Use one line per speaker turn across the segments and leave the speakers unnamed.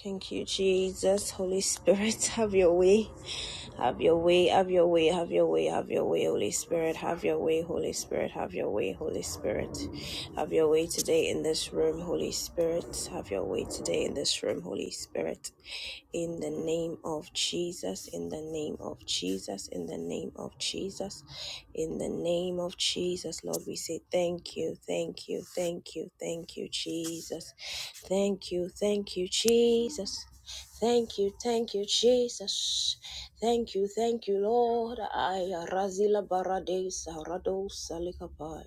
Thank you, Jesus. Holy Spirit, have your way. Have your way, have your way, have your way, have your way, Holy Spirit. Have your way, Holy Spirit. Have your way, Holy Spirit. Have your way today in this room, Holy Spirit. Have your way today in this room, Holy Spirit in the name of Jesus, in the name of Jesus, in the name of Jesus, in the name of Jesus, Lord, we say thank you, thank you, thank you, thank you, Jesus. Thank you, thank you, Jesus. Thank you, thank you, Jesus. Thank you, thank you, Lord. I Razila Barades Rado Salikapai.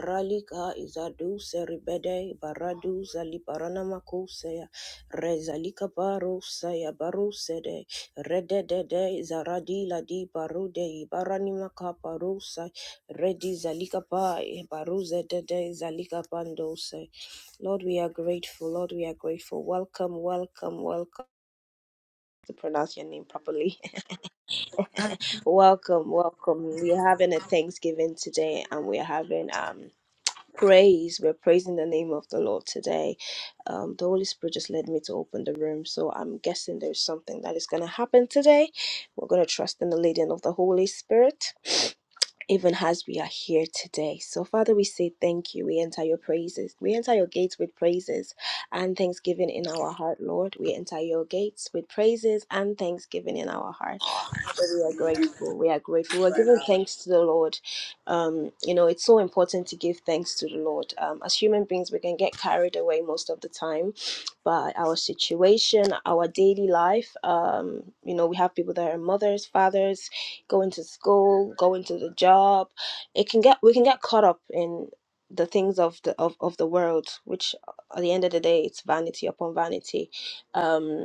Ralika Izadu Seribede Baradu Zaliparanamakusea. Rezalika baro saya baro sede rededede zaradila di barude ibarani makapa rosa redi zalika pa baruze dede zalika pandose. Lord, we are grateful. Lord, we are grateful. Welcome, welcome, welcome. To pronounce your name properly. welcome, welcome. We are having a Thanksgiving today, and we are having um praise. We're praising the name of the Lord today. Um, the Holy Spirit just led me to open the room, so I'm guessing there's something that is going to happen today. We're going to trust in the leading of the Holy Spirit. Even as we are here today. So, Father, we say thank you. We enter your praises. We enter your gates with praises and thanksgiving in our heart, Lord. We enter your gates with praises and thanksgiving in our heart. Father, we are grateful. We are grateful. We're giving thanks to the Lord. Um, you know, it's so important to give thanks to the Lord. Um, as human beings, we can get carried away most of the time by our situation, our daily life. Um, you know, we have people that are mothers, fathers, going to school, going to the job. It can get we can get caught up in the things of the of, of the world, which at the end of the day, it's vanity upon vanity. Um,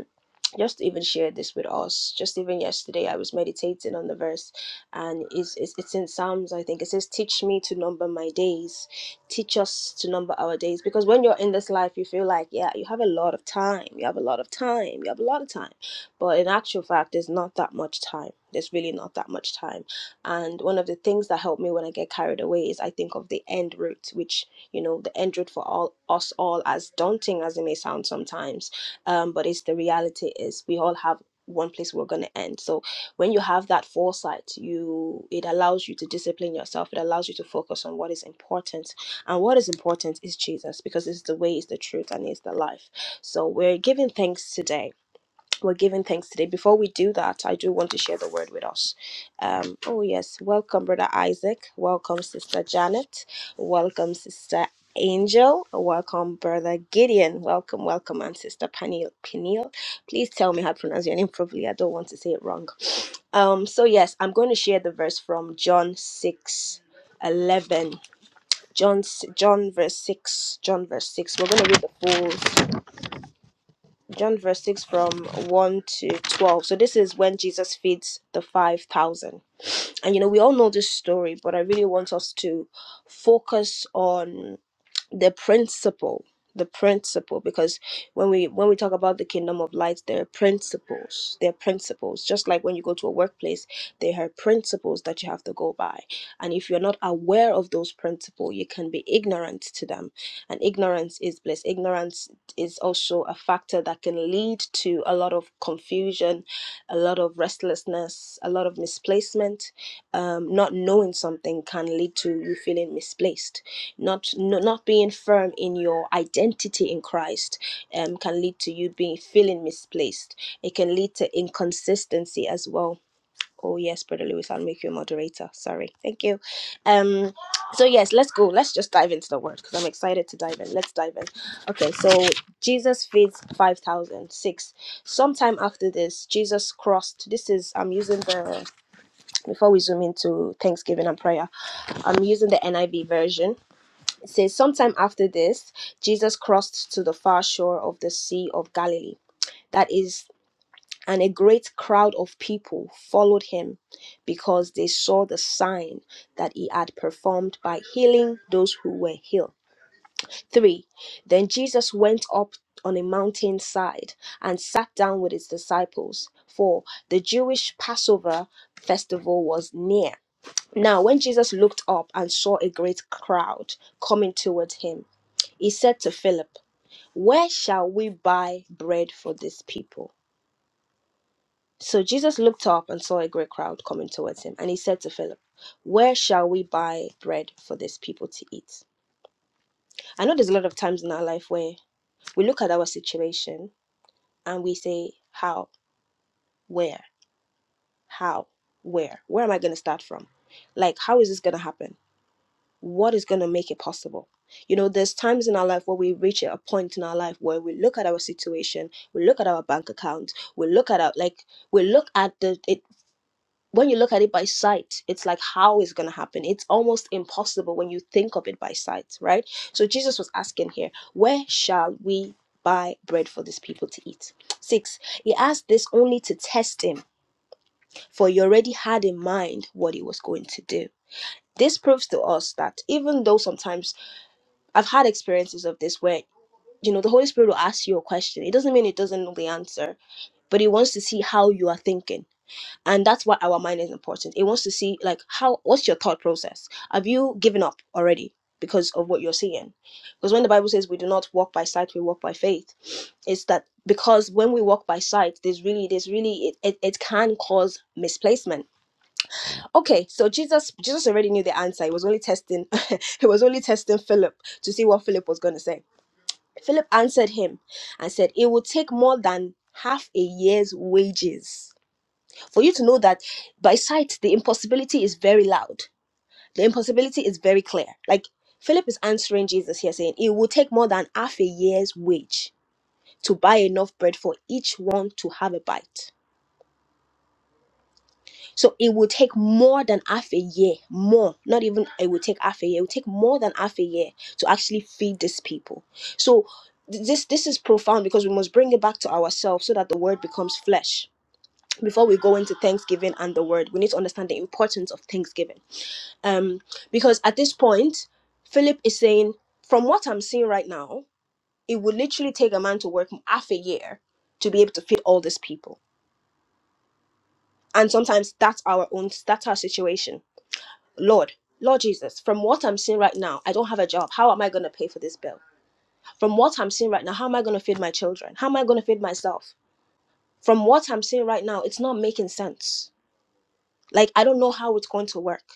just even shared this with us. Just even yesterday, I was meditating on the verse, and it's, it's, it's in Psalms, I think. It says, Teach me to number my days, teach us to number our days. Because when you're in this life, you feel like, yeah, you have a lot of time, you have a lot of time, you have a lot of time. But in actual fact, there's not that much time. There's really not that much time. And one of the things that help me when I get carried away is I think of the end route, which, you know, the end route for all us all, as daunting as it may sound sometimes um, but it's the reality is we all have one place we're going to end so when you have that foresight you it allows you to discipline yourself it allows you to focus on what is important and what is important is jesus because it's the way it's the truth and it's the life so we're giving thanks today we're giving thanks today. Before we do that, I do want to share the word with us. Um, oh, yes. Welcome, Brother Isaac. Welcome, Sister Janet. Welcome, Sister Angel. Welcome, Brother Gideon. Welcome, welcome, and Sister Peniel. Peniel. Please tell me how to pronounce your name properly. I don't want to say it wrong. Um, so, yes, I'm going to share the verse from John six eleven. 11. John, John verse 6. John verse 6. We're going to read the full John verse 6 from 1 to 12. So this is when Jesus feeds the 5,000. And you know, we all know this story, but I really want us to focus on the principle the principle because when we when we talk about the kingdom of light there are principles there are principles just like when you go to a workplace there are principles that you have to go by and if you're not aware of those principles you can be ignorant to them and ignorance is bliss ignorance is also a factor that can lead to a lot of confusion a lot of restlessness a lot of misplacement um, not knowing something can lead to you feeling misplaced not no- not being firm in your identity in Christ um, can lead to you being feeling misplaced. It can lead to inconsistency as well. Oh yes, Brother Lewis, I'll make you a moderator. Sorry, thank you. Um, so yes, let's go. Let's just dive into the word because I'm excited to dive in. Let's dive in. Okay, so Jesus feeds five thousand six. Sometime after this, Jesus crossed. This is I'm using the before we zoom into Thanksgiving and prayer. I'm using the NIV version it says, Sometime after this, Jesus crossed to the far shore of the Sea of Galilee. That is, and a great crowd of people followed him because they saw the sign that he had performed by healing those who were healed. Three, then Jesus went up on a mountainside and sat down with his disciples. Four, the Jewish Passover festival was near. Now, when Jesus looked up and saw a great crowd coming toward him, he said to Philip, Where shall we buy bread for these people? So Jesus looked up and saw a great crowd coming towards him, and he said to Philip, Where shall we buy bread for these people to eat? I know there's a lot of times in our life where we look at our situation and we say, How? Where? How? Where? Where am I going to start from? Like, how is this going to happen? what is going to make it possible you know there's times in our life where we reach a point in our life where we look at our situation we look at our bank account we look at our like we look at the it when you look at it by sight it's like how is going to happen it's almost impossible when you think of it by sight right so jesus was asking here where shall we buy bread for these people to eat six he asked this only to test him for he already had in mind what he was going to do this proves to us that even though sometimes I've had experiences of this where, you know, the Holy Spirit will ask you a question. It doesn't mean it doesn't know the answer, but it wants to see how you are thinking. And that's why our mind is important. It wants to see, like, how, what's your thought process? Have you given up already because of what you're seeing? Because when the Bible says we do not walk by sight, we walk by faith, it's that because when we walk by sight, there's really, there's really, it, it, it can cause misplacement. Okay, so Jesus, Jesus already knew the answer. He was only testing, he was only testing Philip to see what Philip was going to say Philip answered him and said, It will take more than half a year's wages. For you to know that by sight, the impossibility is very loud, the impossibility is very clear. Like Philip is answering Jesus here, saying, It will take more than half a year's wage to buy enough bread for each one to have a bite. So it will take more than half a year, more, not even it will take half a year, it will take more than half a year to actually feed these people. So th- this this is profound because we must bring it back to ourselves so that the word becomes flesh. Before we go into Thanksgiving and the word, we need to understand the importance of Thanksgiving. Um, because at this point, Philip is saying, from what I'm seeing right now, it would literally take a man to work half a year to be able to feed all these people. And sometimes that's our own that's our situation Lord, Lord Jesus, from what I'm seeing right now, I don't have a job. How am I going to pay for this bill? From what I'm seeing right now, how am I going to feed my children? How am I going to feed myself? From what I'm seeing right now, it's not making sense. Like, I don't know how it's going to work.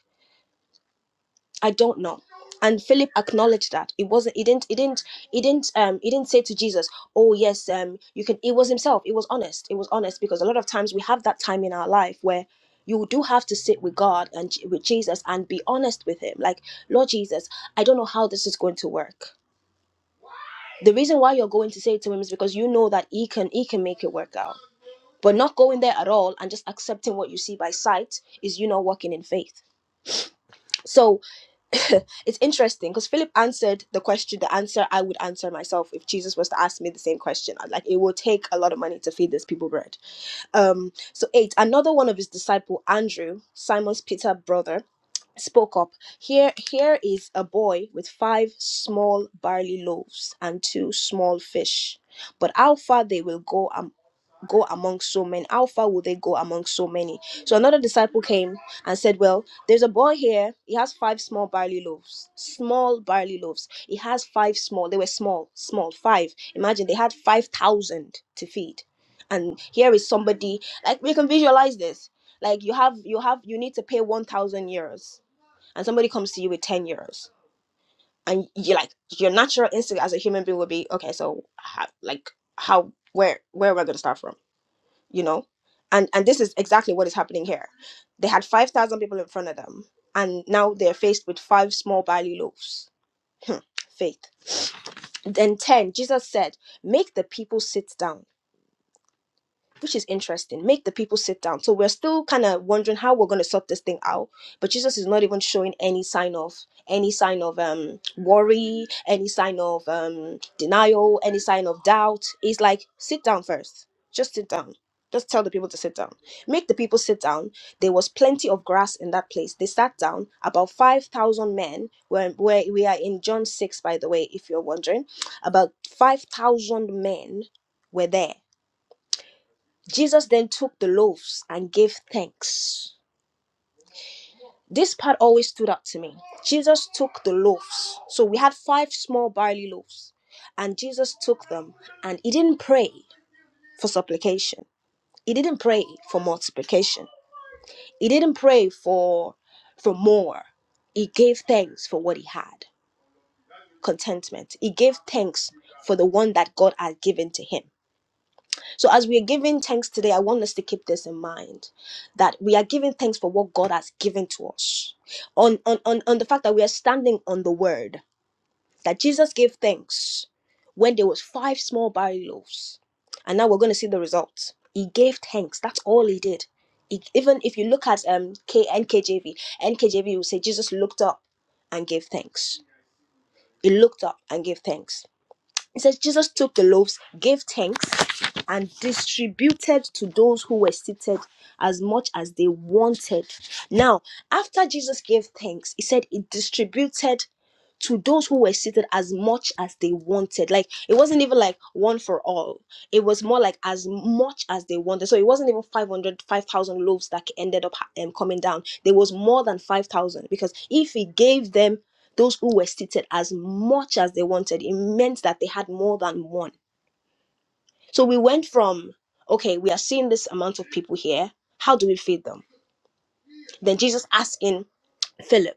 I don't know. And Philip acknowledged that it wasn't. He didn't. He didn't. He didn't. Um. He didn't say to Jesus, "Oh yes, um, you can." It was himself. It was honest. It was honest because a lot of times we have that time in our life where you do have to sit with God and J- with Jesus and be honest with Him. Like, Lord Jesus, I don't know how this is going to work. The reason why you're going to say it to Him is because you know that He can. He can make it work out. But not going there at all and just accepting what you see by sight is you not walking in faith. So it's interesting because Philip answered the question, the answer I would answer myself if Jesus was to ask me the same question. I'd Like, it will take a lot of money to feed these people bread. Um, so eight, another one of his disciple, Andrew, Simon's Peter brother, spoke up. Here, here is a boy with five small barley loaves and two small fish. But how far they will go Um go among so many? How far will they go among so many? So another disciple came and said, Well, there's a boy here. He has five small barley loaves. Small barley loaves. He has five small. They were small, small, five. Imagine they had 5,000 to feed. And here is somebody, like, we can visualize this. Like, you have, you have, you need to pay 1,000 euros. And somebody comes to you with 10 euros. And you like, your natural instinct as a human being would be, okay, so, ha- like, how, where, where am I going to start from? you know and and this is exactly what is happening here they had 5000 people in front of them and now they're faced with five small barley loaves Hmm, faith then 10 jesus said make the people sit down which is interesting. Make the people sit down. So we're still kind of wondering how we're going to sort this thing out. But Jesus is not even showing any sign of any sign of um worry, any sign of um denial, any sign of doubt. He's like, sit down first. Just sit down. Just tell the people to sit down. Make the people sit down. There was plenty of grass in that place. They sat down. About five thousand men. Where where we are in John six, by the way, if you're wondering, about five thousand men were there Jesus then took the loaves and gave thanks. This part always stood out to me. Jesus took the loaves. So we had five small barley loaves, and Jesus took them and he didn't pray for supplication. He didn't pray for multiplication. He didn't pray for for more. He gave thanks for what he had. Contentment. He gave thanks for the one that God had given to him. So, as we are giving thanks today, I want us to keep this in mind that we are giving thanks for what God has given to us, on, on, on, on the fact that we are standing on the word that Jesus gave thanks when there was five small barley loaves, and now we're going to see the results. He gave thanks. That's all he did. He- even if you look at um K N K J V N K J V, will say Jesus looked up and gave thanks. He looked up and gave thanks it says Jesus took the loaves, gave thanks, and distributed to those who were seated as much as they wanted. Now, after Jesus gave thanks, he said he distributed to those who were seated as much as they wanted. Like it wasn't even like one for all. It was more like as much as they wanted. So it wasn't even 500, 5,000 loaves that ended up um, coming down. There was more than 5,000 because if he gave them those who were seated as much as they wanted, it meant that they had more than one. So we went from, okay, we are seeing this amount of people here. How do we feed them? Then Jesus asking Philip,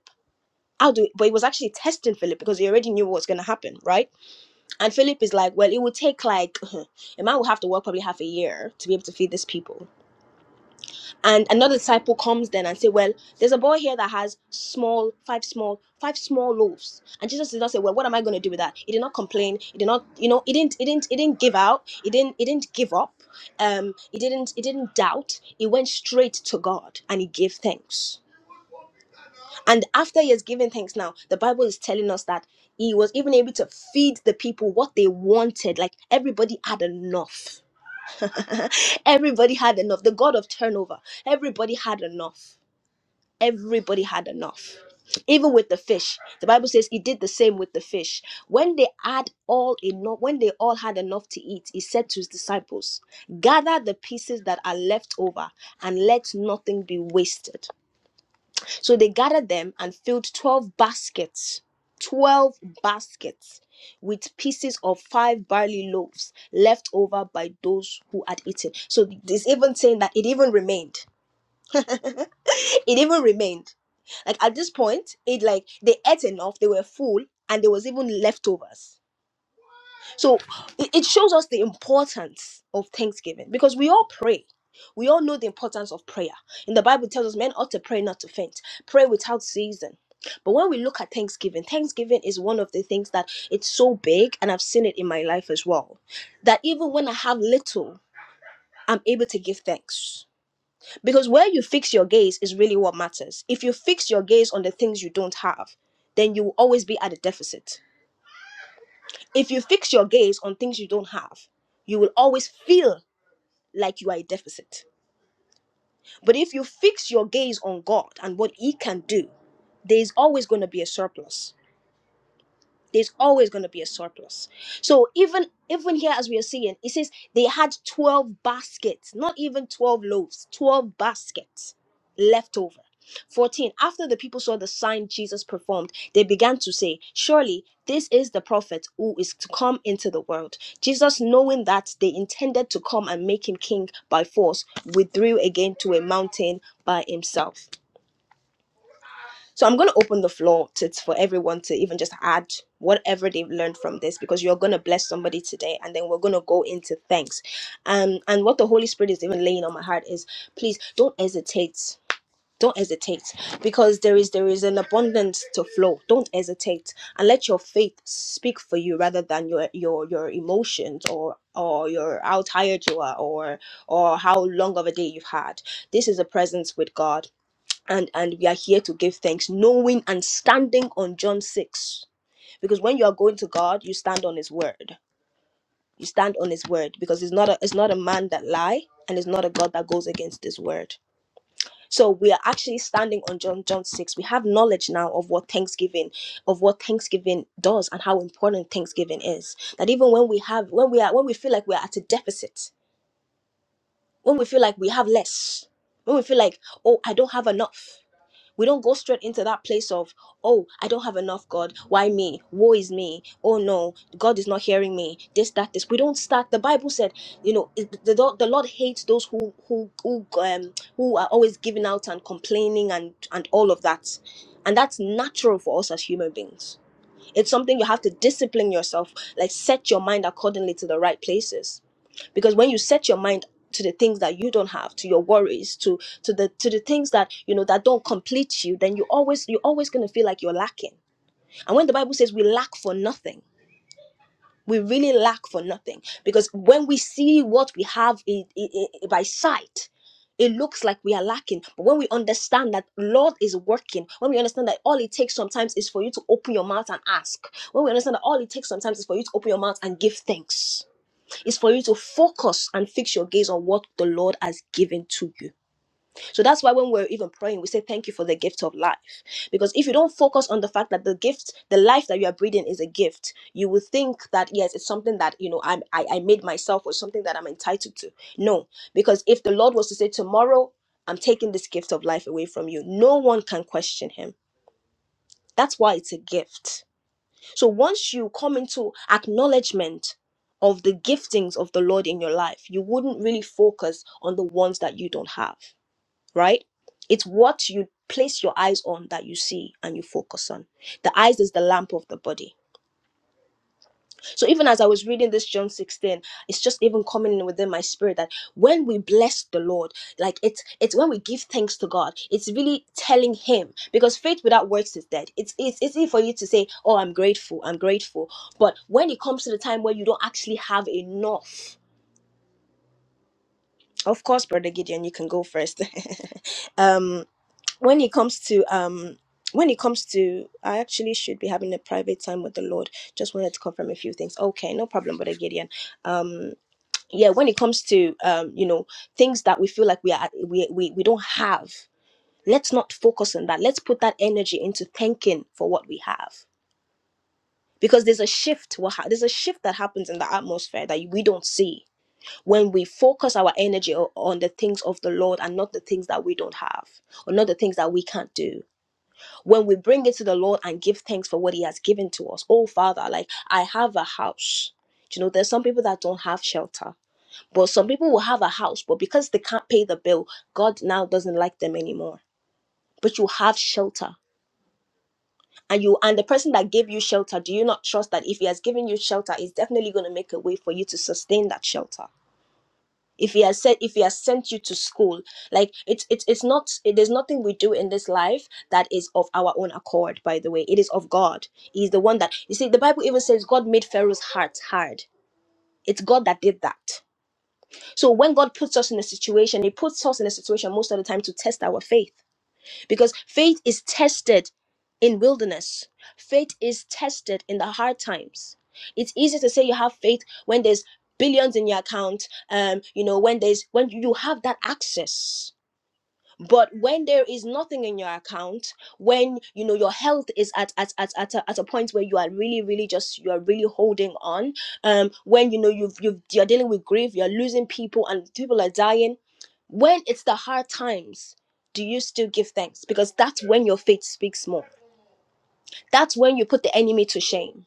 how do, but it was actually testing Philip because he already knew what was going to happen, right? And Philip is like, well, it would take like a man will have to work probably half a year to be able to feed these people. And another disciple comes then and say, well, there's a boy here that has small, five small, five small loaves. And Jesus did not say, well, what am I going to do with that? He did not complain. He did not, you know, he didn't, he didn't, he didn't give out. He didn't, he didn't give up. Um, he didn't, he didn't doubt. He went straight to God and he gave thanks. And after he has given thanks now, the Bible is telling us that he was even able to feed the people what they wanted. Like everybody had enough. everybody had enough. The God of turnover, everybody had enough. Everybody had enough. Even with the fish, the Bible says he did the same with the fish. When they had all enough, when they all had enough to eat, he said to his disciples, Gather the pieces that are left over and let nothing be wasted so they gathered them and filled 12 baskets, 12 baskets with pieces of five barley loaves left over by those who had eaten. So it's even saying that it even remained. It even remained. Like at this point, it like they ate enough, they were full, and there was even leftovers so it it shows us the importance of thanksgiving because we all pray. We all know the importance of prayer. In the Bible it tells us men ought to pray not to faint, pray without season. But when we look at Thanksgiving, Thanksgiving is one of the things that it's so big, and I've seen it in my life as well. That even when I have little, I'm able to give thanks. Because where you fix your gaze is really what matters. If you fix your gaze on the things you don't have, then you will always be at a deficit if you fix your gaze on things you don't have, you will always feel like you are a deficit. But if you fix your gaze on God and what He can do, there is always going to be a surplus there's always going to be a surplus. So even even here as we are seeing, it says they had 12 baskets, not even 12 loaves, 12 baskets left over. 14 After the people saw the sign Jesus performed, they began to say, Surely this is the prophet who is to come into the world. Jesus, knowing that they intended to come and make him king by force, withdrew again to a mountain by himself. So I'm going to open the floor to, for everyone to even just add whatever they've learned from this because you're going to bless somebody today and then we're going to go into thanks. Um, and what the Holy Spirit is even laying on my heart is please don't hesitate. Don't hesitate because there is there is an abundance to flow. Don't hesitate and let your faith speak for you rather than your your your emotions or or your how tired you are or or how long of a day you've had. This is a presence with God and and we are here to give thanks knowing and standing on john 6 because when you are going to god you stand on his word you stand on his word because it's not a it's not a man that lie and it's not a god that goes against his word so we are actually standing on john john 6 we have knowledge now of what thanksgiving of what thanksgiving does and how important thanksgiving is that even when we have when we are when we feel like we're at a deficit when we feel like we have less when we feel like oh i don't have enough We don't go straight into that place of, oh, I don't have enough, God. Why me? Woe is me. Oh no, God is not hearing me. This, that, this. We don't start. The Bible said, you know, it- the, the, the Lord hates those who who who um who are always giving out and complaining and and all of that, and that's natural for us as human beings it's something you have to discipline yourself, like set your mind accordingly to the right places. Because when you set your mind to the things that you don't have, to your worries, to to the to the things that you know that don't complete you, then you always you're always gonna feel like you're lacking. And when the Bible says we lack for nothing we really lack for nothing because when we see what we have i- i- i- by sight it looks like we are lacking but when we understand that lord is working when we understand that all it takes sometimes is for you to open your mouth and ask when we understand that all it takes sometimes is for you to open your mouth and give thanks it's for you to focus and fix your gaze on what the lord has given to you so that's why when we're even praying, we say thank you for the gift of life. Because if you don't focus on the fact that the gift, the life that you are breathing is a gift, you will think that yes, it's something that you know I'm, I I made myself or something that I'm entitled to. No, because if the Lord was to say tomorrow, I'm taking this gift of life away from you, no one can question Him. That's why it's a gift. So once you come into acknowledgement of the giftings of the Lord in your life, you wouldn't really focus on the ones that you don't have right? It's what you place your eyes on that you see and you focus on. The eyes is the lamp of the body. So even as I was reading this John 16, it's just even coming in within my spirit that when we bless the Lord, like it's it's when we give thanks to God, it's really telling him because faith without works is dead. It's it's easy for you to say, "Oh, I'm grateful. I'm grateful." But when it comes to the time where you don't actually have enough, of course, brother Gideon, you can go first. um when it comes to um when it comes to i actually should be having a private time with the lord just wanted to confirm a few things okay no problem brother gideon um yeah when it comes to um you know things that we feel like we are we we, we don't have let's not focus on that let's put that energy into thanking for what we have because there's a shift what ha- there's a shift that happens in the atmosphere that we don't see when we focus our energy o- on the things of the lord and not the things that we don't have or not the things that we can't do when we bring it to the Lord and give thanks for what He has given to us. Oh, Father, like I have a house. You know, there's some people that don't have shelter, but some people will have a house, but because they can't pay the bill, God now doesn't like them anymore. But you have shelter, and you and the person that gave you shelter, do you not trust that if He has given you shelter, He's definitely going to make a way for you to sustain that shelter? if he has sent if he has sent you to school like it's it's it's not it, there's nothing we do in this life that is of our own accord by the way it is of god he's the one that you see the bible even says god made pharaoh's heart hard it's god that did that so when god puts us in a situation he puts us in a situation most of the time to test our faith because faith is tested in wilderness faith is tested in the hard times it's easy to say you have faith when there's billions in your account um you know when there's when you have that access but when there is nothing in your account when you know your health is at at at, at, a, at a point where you are really really just you are really holding on um when you know you've you've you're dealing with grief you're losing people and people are dying when it's the hard times do you still give thanks because that's when your faith speaks more that's when you put the enemy to shame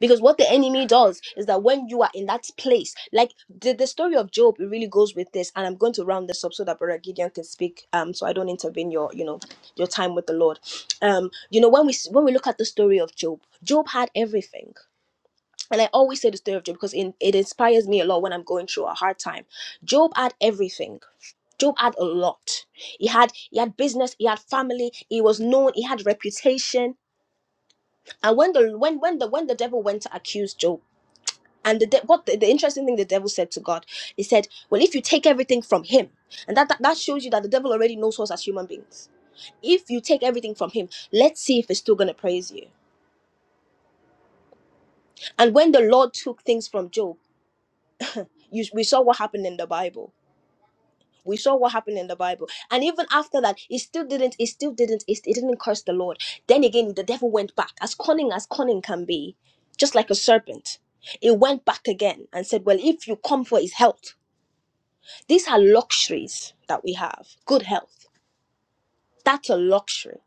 because what the enemy does is that when you are in that place, like the, the story of Job, it really goes with this. And I'm going to round this up so that Brother Gideon can speak. Um, so I don't intervene your, you know, your time with the Lord. Um, you know, when we s- when we look at the story of Job, Job had everything, and I always say the story of Job because in, it inspires me a lot when I'm going through a hard time. Job had everything. Job had a lot. He had he had business, he had family, he was known, he had reputation. And when the when when the when the devil went to accuse Job. And the de- what the, the interesting thing the devil said to God, he said, "Well, if you take everything from him, and that, that that shows you that the devil already knows us as human beings. If you take everything from him, let's see if he's still gonna praise you." And when the Lord took things from Job, you, we saw what happened in the Bible. We saw what happened in the Bible, and even after that, he still didn't. He still didn't. He, he didn't curse the Lord. Then again, the devil went back, as cunning as cunning can be, just like a serpent. It went back again and said, "Well, if you come for his health." These are luxuries that we have. Good health. That's a luxury.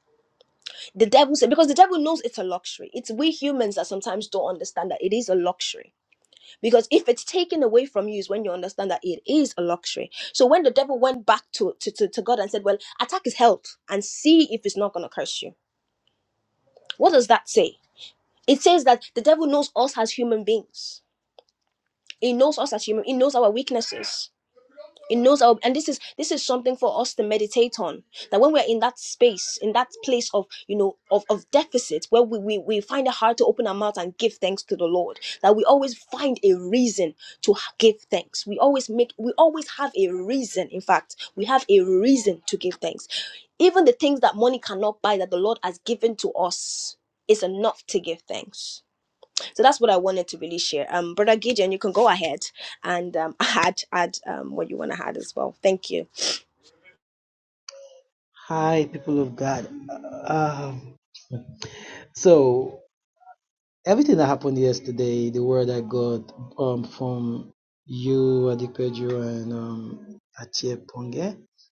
The devil said, because the devil knows it's a luxury. It's we humans that sometimes don't understand that it is a luxury. Because if it's taken away from you, is when you understand that it is a luxury. So when the devil went back to, to, to, to God and said, Well, attack his health and see if it's not going to curse you. What does that say? It says that the devil knows us as human beings, he knows us as human, he knows our weaknesses it knows our and this is this is something for us to meditate on that when we're in that space in that place of you know of, of deficit where we, we we find it hard to open our mouth and give thanks to the lord that we always find a reason to h- give thanks we always make we always have a reason in fact we have a reason to give thanks even the things that money cannot buy that the lord has given to us is enough to give thanks so that's what I wanted to really share. Um, Brother Gideon, you can go ahead and um, add add um, what you want to add as well. Thank you.
Hi, people of God. Um, so everything that happened yesterday, the word I got um, from you, Adikpeju, and um, Achie Ponge,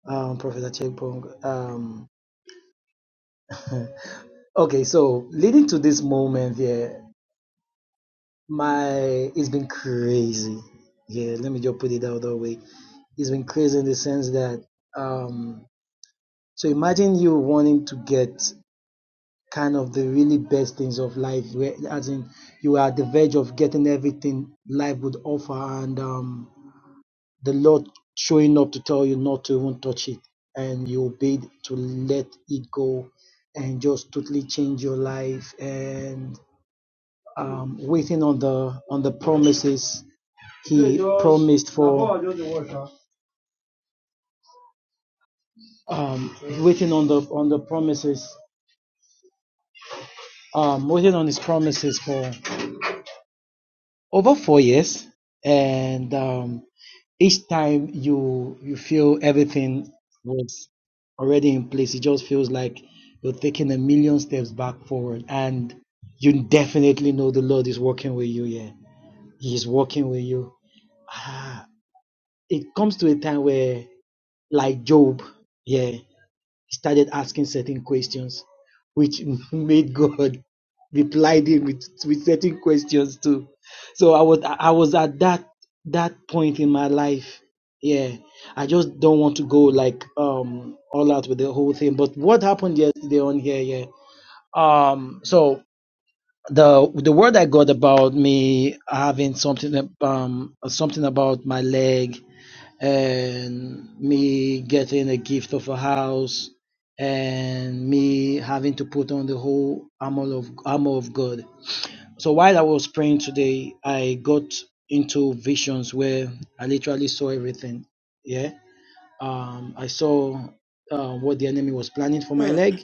um, Prophet Achie Ponge. Um, okay, so leading to this moment here, my it's been crazy. Yeah, let me just put it out that way. It's been crazy in the sense that um, so imagine you wanting to get kind of the really best things of life where as in you are at the verge of getting everything life would offer and um the lord showing up to tell you not to even touch it and you obeyed to let it go and just totally change your life and um waiting on the on the promises he promised for um waiting on the on the promises um waiting on his promises for over four years and um each time you you feel everything was already in place it just feels like you're taking a million steps back forward and you definitely know the lord is working with you yeah he's working with you ah, it comes to a time where like job yeah started asking certain questions, which made God replied him with, with certain questions too. So I was I was at that that point in my life. Yeah. I just don't want to go like um all out with the whole thing. But what happened yesterday on here, yeah. Um so the the word I got about me having something um something about my leg and me getting a gift of a house and me having to put on the whole armor of armor of God. So while I was praying today, I got into visions where I literally saw everything. Yeah. Um, I saw uh, what the enemy was planning for my
Hmm,
leg.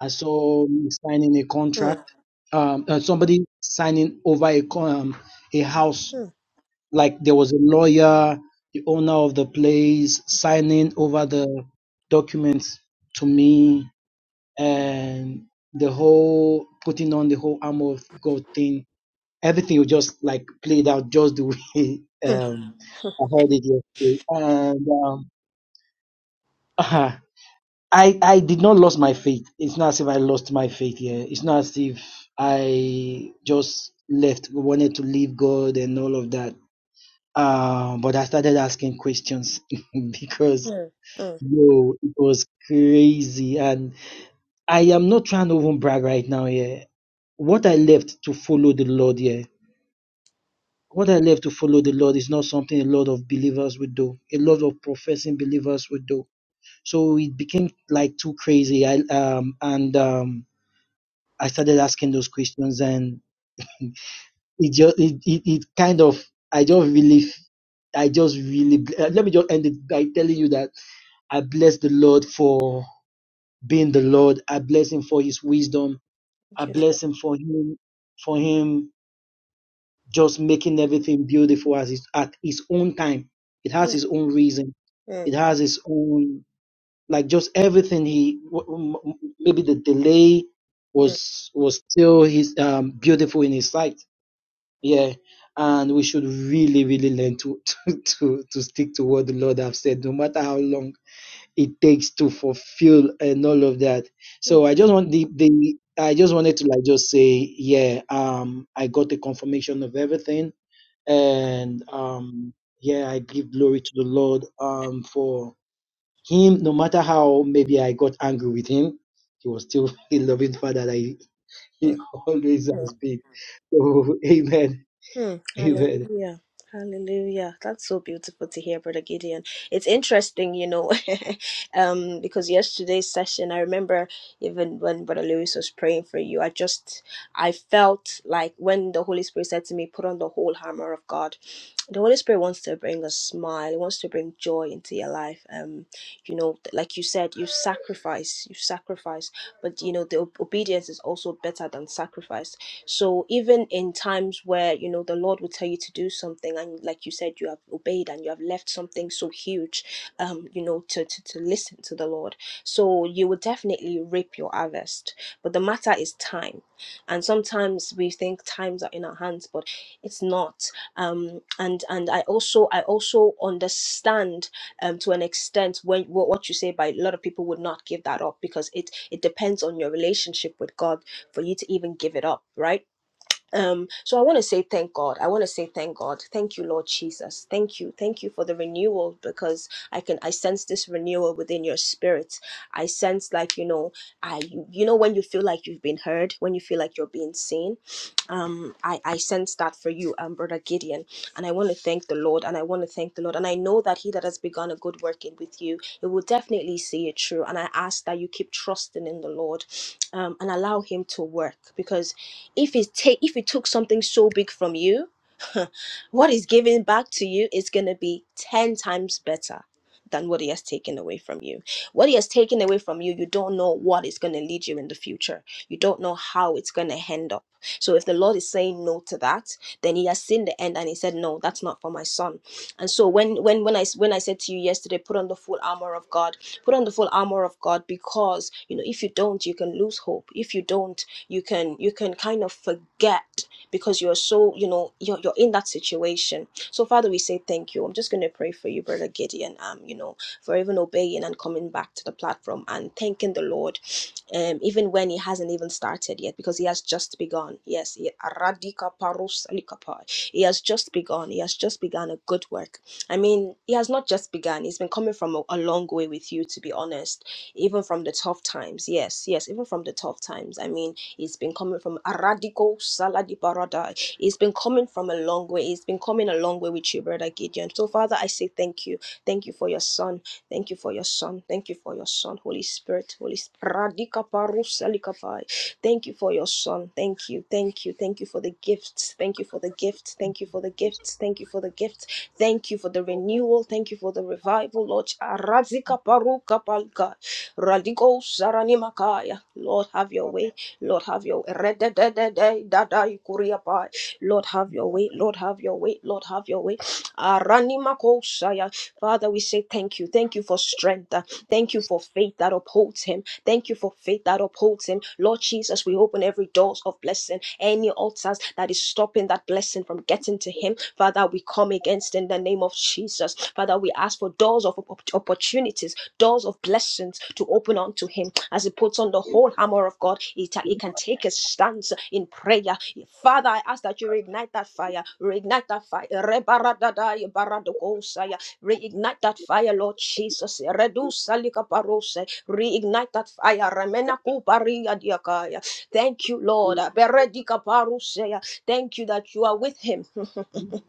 I saw me signing a
hmm,
contract. Um, uh, somebody signing over a con- um, a house
hmm,
like there was a lawyer, the owner of the place, signing over the documents to me, and the whole putting on the whole armor of God thing. Everything was just like played out just the way
hmm,
um, I heard it yesterday, and um, I I did not lose my faith. It's not as if I lost my faith here. It's not as if I just left, wanted to leave God and all of that Uh, but I started asking questions because
hmm, hmm.
yo, it was crazy. And I am not trying to even brag right now here. What I left to follow the Lord here, what I left to follow the Lord is not something a lot of believers would do. A lot of professing believers would do. So it became like too crazy. I um and um I started asking those questions and it just it, it, it kind of I just really I just really uh, let me just end it by telling you that I bless the Lord for being the Lord. I bless him for his wisdom. I
Thank you.
bless him for him for him just making everything beautiful as his, at his own time. It has
Hmm,
his own reason.
hmm,
It has its own like just everything he w- w- maybe the delay
hmm,
was was still his um beautiful in his sight. Yeah. And we should really, really learn to, to, to, to stick to what the Lord have said, no matter how long it takes to fulfill and all of that. So I just want the, the I just wanted to like just say, yeah, um, I got the confirmation of everything, and um, yeah, I give glory to the Lord um for him. No matter how maybe I got angry with him, he was still a loving father that he,
hmm,
he always
hmm.
has been. So amen,
Hmm,
amen.
hallelujah. Hallelujah. That's so beautiful to hear, Brother Gideon. It's interesting, you know, um, because yesterday's session, I remember even when Brother Lewis was praying for you, I just, I felt like when the Holy Spirit said to me, put on the whole armor of God, the Holy Spirit wants to bring a smile, He wants to bring joy into your life. Um, you know, like you said, you sacrifice, you sacrifice, but you know, the ob- obedience is also better than sacrifice so even in times where you know the Lord will tell you to do something, and like you said, you have obeyed and you have left something so huge, um, you know, to to, to listen to the Lord. So you will definitely reap your harvest. But the matter is time, and sometimes we think times are in our hands, but it's not. Um, and and I also I also understand um to an extent when what, what you say by a lot of people would not give that up because it it depends on your relationship with God for you to even give it up, right? Um, so I want to say thank God. I want to say thank God. Thank you, Lord Jesus. Thank you. Thank you for the renewal because I can I sense this renewal within your spirit. I sense like, you know, I you, you know when you feel like you've been heard, when you feel like you're being seen. Um, I, I sense that for you, um, brother Gideon. And I want to thank the Lord and I want to thank the Lord. And I know that he that has begun a good work in with you, it will definitely see it through. And I ask that you keep trusting in the Lord um, and allow him to work because if it take if it took something so big from you, what is given back to you is going to be 10 times better than what he has taken away from you. What he has taken away from you, you don't know what is going to lead you in the future. You don't know how it's going to end up. So if the Lord is saying no to that, then he has seen the end and he said no, that's not for my son. And so when when when I when I said to you yesterday, put on the full armor of God. Put on the full armor of God because, you know, if you don't, you can lose hope. If you don't, you can you can kind of forget because you're so you know you're, you're in that situation so father we say thank you i'm just going to pray for you brother gideon um you know for even obeying and coming back to the platform and thanking the lord um even when he hasn't even started yet because he has just begun yes he, he has just begun he has just begun a good work i mean he has not just begun he's been coming from a, a long way with you to be honest even from the tough times yes yes even from the tough times i mean it's been coming from Aradico Saladi Barada. It's been coming from a long way. It's been coming a long way with you, Brother Gideon. So, Father, I say thank you. Thank you for your son. Thank you for your son. Thank you for your son. Holy Spirit. Holy Spirit. Radika Paru Salikapai. Thank you for your son. Thank you. Thank you. Thank you for the gifts. Thank you for the gifts. Thank you for the gifts. Thank you for the gifts. Thank you for the renewal. Thank you for the revival, Lord. Arazika Paru Kapalka. Radigo Saranimakaya. Lord, have your way. Lord, have your way. Re-de-de-de-de, dadai kuriapai. Lord, have your way. Lord, have your way. Lord, have your way. Aranimakosaya. Father, we say thank you. Thank you for strength. Thank you for faith that upholds him. Thank you for faith that upholds him. Lord Jesus, we open every doors of blessing, any altars that is stopping that blessing from getting to him. Father, we come against in the name of Jesus. Father, we ask for doors of op- opportunities doors of blessings to open unto him. As he puts on the whole hammer of God, he, ta- he can take a stance in prayer. Father, I ask that you reignite that fire, reignite that fire. Rebaradadai baradogosaya. Reignite that fire, Lord Jesus. Reduce salikaparose. Reignite that fire. Remena kuparia diakaya. Thank you, Lord. Beredikaparusea. Thank you that you are with him.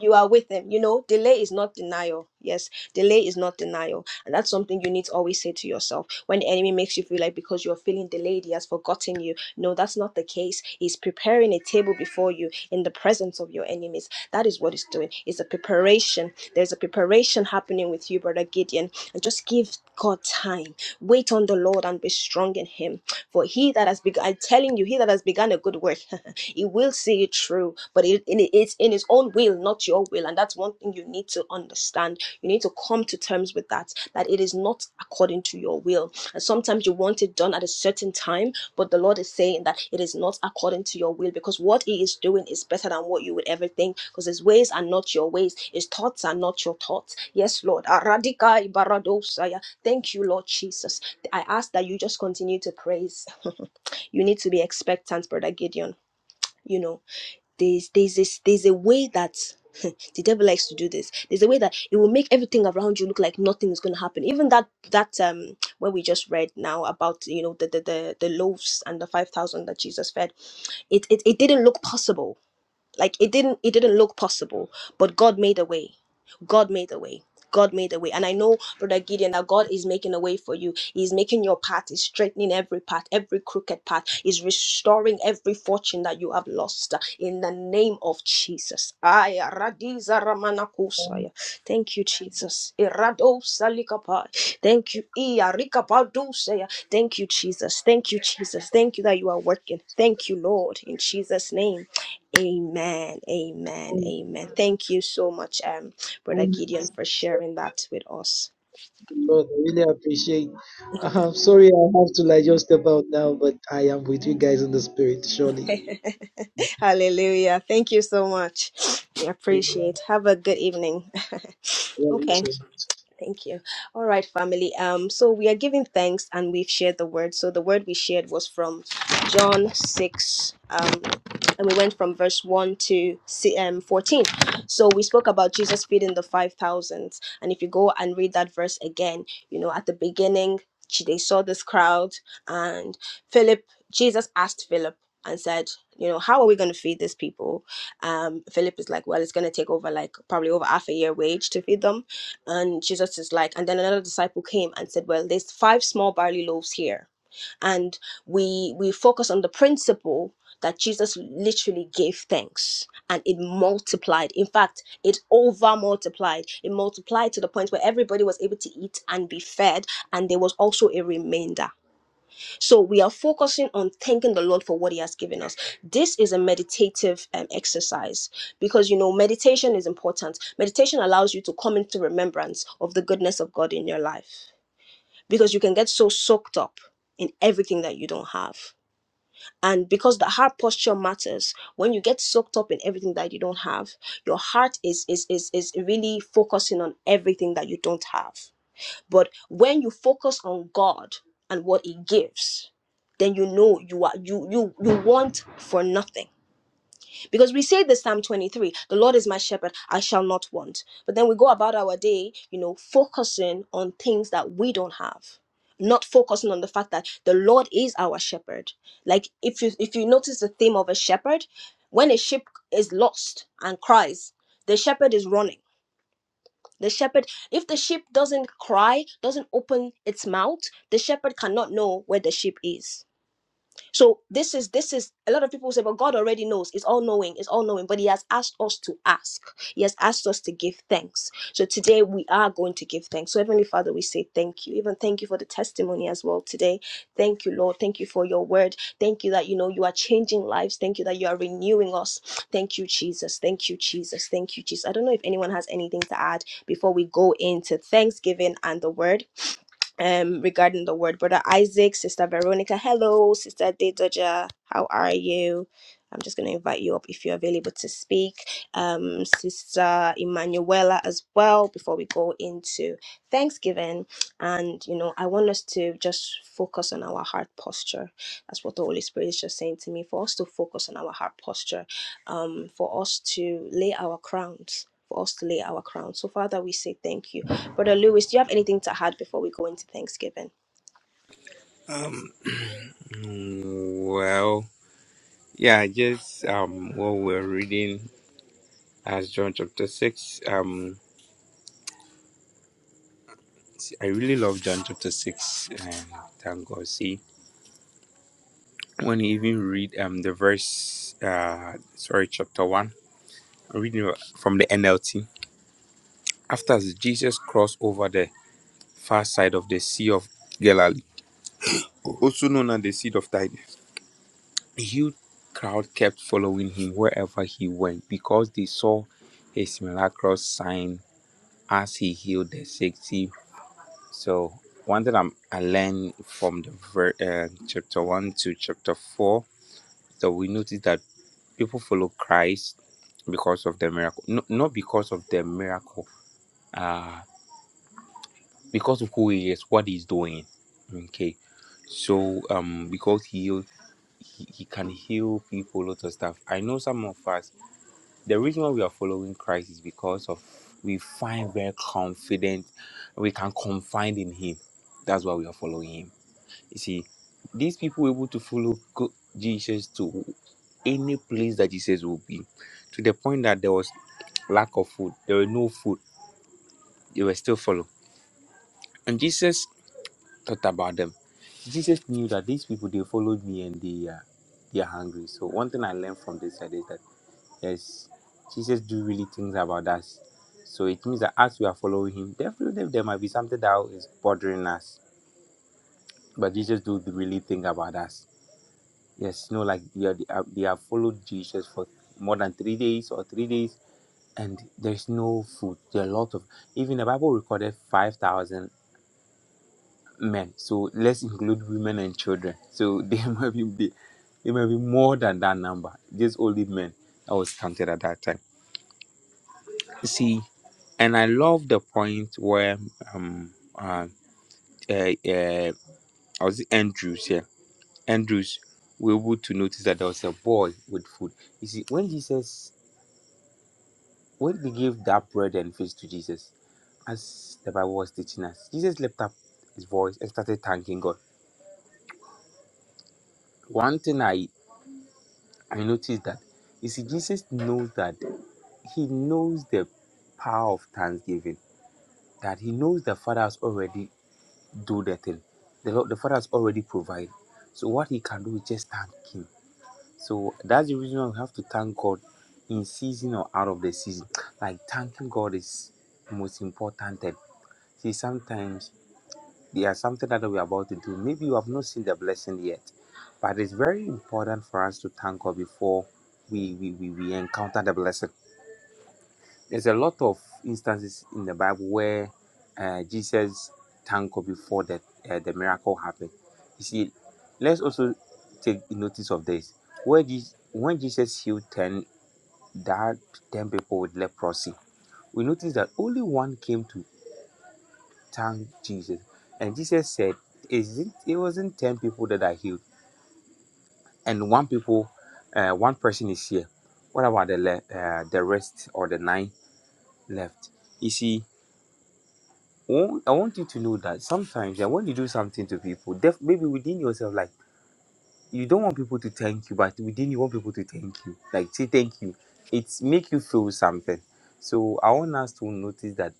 you are with him you know delay is not denial yes delay is not denial and that's something you need to always say to yourself when the enemy makes you feel like because you're feeling delayed he has forgotten you no that's not the case he's preparing a table before you in the presence of your enemies that is what he's doing it's a preparation there's a preparation happening with you brother gideon and just give god time wait on the lord and be strong in him for he that has begun, I'm telling you, he that has begun a good work, he will see it through. But it, it- it's in his own will, not your will. And that's one thing you need to understand. You need to come to terms with that, that it is not according to your will. And sometimes you want it done at a certain time but the Lord is saying that it is not according to your will because what He is doing is better than what you would ever think because His ways are not your ways, His thoughts are not your thoughts. Yes, Lord. Aradika ibaradosaya. Thank you, Lord Jesus. I ask that you just continue to praise. you need to be expectant, Brother Gideon. You know, there's there's this there's a way that the devil likes to do this there's a way that it will make everything around you look like nothing is going to happen even that that um where we just read now about you know the the the, the loaves and the 5000 that jesus fed it, it it didn't look possible like it didn't it didn't look possible but god made a way god made a way god made a way and i know brother gideon that god is making a way for you he's making your path he's straightening every path every crooked path he's restoring every fortune that you have lost uh, in the name of jesus Ay, aradiza ramanakusaya. thank you jesus Iradosalikapai. thank you Iya Iarikapadusaya. thank you jesus thank you jesus thank you that you are working thank you lord in jesus name Amen. Amen. Amen. Thank you so much, um, Brother Gideon, for sharing that with us.
But I really appreciate. I'm sorry, I have to like just step out now, but I am with you guys in the spirit, surely.
Hallelujah. Thank you so much. We appreciate. Have a good evening.
Yeah,
okay.
so
Thank you. All right, family. Um, so we are giving thanks and we've shared the word. So the word we shared was from John 6, um, and we went from verse 1 to si- um, 14. So we spoke about Jesus feeding the 5,000. And if you go and read that verse again, you know, at the beginning, she- they saw this crowd, and Philip, Jesus asked Philip and said, you know, how are we going to feed these people? Um, Philip is like, well, it's going to take over like probably over half a year wage to feed them and Jesus is like, and then another disciple came and said, Well, there's five small barley loaves here. And we we focus on the principle that Jesus literally gave thanks and it multiplied. In fact, it over multiplied. It multiplied to the point where everybody was able to eat and be fed, and there was also a remainder. So we are focusing on thanking the Lord for what He has given us. This is a meditative um, exercise because you know meditation is important. Meditation allows you to come into remembrance of the goodness of God in your life because you can get so soaked up in everything that you don't have. And because the heart posture matters, when you get soaked up in everything that you don't have, your heart is is is is really focusing on everything that you don't have. But when you focus on God and what He gives, then you know you are you you you want for nothing. Because we say this Psalm 23, the Lord is my shepherd, I shall not want. But then we go about our day, you know, focusing on things that we don't have. Not focusing on the fact that the Lord is our shepherd. Like if you if you notice the theme of a shepherd, when a sheep is lost and cries, the shepherd is running the shepherd if the sheep doesn't cry doesn't open its mouth the shepherd cannot know where the sheep is so this is this is a lot of people say, but God already knows. It's all knowing. It's all knowing. But He has asked us to ask. He has asked us to give thanks. So today we are going to give thanks. So Heavenly Father, we say thank you. Even thank you for the testimony as well today. Thank you, Lord. Thank you for your word. Thank you that you know you are changing lives. Thank you that you are renewing us. Thank you, Jesus. Thank you, Jesus. Thank you, Jesus. I don't know if anyone has anything to add before we go into Thanksgiving and the word um regarding the word brother isaac sister veronica hello sister dedoja how are you i'm just going to invite you up if you're available to speak um sister emanuela as well before we go into thanksgiving and you know i want us to just focus on our heart posture that's what the holy spirit is just saying to me for us to focus on our heart posture um for us to lay our crowns for us to lay our crowns so father we say thank you Brother Lewis, do you have anything to add before we go into Thanksgiving?
Um, well, yeah, just um, what we're reading as John chapter 6. Um, I really love John chapter 6. And thank God. See, when you even read um, the verse, uh, sorry, chapter 1, I'm reading from the NLT. After Jesus crossed over the far side of the Sea of Galilee, also known as the Sea of Tide, A huge crowd kept following him wherever he went because they saw his miraculous sign as he healed the sick. See, So, one thing I'm, I learned from the ver- uh, chapter 1 to chapter 4 that we notice that people follow Christ because of the miracle, no, not because of the miracle, uh, because of who he is, what he's doing. Okay, so um, because he heal- he, he can heal people, lot of stuff. I know some of us the reason why we are following Christ is because of we find very confident we can confide in Him. That's why we are following Him. You see, these people were able to follow go- Jesus to any place that Jesus will be, to the point that there was lack of food. There were no food. They were still following. And Jesus thought about them. Jesus knew that these people they followed me and they uh, they are hungry. So one thing I learned from this side is that yes, Jesus do really things about us. So it means that as we are following him, definitely there might be something that is bothering us. But Jesus do really think about us. Yes, you know, like they, are, they, have, they have followed Jesus for more than three days or three days, and there's no food. There are a lot of even the Bible recorded five thousand. men. So let's include women and children. So there might be there, there might be more than that number. Just only men that was counted at that time. See, and I love the point where um uh, uh, uh I was it Andrews yeah Andrews we were able to notice that there was a boy with food. You see, when Jesus when they gave that bread and fish to Jesus, as the Bible was teaching us, Jesus lifted up his voice and started thanking God. One thing I I noticed that you see, Jesus knows that he knows the power of thanksgiving, that he knows the Father has already do the thing. The Lord, the Father has already provided. So what he can do is just thank him. So that's the reason why we have to thank God in season or out of the season. Like thanking God is the most important. thing. See, sometimes there is something that we're about to do. Maybe you have not seen the blessing yet, but it's very important for us to thank God before we, we, we, we encounter the blessing. There's a lot of instances in the Bible where uh, Jesus thanked God before the, uh, the miracle happened. You see, let's also take notice of this. Where Jesus, when Jesus healed 10, that 10 people with leprosy, we notice that only one came to thank Jesus. And Jesus said, Isn't it wasn't ten people that are healed, and one people, uh, one person is here. What about the le- uh, the rest or the nine left? You see, wa- I want you to know that sometimes uh, when you do something to people, def- maybe within yourself, like you don't want people to thank you, but within you want people to thank you, like say thank you. It's make you feel something. So I want us to notice that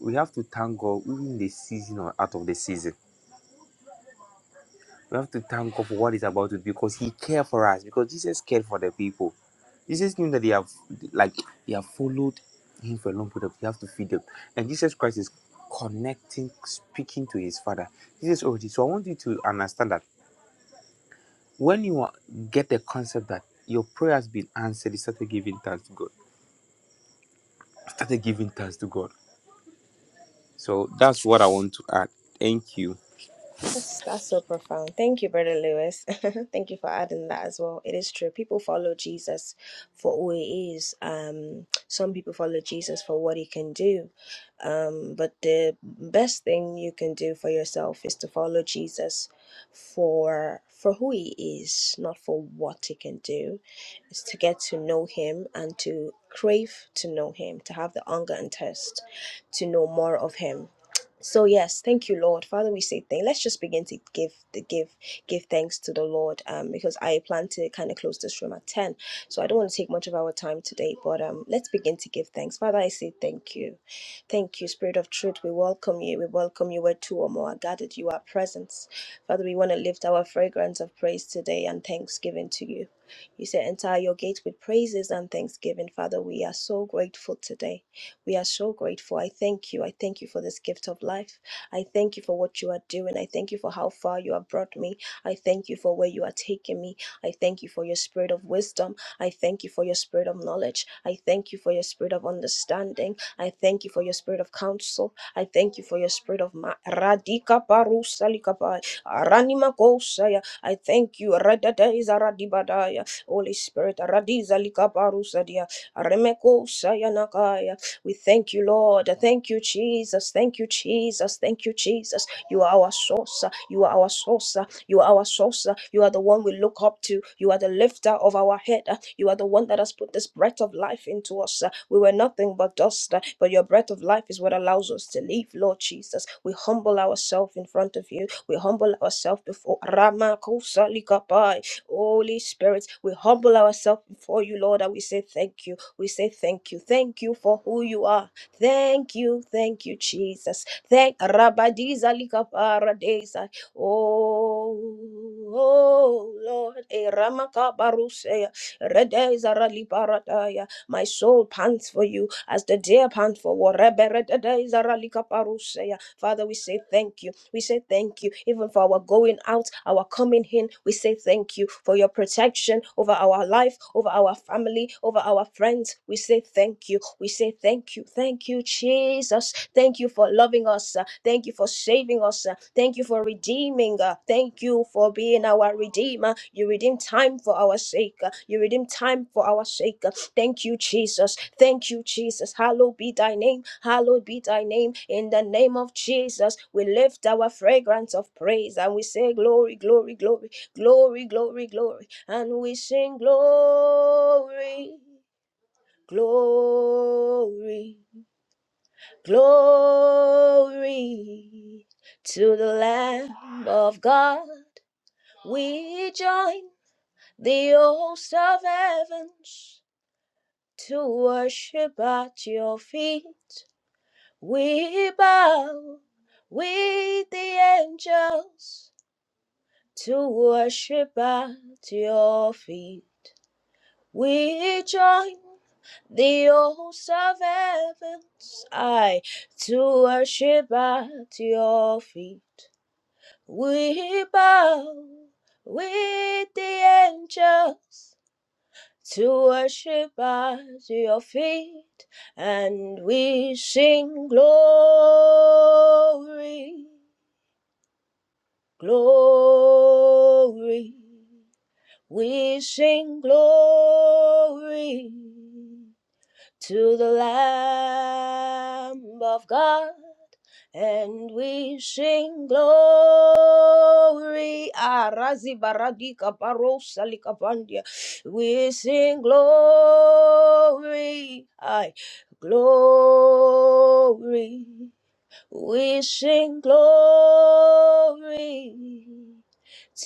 we have to thank God even in the season or out of the season We have to thank God for what He's about to do because He cared for us. Because Jesus cared for the people. Jesus knew that they have like they have followed Him for a long period. He have to feed them, and Jesus Christ is connecting, speaking to His Father. Jesus already. So I want you to understand that when you are, get the concept that your prayer has been answered, you started giving thanks to God. Started giving thanks to God. So that's what I want to add. Thank you.
That's that's so profound. Thank you, Brother Lewis. Thank you for adding that as well. It is true. People follow Jesus for who he is. Um, some people follow Jesus for what he can do. Um, but the best thing you can do for yourself is to follow Jesus for for who he is, not for what he can do. Is to get to know him and to crave to know him, to have the hunger and thirst to know more of him so yes, thank you, Lord. Father, we say thank. Let's just begin to give the give give thanks to the Lord. Um, because I plan to kind of close this room at ten, so I don't want to take much of our time today. But um, let's begin to give thanks. Father, I say thank you, thank you, Spirit of Truth. We welcome you. We welcome you where two or more are gathered. You are present. Father, we want to lift our fragrance of praise today and thanksgiving to you. You say, enter your gate with praises and thanksgiving. Father, we are so grateful today. We are so grateful. I thank you. I thank you for this gift of life. I thank you for what you are doing. I thank you for how far you have brought me. I thank you for where you are taking me. I thank you for your spirit of wisdom. I thank you for your spirit of knowledge. I thank you for your spirit of understanding. I thank you for your spirit of counsel. I thank you for your spirit of ma- radika parusa likapai aranima kosaya. I thank you. Radadeza radibadaya. Holy Spirit, radiza likaparusa dia. Remeko we thank you, Lord. Thank you, Jesus. Thank you, Jesus. Thank you, Jesus. You are our source. You are our source. You are our source. You are the one we look up to. You are the lifter of our head. You are the one that has put this breath of life into us. We were nothing but dust, but your breath of life is what allows us to live, Lord Jesus. We humble ourselves in front of you. We humble ourselves before Rama Holy Spirit, we humble ourselves before you, Lord, and we say thank you. We say thank you. Thank you for who you are. Thank you. Thank you, Jesus. Thank Rabadiza Likaparadeza. Oh, oh Lord, Eramaka Barusea, Redeza my soul pants for you as the deer pants for water. Father, we say thank you. We say thank you even for our going out, our coming in. We say thank you for your protection over our life, over our family, over our friends. We say thank you. We say thank you. Thank you, Jesus. Thank you for loving us. uh, Thank you for saving us. uh, Thank you for redeeming. uh, Thank you for being our redeemer. You redeem time for our sake. uh, You redeem time for our sake. Thank you, Jesus. Thank you, Jesus. Hallowed be thy name. Hallowed be thy name. In the name of Jesus, we lift our fragrance of praise and we say, Glory, glory, glory, glory, glory, glory. And we sing, Glory, glory, glory to the Lamb of God. We join the hosts of heavens to worship at your feet. We bow with the angels to worship at your feet. We join the hosts of heavens, I to worship at your feet. We bow with the angels to worship at your feet, and we sing glory, glory. We sing glory to the Lamb of God and we sing glory. Arazi baradika parosa likapandia. We sing glory. Aye. Glory. We sing glory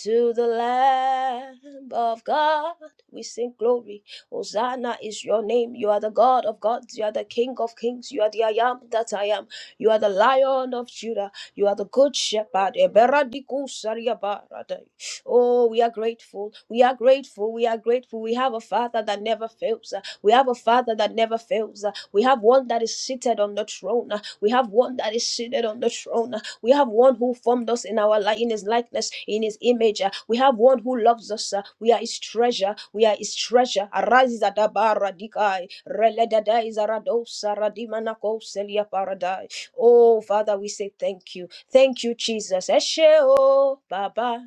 to the Lamb of God. We sing glory. Hosanna is your name. You are the God of gods. You are the King of kings. You are the I am that I am. You are the Lion of Judah. You are the Good Shepherd. Eberadikusariabarada. Oh, we are grateful. We are grateful. We are grateful. We have a Father that never fails. We have a Father that never fails. We have one that is seated on the throne. We have one that is seated on the throne. We have one who formed us in our life, in his likeness, in his image. Uh, We have one who loves us. uh, We are his treasure. We are his treasure. Arise adaba radikai. Reledadai zaradosa radimanako selia paradai. Oh, Father, we say thank you. Thank you, Jesus. Eshe o Baba.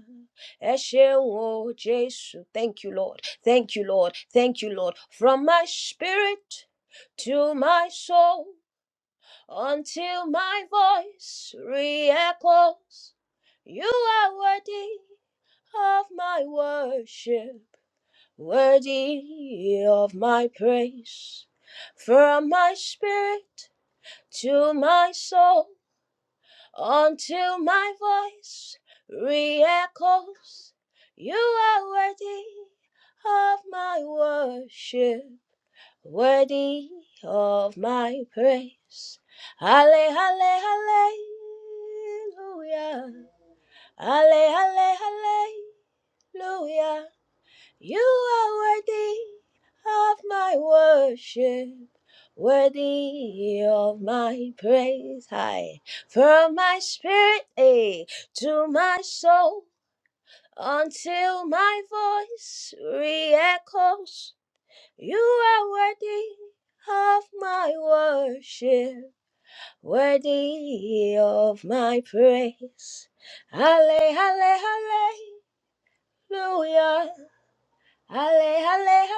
Eshe o Jesus. Thank you, Lord. Thank you, Lord. Thank you, Lord. From my spirit to my soul until my voice re-echoes. You are worthy of my worship, worthy of my praise. From my spirit to my soul, until my voice re-echoes. You are worthy of my worship, worthy of my praise. Halle, halle, hallelujah. Halle, halle, hallelujah. You are worthy of my worship, worthy of my praise. High from my spirit eh, to my soul until my voice re-echoes you are worthy of my worship, worthy of my praise. Halle, halle, hallelujah. Halle, halle,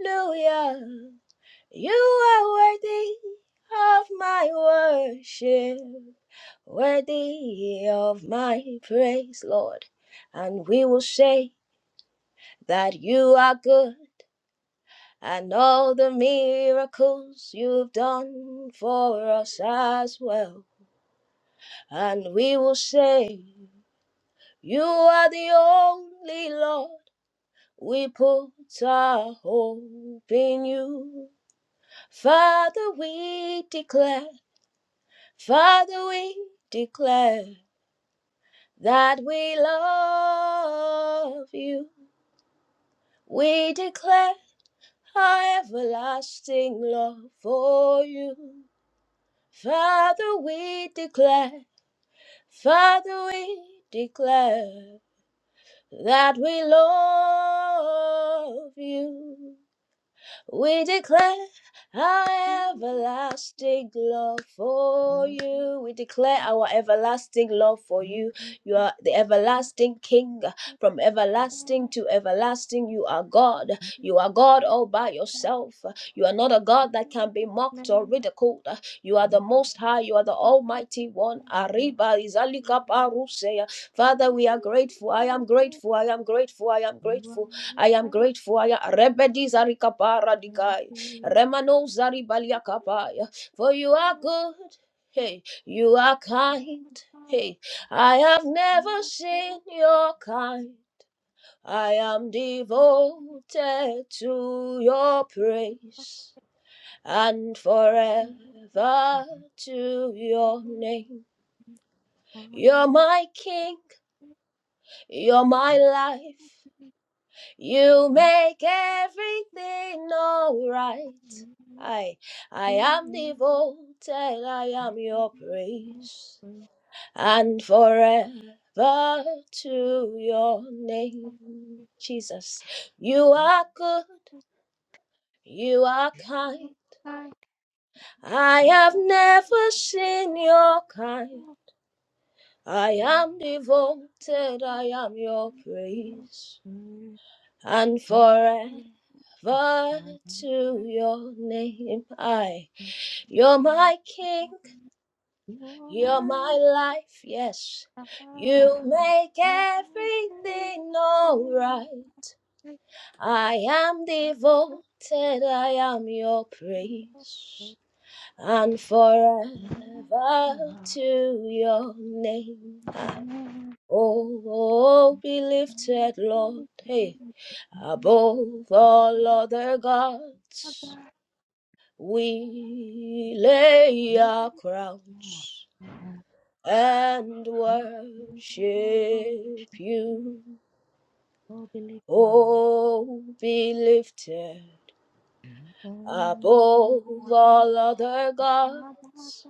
hallelujah. You are worthy of my worship, worthy of my praise, Lord. And we will say that you are good and all the miracles you've done for us as well. And we will say, You are the only Lord. We put our hope in you. Father, we declare, Father, we declare that we love you. We declare our everlasting love for you. Father, we declare, Father, we declare that we love you. We declare our everlasting love for you. We declare our everlasting love for you. You are the everlasting King. From everlasting to everlasting, you are God. You are God all by yourself. You are not a God that can be mocked or ridiculed. You are the Most High. You are the Almighty One. Arriba Izalika Paruseya. Father, we are grateful. I am grateful. I am grateful. I am grateful. I am grateful. I am Rebedi Zarikapara Dikai. Remano Zari Baliakapaya. For you are good. Hey, you are kind. Hey, I have never seen your kind. I am devoted to your praise and forever to your name. You're my king, you're my life. You make everything alright. I, I am devoted, I am your praise, and forever to your name. Jesus, you are good, you are kind. I have never seen your kind. I am devoted, I am your praise, and forever. But to your name I, you're my king, you're my life, yes. You make everything alright. I am devoted, I am your praise. And forever to your name. Ah. Oh, oh, be lifted, Lord, hey, above all other gods. We lay our crowns and worship you. Oh, be lifted above all other gods.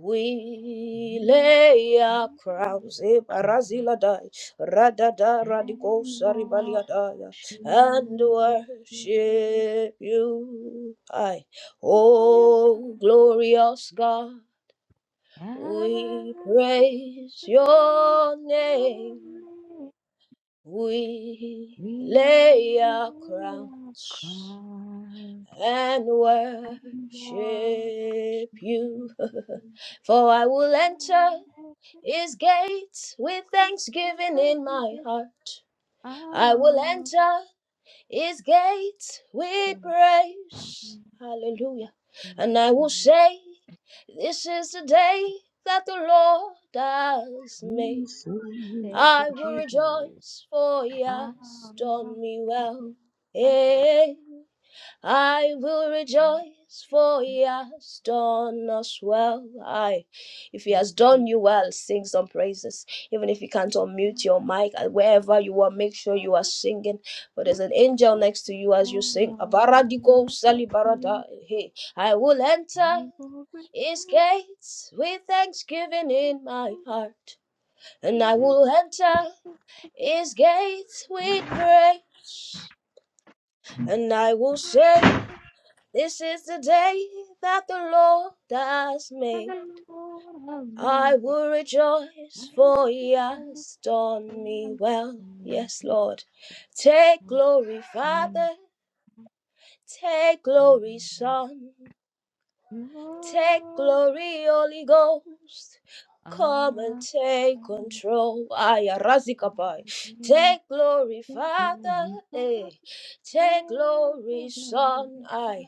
We lay our crowns, eh, Baraziladai, Radada Radigo Saribaliadaya, and worship you. Aye. Oh, glorious God. We praise your name. We lay our crowns and worship you. For I will enter his gates with thanksgiving in my heart. I will enter his gates with praise. Hallelujah. And I will say, This is the day that the Lord has made. I will rejoice, for he has done me well. Eh, I will rejoice, for he has done us well. Aye. If he has done you well, sing some praises. Even if you can't unmute your mic, and wherever you are, make sure you are singing. But there's an angel next to you as you sing. Abaradiko salibarada. Hey, I will enter his gates with thanksgiving in my heart and I will enter his gates we praise. And I will say, This is the day that the Lord has made. I will rejoice, for He has done me well. Yes, Lord. Take glory, Father. Take glory, Son. Take glory, Holy Ghost. Come and take control. Aya razikapai. Take glory, Father. eh. Take glory, Son. Ay.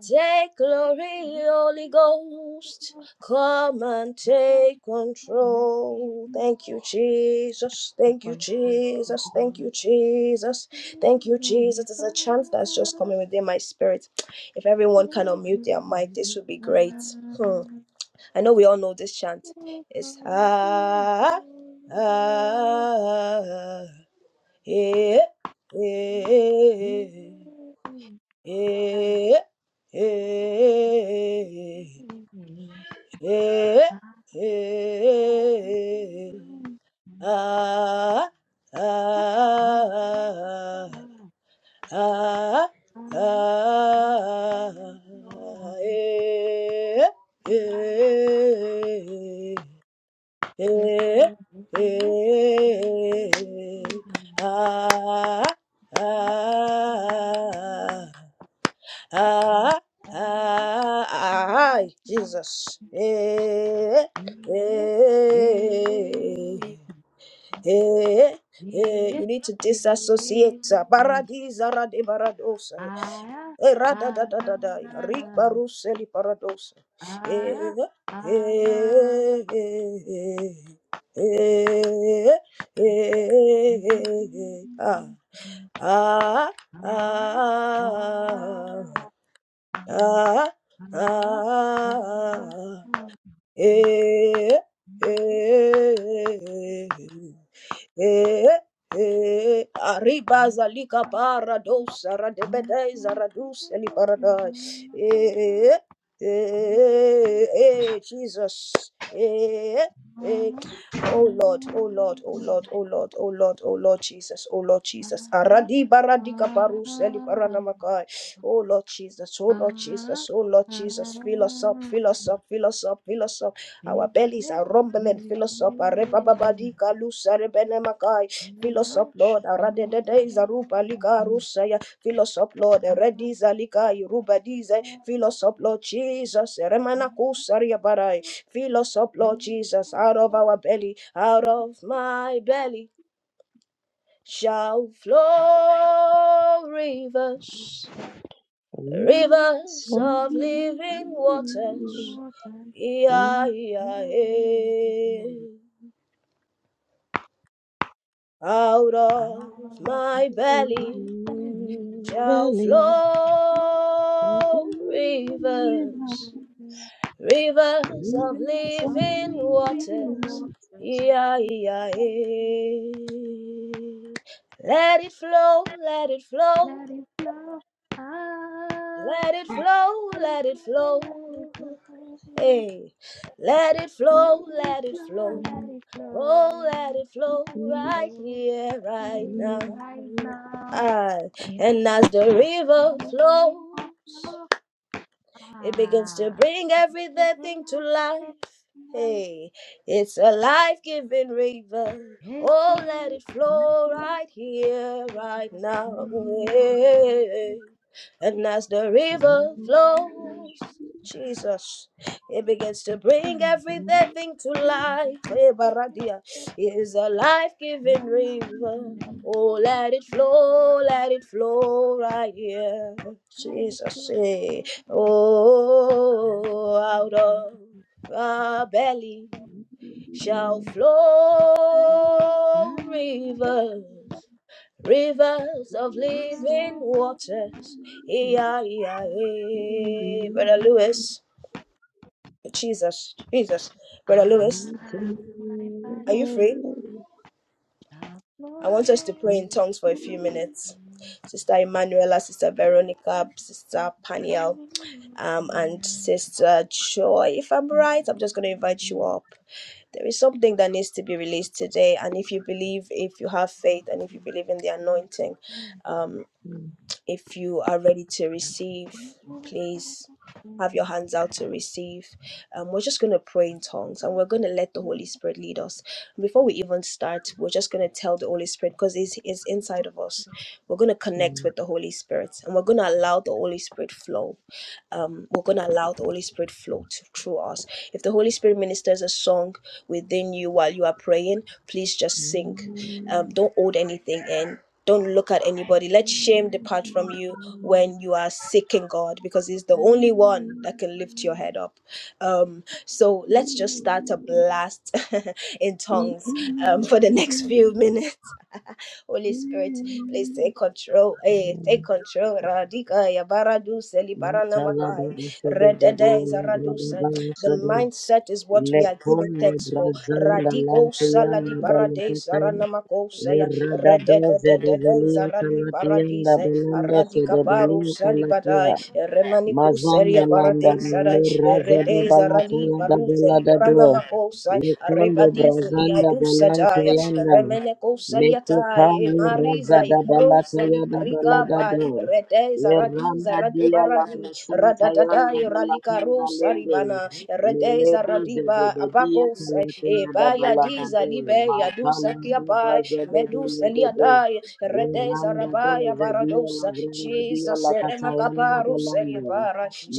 Take glory, Holy Ghost. Come and take control. Thank you, Jesus. Thank you, Jesus. Thank you, Jesus. Thank you, Jesus. There's a chant that's just coming within my spirit. If everyone can unmute their mic, this would be great. Hmm. I know we all know this chant. It's ah, ah, ah yeah, yeah. Eh, eh, eh, eh, ah, ah, ah, ah, eh, eh, eh, eh, ah, ah, Ah, ah, ay, Jesus. Eh, eh, eh, eh. You need to disassociate. Baradiza rade baradosa. Eh, rada da da da da. Rik baruseli paradosa. Eh, eh, eh, eh, eh, eh, eh. Ah, ah, ah ah, ah, eh, eh, eh, eh. Arriba zalika parados, aradebedei zaradus eli paradise. Eh, eh, eh, eh, Jesus. Eh, eh. Oh Lord, oh Lord, oh Lord, oh Lord, oh Lord, oh Lord Jesus, oh Lord Jesus. Aradi baradi kaparus eli paranamakai. Oh Lord Jesus, oh Lord Jesus, oh Lord Jesus, fill us up, fill us up, fill us up, fill us up. Our bellies are rumbling, fill us up. Arebababadi kalusa rebenemakai. Fill us up, Lord. Aradedede izaruba lika rusaya. Fill us up, Lord. Eredi zalika iruba dize. Fill us up, Lord Jesus. Eremana kusaria barai. Fill us up, Lord Jesus, out of our belly, out of my belly shall flow rivers rivers of living waters. E-I-E-I-E. Out of my belly shall flow rivers, rivers of living waters. E-I-E-I-E. Let it flow, let it flow, let it flow, let it flow. Hey, let it flow, let it flow. Oh, let it flow right here, right now. Ah, and as the river flows. It begins to bring every dead thing to life. Hey, it's a life giving river. Oh, let it flow right here, right now. Hey. And as the river flows, Jesus, it begins to bring every dead thing to life. Hey, Baradia, it is a life giving river. Oh, let it flow, let it flow right here. Jesus, hey. Oh, out of our belly shall flow rivers, rivers of living waters. Yeah, yeah, yeah. Brother Lewis, Jesus, Jesus. Brother Lewis, are you free? I want us to pray in tongues for a few minutes. Sister Emanuela, Sister Veronica, Sister Paniel, um, and Sister Joy. If I'm right, I'm just going to invite you up. There is something that needs to be released today. And if you believe, if you have faith, and if you believe in the anointing, um, if you are ready to receive, please have your hands out to receive. Um, we're just going to pray in tongues and we're going to let the Holy Spirit lead us. Before we even start, we're just going to tell the Holy Spirit because it's, it's inside of us. We're going to connect with the Holy Spirit and we're going to allow the Holy Spirit flow. Um, we're going to allow the Holy Spirit flow t- through us. If the Holy Spirit ministers a song within you while you are praying, please just sing um, don't hold anything in don't look at anybody let shame depart from you when you are seeking god because he's the only one that can lift your head up um, so let's just start a blast in tongues um, for the next few minutes Holy Spirit, please take control. Hey, take control. Radika yabaradu selibarana makai. Redede izaradusa. The mindset is what we are giving
Lekonde
thanks for.
brazanda
Radiko
lantuyanda
saladi parade
balakatan
namakosaya
Erada doze de
redededede
velia
zarali
kalatianda
paradise
belanda se
aradika
de
paro
velia calatia.
salibadai remaniku
Mazanda
seria
landa
parade
le
sarai
raza de
rede
balata
zarali
yada
paruze
belada
libarana
doa.
makosai
Lekonde
arrebadize
brazanda
liadusa
balanta
jaya
yanda.
remene kosaliatai
Mekukali raza
mariza
da balata
iberosali
yada
arika
balada
pai
doa.
rede zaradi
Leranda
zarade
dia la
baradi
brusanta yanda
radadadai ralika
balakunda lende.
rosaribana rede
Melebe
zaradiba
zebebe dia
abakosai
kalata yada
ebaya
balada
diza
doa.
libe Yadusa.
Makala de
Rakiapai,
baza de belegede.
Meduseliatai,
Mirando
Redezarabaya
doze dia la
Baradosa,
grande dia
Jesus
la cacciando
Remakapara,
belando.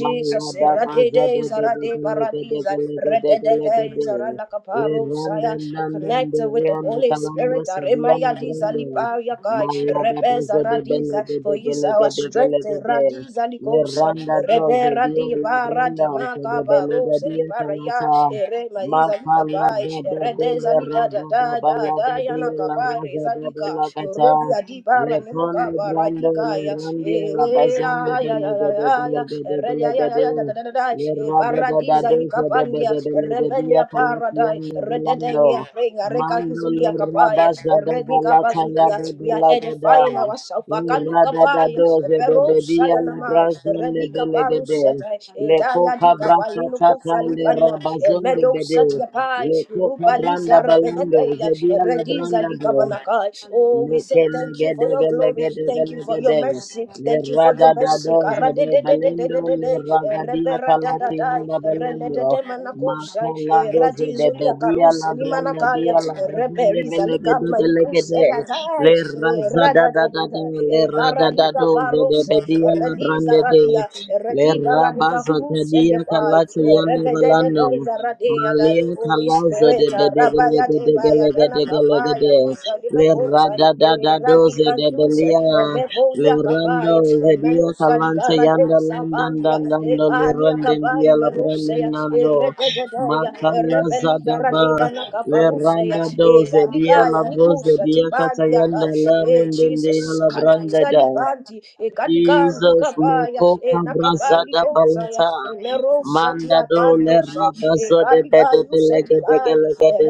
Mala da baza
Radede
de bebe
Zarade
de lege de
Baradiza,
lege de
Redede
lege de. Le rande
Zaralakaparosaya, I
nande
connect
de
with the
rianda
Holy
calando
Spirit,
sabiano
Aremaya Diza
grande.
Lipaya Kai,
Mala da baza
Rebeza
de bele
Radiza,
de
for he
de
is
lege
our
de
strength,
lege de.
Radiza
Le
Likosa,
randa doze
Rebe
dia la
Radiva
grande
Radima
se de bele de
Kabaros,
dia
Liparaya,
calasa.
Erema Iza
Mala da da bele
Redeza Lida
randa
da
da
da da.
bala de
Dayana
dia la
Kabare
raza da
Zadika,
bela caccia.
Rodi
Le
Adibara
Lekondo
Nemekaba
brando le
Radikaya,
randia la bazonde
Eaya,
bele gede de gede bele gede
Redaya,
le rada da da
Baradiza
do gede de
Likapandia,
bele gede ya
Rebenia Paradai,
le
Redede,
belando
we are praying, Areka
mando le
Zulia Kapaya,
rabas da da da
Redika
la kaya
Basudia,
de
we are
bela gada
edifying ourselves,
le
Akaluka
rada da
Paya,
do de
Pero
bede la
Sayanamai,
brazon le
Redika
bele gede
Baruseta,
le
Edaya
coca
Dika
brasa
Bayinu
tata le
Kufalipania,
rabazon de
Meadow
bede
Satia Pai,
le coca
Rupa
branda
Lisa
balando
Rebecca.
zedia
Hallelujah.
la
Rediza
branda do
likabanakai. Oh, we say thank you for your glory. Thank you for your
Lekelegedegelegedegelegedele.
mercy. Thank you for your mercy.
Leradadadoze de belendo,
Karadedededededede.
leragadia kalati
Reberadadadai.
inda belendo.
Renededemanakusai.
Makaladoze de
Radizulia
bedia la
karuse
brenda
limanakaya.
dia la bazinde
Reberiza
belegedegelegede.
likabanikusayadai.
Lerazadadadada,
Radadadada. Baranika
leradadadoze de
barose.
bedia la
Rediza
brande de.
radia. Rediba ranika kruse
Lerabazakadia
liapai.
kalati yanda belendo.
Rebedededeza radia dai.
Malia
Holy
kalazo de
Spirit. Rabaya baya dana kapaya
bedegelegedegedegedegede.
lusa lime
Le
kosa
rada da da doze de
eradikantuse
belia. Le
emekolia
rando
kapai
ze dia
emenusa
kalanta yanda
dikaradesa
landan
pandia
dan dando le
ebania
randen
kapai
dia la branden
beruseya
nando.
eredededeya
Makala zadaba.
erebelizaradeibana
Le
kaparuseya
randa doze dia la
edalikaya
broze
nikusa
dia kata
tibandia
yanda la
kai e
runden dia
Jesus
la branda
katusa
da.
lipanti e kadikandi
Jesus,
e
Makopa
nakapali
Brazada
kosaya
Balata,
e lerosa
Mandado Le
tiabandosa e
Rabazo de Bede
kadikayuse tibai
Belegedegelegede,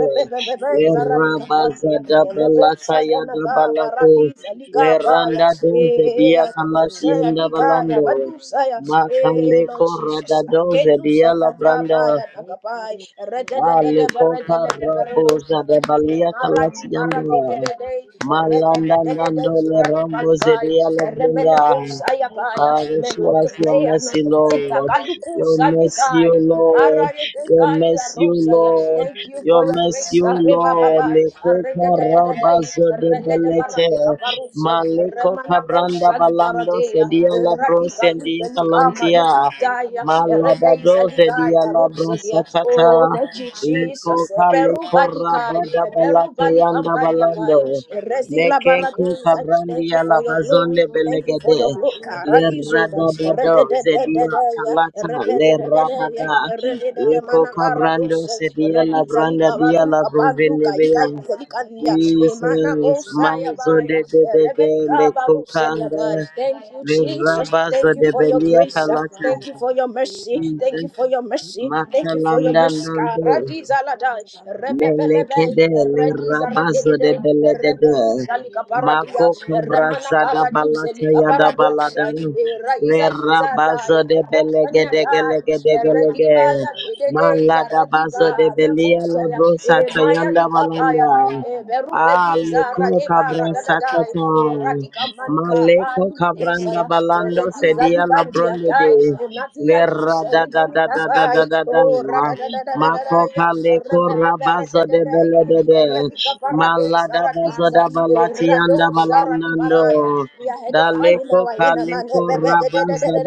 Le
bebe zaralika pandia
Rabazada
elego
Balata Yada
sayanaka
Balako,
baradiza
Le
likabaya
Randa Doze
eh
Dia Kamati
akadusa
Yanda
yadikaya
Balando,
badusaya eh Lord
Makaleko
Jesus
Rada Doze Dia
kedusa
Labranda,
databaya nakapai redededede
Ale Koka
beredelede
Raboza
beredosana
de
eh
Balia
maradi
Kalati Yanda,
baradededede
Malanda
redededede
Nando Le
zuradi
Rambo
palikai
Zedia
remene
Labranda,
kusaya paya
Father,
men
show us your
otoplea
mercy,
notopenta
Lord. Your
kalukusa
mercy,
nikai
O Lord.
barare
Your
kai
mercy, O
rosa ya
Lord.
thank you
Your
for your grace
mercy, O
Reba
Lord.
Baba,
Lekoka
Reda da da da
rabazo
da,
de
Reda de
belete.
Baradica Baruse,
Maleko
Remanaco
kabranda
Sali
balando
Baradea,
sedia la
Radica
sendia
Utelica
kalantia.
Manucutaya, Repe
Malabado
Saligai
sedia la
Barusedia. Oh,
brosatata.
thank you,
Leko
Jesus. Beru
kaleko
Badikai,
rabada
Beru
balate yanda
Balicambaniakai,
balando.
Resila
Mekenku
Baradeza. Thank you
kabrandia la
for your glory.
bazonde
Thank you for
belegede
your glory.
le
Caradizoda,
radododo
Reda da da da
zedia
da,
kalata
Rebe
le
de de de de,
rabada
Rede
le
de
kokabrando
Manacaradose,
zedia la branda dia la
maduka banduka
bruzenebea
ikaizelikania emana
Jesus
kosaya
mazo de
baya
de de de le
erebenika baruselia
kokanda
baya thank you
le
jesus
rabazo
thank you
de
for your
belia
grace
kalata
thank you for your mercy thank you
Jesus
for your mercy thank you for your
makalanda
mercy
nando
karadiza ladai rebebebebe
Melekedele
rediza
rabazo de
radedede
beledede.
reberusa likaparadia
Mako
remana
kabraza da
karaduze
balata ya da balada.
likaparadosa
Le
eraiza
rabazo
lizadai
de
mukosania
belegede
dai
gelegede
Eradiba
gelege.
la de de de,
Malada bazo de
Zaradiba,
belia la
na ya
brosa
e maya
tayanda
nikapaya na
balanda.
e berupe diza
Aleko
radeba
kabrasa
radadadai
tata.
o radika manika
Maleko
bayu nikusa
kabranda
e
balando
rediza
sedia la
dikanti ya
bronde de.
dai e mati
Le
ya jusa
rada da
riba
da da da
nikafai
da da
o
da. Mako
Embrayan
radadadadadadai ya
kale kora
rebebebe
Busarakasa
baza de
radadadai
bele de
Librando
de.
radika
Rekidiba,
paradesa
Malada baza
radiza
da
e
balati anda
radosa
balanando.
radibaraya we are headed fire
Daleko
now in a
kale
man
kora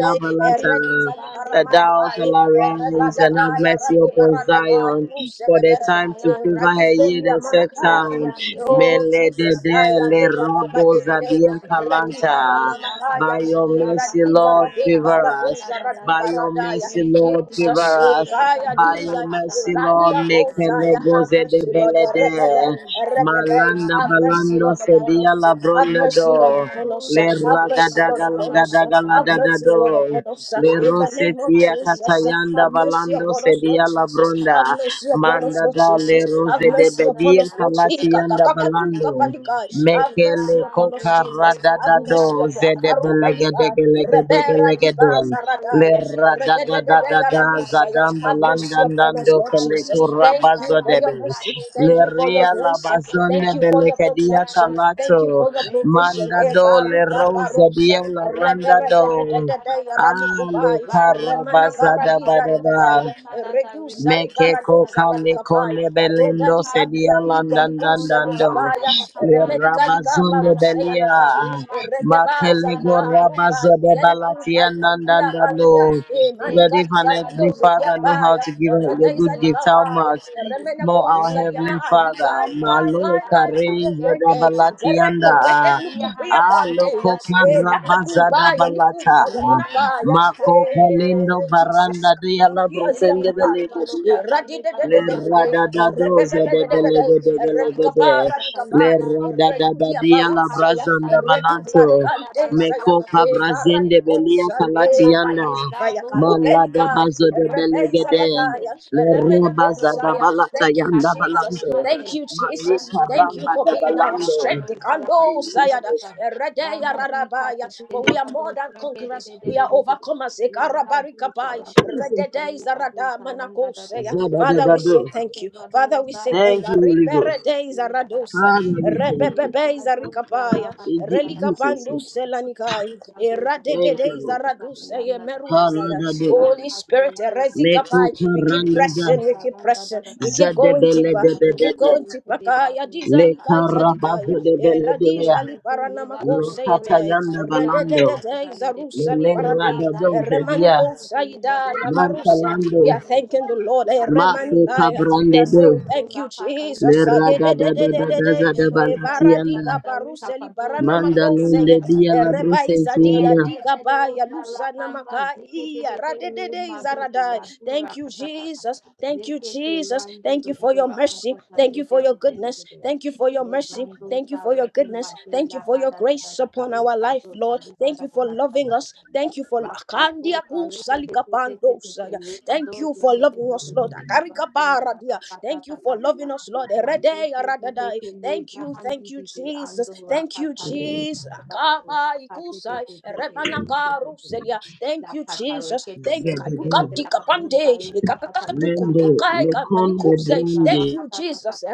da
e
balata.
rediza libara
That thou
mahakai
shall
e
arise and have
rebadadai ya
mercy upon Zion for
radibaranda
the
Oh
time to favor her yea the set time. Mele de
Jesus, I
le
adore Baba
rabo
Dede,
zadia
Radi
kalanta.
Barana
By
Makaya,
your mercy,
Radi
Lord,
Zarade
favor
Barado
us.
Zaradi
By your
Baradaya,
mercy, Lord, favor
Jesus,
us
Gaia
by your
Diza,
mercy, Lord,
Vania
make
Gosaya,
negose
have
de
mercy, Lord, eh,
belede.
Rebebe, eh, Rebebe,
Malanda
have mercy,
balando
Lord, upon
sedia
us,
la
have
bronda
mercy, Lord,
do.
upon us,
Le
have mercy, Lord,
ragadaga
upon us,
lagadaga
have
ladada
mercy, Lord,
do.
upon us,
Le
in the name of
rosetia
Jesus,
katayanda
have mercy
balando
upon us, Lord
sedia la
Jesus,
bronda.
have mercy upon upon us,
Manda
Lord
da
Jesus.
le
Have
rose de
mercy upon
bedia
us, Lord
Tadayanda
Jesus. Have
kalatianda
Ukatadia
balando.
Padosa,
Mekele
mercy
Lebrahan
upon
de
us,
koka
Jesus. Have
radada
Rekido
mercy
do
upon
zede
Akaru
Ratatadada,
Balika. Rebera
Rekid
Diva
belegede
Bosa
Zaradaya.
Lera
Rekitete
da da da da
Televado
Rededededea
da
Radusaya.
zadam
Sarekete,
Have mercy
landan
upon us,
dando
Lord
kele
Jesus.
Lehadidi
Thank you
kurabazo
Anadama
for your
debe.
mercy.
Kate
Thank you for your
Teliva,
Leria la
grace.
Ricardo
bazone
Thank you for
bele
your
Sarandiki
kedia
protection.
Tilianda,
Thank you
kalato.
for your
Reno
provision.
Manda do
Parima
le
de
Ebarika
de
rosa
de de
Barosa.
dia
de
la
de de de
randa
Reba de
do.
ha da da
Reberededededea
da da da
Ale
Ralukubai.
Rando
Remana
karabaza
Riberia
da ba
Karadiza
da
Padosa
ba.
Ribadea.
Randa da da Rima de ha
Mekeko
Reduce
da da
zala
da
kane
da da da
dikapai
kone
aroda
belendo sedia
dikablia
Lekadire
kike
landan dan
kato
likusa
dando
nikapaya
sarakata
remeni
tapadian da da
kalikapa
rabazundo
da da da da.
ruseya
belia
nakai
Remadire da
redebaza
da da
makelego
likarubai
rabazo
rekete
de
tedora
balatia
zerikukai
handian da da
nandan
kakia
da da
dando
kania
de.
emani
that if an
Lekete bado
heavenly
kalikalioze
father know
sarandi
how
diabaya
to give us the
rando
redeiza
good gift how
dorakata
likapaya
de
much
de de de.
remena
more our
kousalia
heavenly
Lebrai
father
handere
maahikai kai
bado
kai
maloka
kai
sarakata
reza
rian
da
da
kutetete
da da.
balatianda
ipereketete
Lebradia
nikupia
handa da da da
aloko
kanteya
da de de de
rabaza da
habadoza.
elakatubaya
balata
nikusa
Reneva
yamanakaya
Marco
katata
Palindo
librado
Jesus.
Baranda dia la
Kundia zia
brusende
Lekepele
kapani.
belege dia.
balokata
Le
lebatosa
rada da
katatata.
doza de
Rema
belege
deke
de belege
lebadosa
de.
rakata
Le
liba
rada da
dehede.
da dia la
Rakatosa
brazanda
leba
balanto.
reana
Meko
rakapatosa
pabrazende
kedede.
belia
Rema
kalatianda.
dele blatosa
Malada
rakata
bazo de
liba kuta
belege de.
rakete.
Le
Rande bado
rabaza da
rakato
balata
Thank you,
yanda
katata
Jesus.
leba
balando.
Thank
de.
you, Jesus.
Malika
Rando
Thank
dodo
you
ramba
for
da
being
rakata
our
liba
balando.
strength.
dosa
Kando
rakata
Sayada,
Jesus.
tatata.
Eredeya
Rama di
Rarabaya.
katete
For we are
leba
more than
dosa
conquerors. We are
kedede.
overcomers.
Lebrado
Ekarabarikabai,
Jesus.
Sarapatatata
Redede
Libado
Zarada
Saranda da da da.
Hallelujah.
Zaba da
Father,
da
we say
do.
thank
Lekete
you. Father,
Vado
we say thank
Thank
you.
Sarapete
you, Holy Ghost.
Ribere dei
da.
zaradosa.
Father, we thank you.
Rebebebe
Lebrado
zarikapaya.
In Je-
Sarapatatata
Jesus'
Relikapandu
name.
selanikai.
Librado
Erade de
Thank you,
dei
Lord.
Sarapatatata
zaradusa ye
Yanda da da da.
Haladado.
Holy Spirit,
Rakatu
Meku
erezikapai. We keep
karandada.
pressing, we keep
Saranda
pressing,
da da
we
da.
keep going
Zadebele
deeper,
de de
we
Lebrado
de
keep
de.
going
Serete
deeper. Kaya
Debado
diza
Le
ikai
karabazo
zadikaya.
Rakatatata.
de bele de ya.
Eradiza
Yekete
liparana
Le
levado
makose yete.
sarete
katayanda
Rede
mariana
de
da
balando.
de
da da
dei
sarete.
Le
zarusa
le
Limba
radado
dayanda da
zedia.
Remaniko
kute
saida
levado
yabaruse.
sarakata
We
Mantalando.
are
liyerete.
thanking the Lord. Lord. Eh,
Rakata
Maku
lima
Remankaya.
de
We
kabrande
are
do.
saying
sarando do
thank you,
rakata
Le
liba
Jesus. Ah,
da da.
radada da da da
Manne belo
Eh,
saliva
zadabalatianda.
da
Baradika
da rita
Baruseli
pado
Barana
sarakata
Mandalunde
Makoseye.
da da
dia
da.
Eh,
la
Reba Izadia
brusentianda.
Dika Baya
Elevedosa
Lusana
rakamba
Makaya.
ziketetete
Radedede
rembadosa
Izaradai.
radura
Thank you,
katatata.
Jesus. Thank you,
Lekete
Jesus.
randu
Thank you for
dododo
your mercy.
rakatata
Thank you for your goodness.
rededededede.
Thank you for your mercy. Thank you
Levandosa
for your
rekemba
goodness. Thank
dela
you for your
hada da da
grace
da da
upon our life,
rikado da
Lord.
liba
Thank
da
you
da
for
da da da
loving
da da.
us. Thank you for Kandia
Rakatosa
Kusalika
reketetetetete
Pandosaya. Thank
ribados
you for loving loving us, Lord.
reketetetetete ribadosa
Akarikapara dia. Thank you for
rakatatatata
loving us, Lord. Eredei aradadai.
maziketetete
Thank you, thank you,
lebrahandidide
Jesus.
ando
Thank you,
rakatale
Jesus.
bados
Akaba ikusai.
rakatetetetete
Erebanakaru
reketetetete
selia. Thank you,
lakata
Jesus. Thank
reketete
you.
Zedede.
reketete
Kadukatika
lakatosa
pande.
rekatata
Mendo
lebrahanda
Ikakakakatukutukai
darika
lekonde
kamanikuse.
madosa
Thank
brandi
you, Jesus.
rakatatata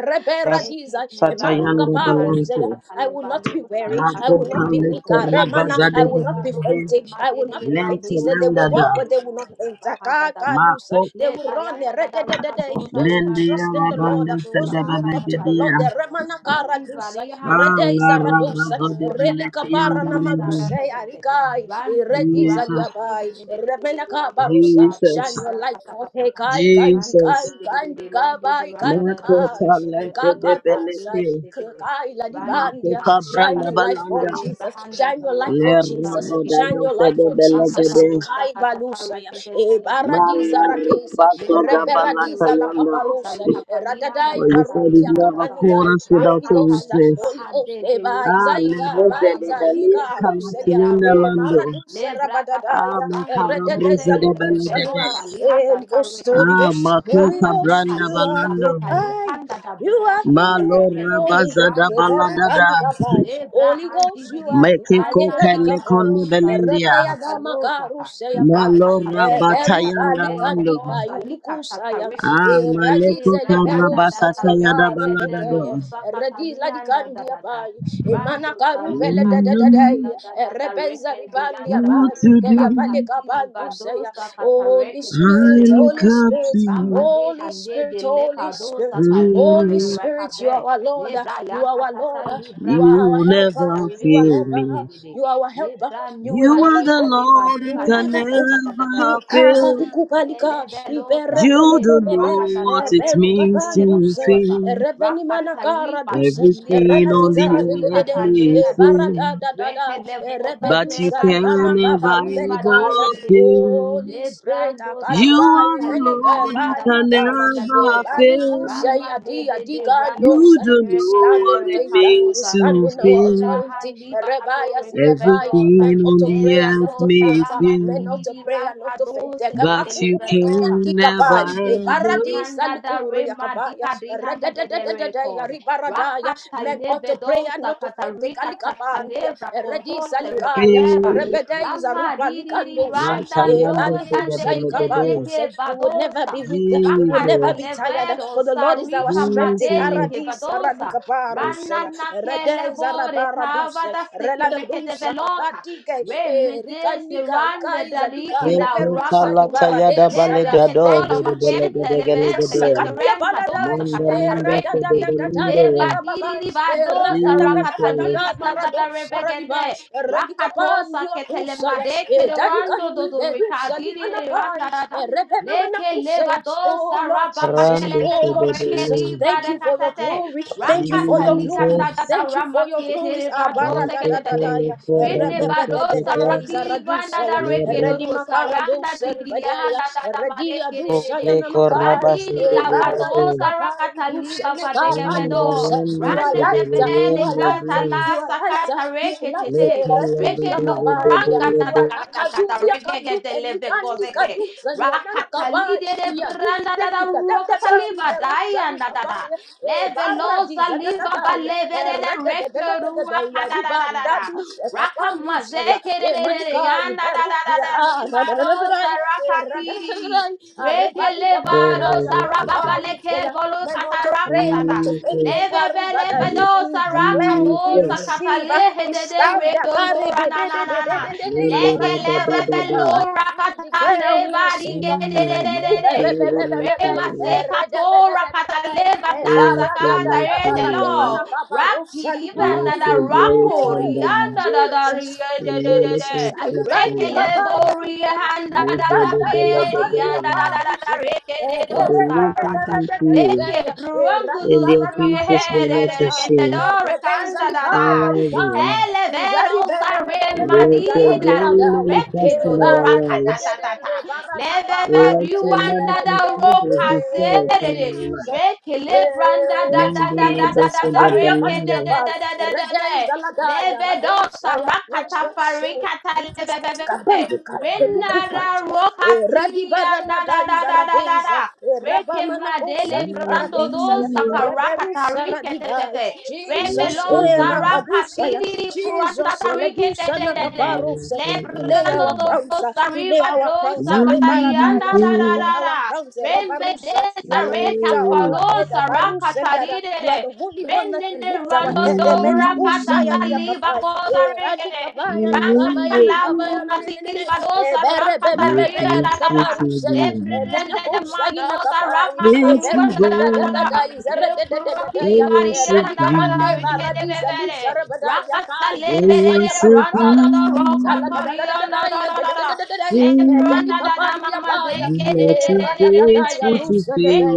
lekete baro
rasatayanda
Emarukaparu
katarika
balante
I
tatale
will not be
badosa
weary. I will
rakatale
makoka
not be weak.
badosa
lekora
Aremana.
bazade
I will not be
bebebe
fainting. I will not be fainting.
lente
He said they will
lendada
walk, but they will not faint.
mako
Akakalusa. They will run there. Re-de-de-de-de. Those who
lende
trust in the Lord,
yarabanda
uh, those who look up to the Lord.
sadababadia
The Remanakara Dusa,
ala
Redeza Radosa,
rabazode beleti
Relika
yando lendo
Paranamaruse, Arikai, Rediza
Jesus
Liabai, Remenaka Barusa.
Jesus
Shine your light forth. Hey, Kai, Kandikai,
Jesus
Kandikabai,
mako
Kalukai,
talente de
Kakadosa,
beleti
Rando
Kai,
Randi
mako
Ladibandia. Shine
Madika
kabranda
your light for
balanda
Katakale
Jesus.
Brahanda
Shine
the
your light
Le
for
Rakaduta
Jesus. Shine
rabadado
your
Rekedete
light
fede
for Jesus.
belegede.
Rakapalosa
Kai
Katata
balusaya, e
Rekedetele
baradiza
Mala
Brahandosa
radeza,
rabaso da
Remadede
balata
reberadiza la
yanda.
Rakatosa
caparosa,
Rikapalihanda
radadai
Well, you
Dada
said you
barudia
never
Rekadada
caught
campanidai,
us without
Holy
your
Ghost,
Rakatali
weakness.
Holy Ghost,
Bahade
e
de
bai
Ah, le
Rekadosa
zaiga,
rose
bai
de
Rapamazike
belia
zaiga,
Tete
kalati
ruselia,
yanda
e
Redarukata
lando.
maradusa
Lebra
Ah,
Katata
rabadadaya, e
Branga
makava brosa
rededeza
de
Dosekete
belegede.
lucusanua,
Velova
e
Lihada
Holy Ghost, Holy
Ah,
Tarekade
Ghost, Holy
makuka
Ramba di
Ghost,
branda
you are
kalosa
here,
balando.
I,
katalipanda da
you
bra
are
Malo
here,
katatereke toto
Holy
rabaza da
Ghost, e
randa da da da.
baladada.
berubanica bai,
Lebra
Holy
handi
Ghost,
di
you
di
are
di
here,
Mekiko
rana
Kayera di
na
kele
capai,
konde
e
madosa
belindia.
rikata
rabaya da
palosa
makaru
ka.
barusaya pa
Malo
Rakata
e
lebra
beru
handa da
rabatayanda
vele
balika
lando.
lika
bokosa likata
lukusaya
Ah,
tarekete.
e
Maleko
Lebra yanda da
Karabasata
da
Yada
reke de de lo
Baladado.
e radiz
sakatali
la
handa da
dikandi
da
pa
da.
e
Rando
I
de
sarema
de
di handa
don't
da
e
da da
rebeza
reke di
know
ribandi
yanda da
pa
what
do.
to do.
balika
Rakati
bandu
livadosa
Holy
katareke
I
tete
Spirit Holy
levadosa.
look up to
Spirit
you.
Ramade
Holy
hande
Spirit
de le
Holy
kado
Spirit
sakali
Holy
Oh,
hadoreka
Spirit you are
de
our Lord
le
you
brayan
are our Lord
katata libra
you are our
You
handa da da
helper
never
da
you are
reke
fail
de
helper
de de
me.
de de
you are our
le
helper
bra
you will
You
numa
never
are
ne
the
fail
hade
Lord
you
who
you
baduka
will
da
can
da
never
da
fail.
da da da da
You
never
bakata
kala
fail.
kupalika
ele velo
ibere bebe
You
sale
don't
bebe bebe
know
prakata
what
ta
it
eberu
reke te ke
means
le
kapandu
to
saya
bakosa
fail.
erebeni
rakata
manakara
riba di
duse
di le
Everything
erela
on the
badosa
dizara de de de
earth
de
likata le
may
e
hade de de
fail,
barada da da da
reke le voda
but
erebedu
you can
zaribana
handa da
never
kabaru
rima
ever
de
belikaya
fail.
Holy Spirit
Lebrando
You
akalika
are
sarakata
the
imeneke
liva di
Lord who can
balikaya e
never
hadadadadaregadosa.
bani
fail.
Rama
kusaya
de
di
de de
adika
rando
You don't
we
know
sereke de
stand
de
in
what it
faith. uh,
means
We
recadosa.
stand
to
in our
fail.
authority.
Lebrahan liva
Rebaya
katore
zilebai.
kevedosa.
Men
Everything
ought
on
to
the
pray and
earth
not to
Levedosa
may
faint. uh,
rama
Men
di
fail,
ought
di
to
di
pray and not to faint.
rankadose
but
de
you
levedosa.
can
Kakakukukukukukabai.
never
Ram di di di
ever
Ibaradisa
kanda da
likuri
rema di
yakabaya.
ka di handa de de
Rededededededea
record.
ribaradaya.
Rakata
Men ought to pray and
levedosa
not to faint.
katarika
Kalikabandia.
takalevra
Eredisa
kontose
likaya.
reketeva.
fail.
Rebedeiza
Rama
rupa
diri
likandusa.
randa do
Mantalando
Ebanikusa
yande
fedebelebede.
ikabandusa.
deleke
We would never
badosa
be weak. We would
Rakata
never be
Jesus,
tired.
levedo
For the Lord is our
sarika
strength.
Jesus.
madeleke
Dekaradis
badosa
aradikaparuse.
Rana na ke
Redes
levore
arabaraduse.
kavada sikireke
Reladadusa
develoka.
kapatike.
Re medese
Erikanika
randa
ikaiza lika
dadiki la
reperusa
rakatosa.
Nekotalatayada
dibaradesa ya.
Neve
Thank
ketolo
you,
vakente
Jesus.
levese
fedebelegedegelegede.
Kandia
keterema
baladai.
dosa
Mandalando
katatarekiti.
Eradadadadadaya
fedebelendo.
Neva
rebababai.
diriri vadosa rakata
Eradadadadadada
liva
Jesus,
dadada
maradosa
rebegede.
radibai.
Rakatosa
Eredikapandia kusaya.
ketelemade kederando
Edanikandi
dodo
bedusa
rikadiri
limanakai.
randada.
Erebemamana
Leke
Oh
levadosa
Lord Jesus,
grande
rabapatelefe
oh
se
Lord
de
koreke
Jesus,
Belén.
diva
thank
de
you for your
katate.
glory, thank you for
Rakata
your glory,
likanda
Jesus,
dada
thank you for your glories.
ramakete
Abara
me
vadose
da da da
toque
ketete.
da
le
ya,
Rene
corraba se
erebebebe de
te
vadosa
de de
ve,
rakiri vanda
izaradusa
da
ya,
le
reke
ro-
ereli
randa
makara
saranda
dosa
digili
ribede ya,
handa dada
eredi
madeke
adusa ya
de.
le corraba
namakai,
se
Randiri
te
la
ve le
ebara
ve.
vadosa
ikapai
rakata
dusa
liva vadege vedo.
nekapandosa. You are
se
Rande
de
lighter, you
nebele
Belén
are
le
lighter,
kata
you
la
are lighter,
sakata
you are
reke
lighter.
cala de
Reke
Redusa
de
no
de de
kapandia,
de
branga
you
da da
are
ga da ga da
akadulia
reke ge
kandu
de leve
Nikandi
gozege
kadusani anana
rakatali
kabai.
de de
Ya
branda da
dislen
da
da da da da
rokataliva daya
iberokani
da da da
kabai. E
leve
barra
lo
diza da da
saliva ba
da ya.
leve
E
de de
reda da da
reke
da da da da da
ruaka
ya
da da da da
ribanda
da
dus e kapandu sala.
rakamazeke de
E
de de de
manika
yanda da da da
iberukia
da
ara da da
livado
da da da. E ra da da da da
sarakatiri
da.
reke
Arrebani kabara da
levado
ya nama
sarababa leke
karukia ya.
bolo
Men
kata
to pray and not
rakata
to think eh,
Jesus,
Levebele
karubadai. We
Lebebelebedosa
declare, we
rakadosa
Jesus,
receive, eh,
katale
we
dede
stand.
reko nora na na na
We
na.
le le
Leke
re- da da da
lebebelo
declare
rakatale
we
Oh,
receive,
barike
we
dede
my
dede
receive.
de.
Savior, my
Rema
Savior.
zekato rakatale
Yes,
badaza
We Thank you, mercy,
katarete
Lord.
lo. Rakiri benda
Let
da
your glory
rako
come down
rianda da da
Jesus,
riye de
and
de de
Jesus, I
manifest
love
de. Reke
you,
itself.
Kapaya
levo rihanda
Lutai,
da da
Miserable,
Ibanda
For
be
Kapaya
rianda da da da da
Parusete,
reke de
they look up
do
unto you,
Leke brungu
Rabi
and their
duduri
Parana
faces were
Makosa
here
not
Yatai,
ashamed.
gendadore
Rebeza
kanda dada.
Lipaya,
Father,
Hele vedo
Izari bere bere
sare
bere
let your
zaradi
madida.
glory
ladaya. E
manifest
Reke
in
dodo
our
bara de de de
lives.
rakatatata.
de e bara na ka
Leve
baru
Let
vedu
your
zere
wanda
bere
da
de
manifest
de. E
presence
roka
be felt in
serere.
our
Jesus.
lives.
Reke lebranda da
Eh,
da
Member,
da da
let
da
Jesus,
us
da da
the
Akaya
reke de
Belinda.
Pandia
de
Pai,
de de de de de.
Reggae Zaladaya,
Leve dosa
Radosaya, let
rakata
your soul
farikata
come to
leve ve ve ve.
Skabandika, the
Renara
Lukupantia,
roka
eh,
tiria na da
Radibadada
da
is a
da da da da.
Radeza, eh,
Rekema
Rabamana
Rekemadele
Kosali Paradesa,
brandodo
Reberusa Radiba, Shaddai,
sakarakatariketetete.
You
Jesus,
Rebelo
eh,
are
Makadusaya,
zarakatiri
Jesus, Eledusa,
kurandatareketetete.
Nakaparose,
Le
Beautiful
we
is
lay
the
our
brandodo
one.
crowns, uh, we lay our
sarivado
crowns, uh,
You never
Rebaradaya,
sakatayanda da
we
da
lay
feel.
da
our
da.
crowns, uh,
rembe de
Rebarusa,
Remede
you are the lifter of our
sarekapalo
head, uh, Baruseliada, you are
sarakatarirere.
the holy one that can
Renene
lift our head,
randodo
eh, Menekusaya,
rakatata
Diakapai,
libabo
eh,
sarekete.
Radikabaya, Nakabaya,
Rakakalabu
Nakabaya, Nanene,
katiri vado
eh, Bere, Bebe,
You
Bebe,
sarakatarira da da
faithful
da.
to
Rakadaborianda
Yalikaparusaya,
the
eh,
end.
Menekusaya, Nakapai, eh,
Faithful
Beru,
God,
Thank
I worship you. I worship you. You are too faithful to fail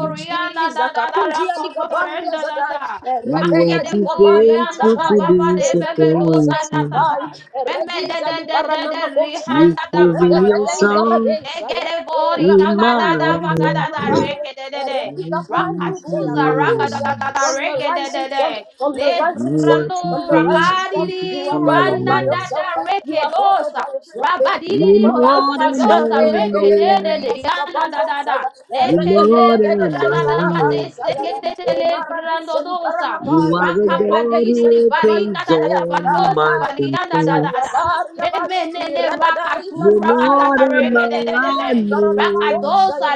you, Jesus. Kakundia likabandia zadai.
You are
Rebeya
too
likabaya
faithful
da
to
nakabaya.
baba de bebe lo
disappoint
Zalikosaya
salata.
me.
nakai.
Remede
Rediza
de de de
liparana
de
makosai.
You've
rihanda da
proven
Rebeya
kadaro.
yourself.
zaradesaya.
Legede bori
In
Ramana
kapa
my
da da Legedebori kabadada
life,
kabaruse
bagadada
Makaya. From
rekedede.
the
I
rising
came to
Rakaduza
sun,
rakadadada
realize
regedede.
from the rising
you
sun,
are too
from
Lebrando
the rising sun,
faithful to
you
rakadidi
are God
fail
all
randa
by
da
me.
yourself.
da
You are God all
rekedosa.
by yourself. You are
You
Rabadidi
God all by
Lord am I,
yourself.
rafadosa
Lord.
rekedede yana da da dadada.
You
Leke
Lord am
lebranada made
I.
sekete le brando dosa.
You are the God
Rakapadidi
who opens
barika da da dadada
door no
badosa
man can
palianda da. da da.
shut.
Remenene rakatu
You Lord am
rakatatareke de
Erega
de de de.
I, Lord.
Rakadosa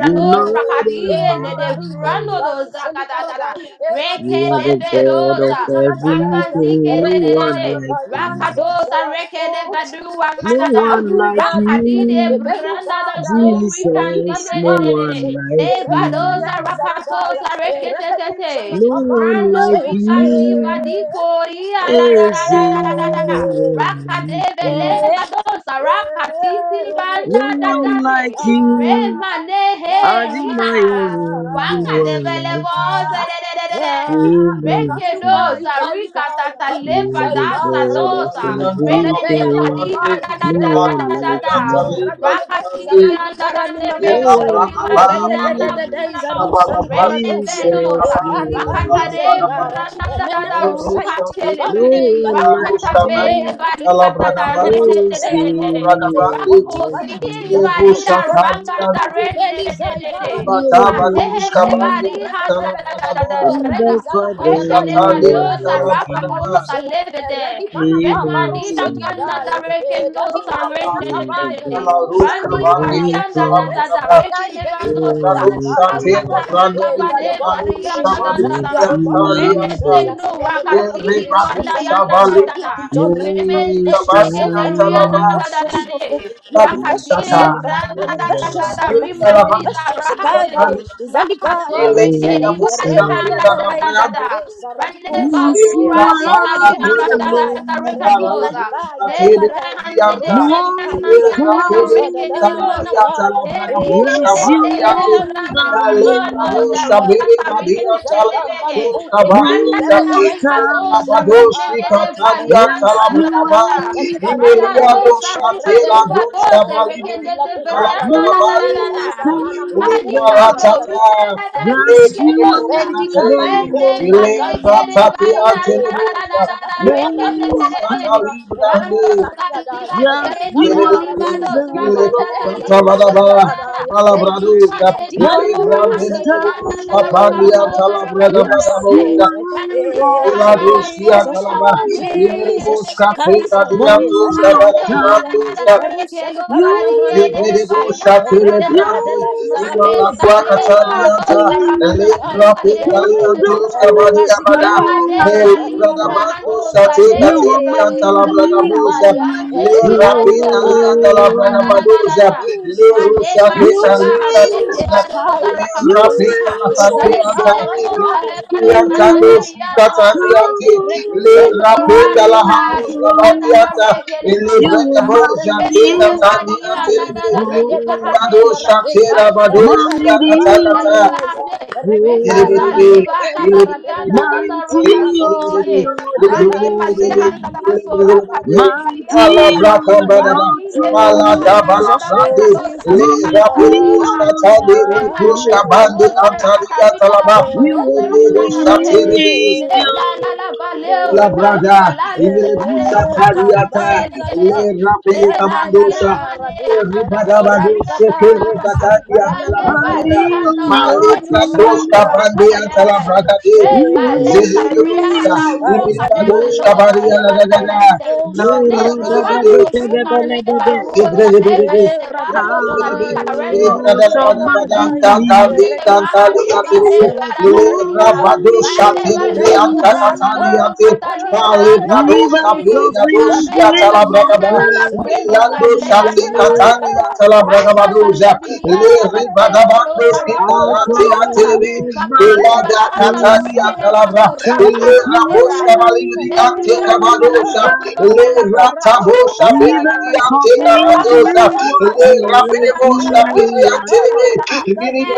You Lord am
rakadie ne de brando
I.
doza kadadada. Reke
You are
de
the God of
bedosa. Ramazike
everything, no
de de de
one
de.
like you.
Rakadosa reke de
Oh,
badua
Jesus,
No
the
madada.
one like
Kaluga,
Rakadide
you,
branda da
Berukadaya,
zori kandi
Jesus.
de
No
de de de de.
Rekibanakarusa,
one like you.
Nevadosa
Relegedei Zaradaya,
rakatosa reke te te te.
Rebedusa,
No one
Mano
like
rika
you.
nivadiko ria na da
Is
da da da da
no
da.
Kabandusa,
one like you.
Rakadevelevadosa rakatizi randa
No one
dadade.
like you.
ah,
Remane he
ah,
riha.
Admire no
ah.
one like you.
Wakadevelevosa dededede.
You mountain.
Kakandukai
Rekedosa
galikai
You're
kalusai
the God
paradis
rikatatalepadasadosa.
of
Shabalianta
Rendene
rebeya la
everything.
patiha
Labragabande,
da
kabaru
da
No
da
seya
da da
one
da
like
da.
paradis
Hintaladusianta
you.
eradedede
Lebragabande,
Rakatiri
izaradi
anda da da
garani
de
No
Ela
reko
makosaya
one like
rimani da
Bragababa
da
you.
eredededede
Lebrus,
brano.
izarusali
Rene
Kabalabasi,
paradose
Iti
Jesus,
venosa.
no
Kabandi,
ekari
one like
bandize
Rakatare
Antalabragaba,
gibara
you.
brana da da
emene
da ruka
kosaya
Lerusha Tiri
Telebe.
No
tikabandeya
Bedita,
one
men
like
Ruska
Rakata
oto
Vendi,
prayer
bele
you.
not to
bali
fente
katata
men
Talabragabandu,
rene
oto
de
Is
de
there
prayer
de
no
de
not to
de.
one
fente
Sitalabragabandi,
Rako
kotipa
like
zikiri
kotipa
you?
bali da
Lerusha
kotipa
Tari
ranga da
Antiri,
rene de
kotipa
de de de.
No
Bataba
one
Mazehe
like
Holy
Ruska
ne
Spirit,
you.
Bandi,
bali handa da da da da
Talabragaba,
Oh,
da da da.
the Father,
Lerusha
Reke
no
neva
Tari,
dosa
one like you.
rakato
Talabragaba,
sa leve de.
He
Remandi
must
da
Thank
be
kanda da reke no sa rene de de
the
de de.
God of
Randi barianda
everything.
da da da reke neva
No one
dosa.
like you.
Rakata riva
You
bade
are the God of
barianda da
creations,
da
you
da.
are
Yes,
the God
you
of
Rende
are
creations,
the
zendo
you are the God of
rakatiri
creations.
vanda yanda
Let
da
your
da
will
da.
be done.
Remende
most
Manifest yourself,
zekete rianda
high.
da
manifest
da da
yourself,
de.
If
manifest yourself
Rakatire
yourself,
you
uh,
branda
are
da da
manifest
da
the
da.
yourself, uh,
Rimadiza
manifest yourself. Kai bai,
rahade.
you.
zalika
Ile
Rakazori
radesa
breka
ya,
keri
answer,
bari
busha tira
handa
da
da da
rebebebebe
da
brando
da.
de
zaradesa
busha.
Rande
radikosa,
yes,
vazura
you
Ira
de
irani mena
pauta
are
karia
tira
da
de
the
kotia
da da
pai,
da
busha la
redi
Lord.
rekadoza.
zalipai,
busha tira
rebarai,
di
Nebrahande de
anta.
rosa
renda na
lipandia,
Most
Ira
yanda da
pide
hosa da da
tala
High.
di
rekedoza.
anta la
manakaya,
breka busha
Yes,
Erikete
eh,
vandi
you
tele
ante.
are
branda
Da
da
the
zalika
libra
bai,
rimadoza.
busha
Lord.
zalikai,
bere
Rikata
vandi
rekete
nikusa
anta la
nikamba
televege.
busha
nikutea,
vandi
Randa da
ebere de
da
ante.
Most
de
Ira
zaladusa
rikadosa
High.
padoshi
renende de
nyakabare, da
katadi
vali
da
anta
da
handa
Yes,
la
da
da
da
you
da
da
breka
da
ba.
da.
nakusa
are
likan
the
Imelia
Yadaya,
Ramadosa
busha tira
Redaya
rikadiva
busha
dosa
Gadaya,
vandi di
rekete
Yadula
de
Lord.
verianda da da da da
Most
da.
Talabragabalusia,
High.
Mali
Lipa
hando
Ratata,
rikanda da
thank
le
Yes,
pike
you
you.
dosa.
Bendi
are
Liparatata, Lebedebushate,
Gambani
the
Rende
Lord.
badeke de
Leratati
varianda da da da
Antelebusha,
da da rende de
Most
de de
Ibalibushata
de.
High.
Librande,
Randos la liba de
Yes,
hende
you
de
Jelebebe,
are
libados
the
rakata ta
Ilekurata
libra
Lord.
Madaba,
handa da da.
thank you,
Lima
Malabraduza,
de sando
Ilebrande
Most
rahandi dianda da
Lebedebusha
da
Pandia
rekando
high.
sa
Talabrada
rikete
Yes, you
peme.
Madabuja,
are
Randi
the
brahanda da
Lord.
Iladushia
story
Jesus.
Talaba,
kamade se
Jesus,
rikete
Imelebushka
de
Teta
rinanda
Kaiser,
da.
Diantuska
Most
Hande
Ezalikapaya,
yanda
high.
da
Balaburanduska,
rikete
Eberusali
do bari
Paranamana
You,
yende de
Lebrebo
bari
Kosaya,
handa
shate
da da da.
lebrandi
Redededededa
you
ima
see
Mane
la
Zarabera
kwa
sade
katani
Dikapai,
Zion's
anta
karosa
Relivana
le
king.
Karu
rakataliva
rapin dali
lehende
Kedededea,
antos kamadi
develosa.
Kadosh,
abada
Rebazikapai,
Mekade
le
Ruzelikandia
brada
kalibra
Kadosh.
bando
Kanikosai,
hanosa
shate
You
lele
are
katini anta
bali
mighty
hanadada.
on
Zatikubalia,
your
le
Manzeke le
rapin
Ezelikandia
dali
Pai,
anta
sokotoria
la
Pitaya.
throne.
nadadadadada.
le
Jesus,
Mane
rusha
You
Jesus,
kadiba
ketali
hate
reign
baduja
Jesus, hi,
devadosa
You
Jesus,
Rapenda
rakatoliha.
la
shall
Sandeanta,
Nekele
Zalihara
kosa
Zibai,
Zion's
lebare
Ibrianta
king,
do
Rebeya
hanadalia
Sikata
Kapaya,
nadamanese.
Diante,
Redu
Le
Kadosh
Zaliharanama
Rapenda la
Menorani
Kompa,
bade
Hambusta
nevanada
Adon.
Zanaka
Badianta,
rekele
Le
Rubenita,
You are
Brenda
vadosa.
Boja
mighty
Rebeluka
Teta
Rekele vadi
on
Kapaya,
your
Tandiante,
hanadada liva
throne,
Rebebe
Ibado
hadelia.
Zaradeva,
Shatera
Randa
Bado
nana
Rebarika
mazeke
Bari
mighty
Siakata,
teliva
on
Valedeza,
hande.
your
Reno
Regizara
throne,
saliva
Badede
katariana
Zaradeda,
dada
mighty
Bako
rakatiri
on
Sali
dide.
your
Manakai
Randi mali
Barusea
handa
throne,
da so
Ika
raka me
Bade
pari
Bako
mighty
handa da.
Sali
on
Badai.
your
Randi le
Oh
pari handa
throne,
Jesus,
dada
oh
vekalosa
Jesus.
reka
mighty
kataliva
Ah,
handi.
on
ah,
your throne.
Remadesa rosa
ah
rakatari dada
You are
vakodozeri nana
mighty
rehede.
Malabra
Le
in
la la la
your
vale
La
rekaliva
brada,
la le se
Mighty
vale
Imelebosha
rahanda da
Kaiba
Tariata,
vele
izalika
gerede.
Le
Le
Rabbi
reba
la
ya
ni
Kamandosha,
reba
hamane
radeza
anana woda iya
ralika paro
anana
seli parana
Rande
kaparu seya
on
Balihano,
your
Sarende
medu seti
throne,
Rando
kai kaliku
Rakatalebe,
sena
Re
you are
Bale
eh,
mighty
Zehedosa,
Sariana
Jesus
in
kai
Roka
this
de
zalika
Imilbados
ndu
Belo
place.
Cabaria
abaya
Saliba
Lagada,
Hendery,
maniko shai naka
Nangele
Nebruano
ilusa ni
Rica
mene
Neba
kari ba
Rosa
Belada
Neba de
e
Nevalo
radada
Salika
dadai
Rendo,
Out of my
Reman de
Radadaya,
belly,
Sarende de Raha
Redizulia
Diva Neba
Parusea,
the flow
Reduca
Daria,
Pandise,
Raile Baloza
Menucusa
river,
Rana
Pandia
Roca Libra
Kaya,
Anada
rivers
Rendo,
of
Amen
Isalicandua,
living
Nebani Anada
water.
Imanucusa
Rendo
Liapai,
Salea
Redes
Nada
Alicari Banataya,
Rakasa lebinianda da
Radadadadadai,
belebo rosa rando
Out
Radibaro
zayanda da.
Saribano,
of my
Makili
Redes
barana do
belly.
Catania
rekele
Alucusa,
Talabra,
baro
So
sara
Ele
adine
Repelina
de
flow
Rabosha
branda.
Carabadaza,
Balibria Teka
Nebrianda
Barazina
da la
Badosha,
riema do
Ele
da
Paranetai,
la
rivers,
brakato rosa
Ratabosha
da
Rapadicosa
da da re.
Belibria
rivers of
Teka
Nerando do
Badosa,
living
Yadaya,
raka
Ele
leba ni da
waters,
da da
Rabinebosha
yeah, yeah,
reba ni
Belia
da da da da
Telebe,
da.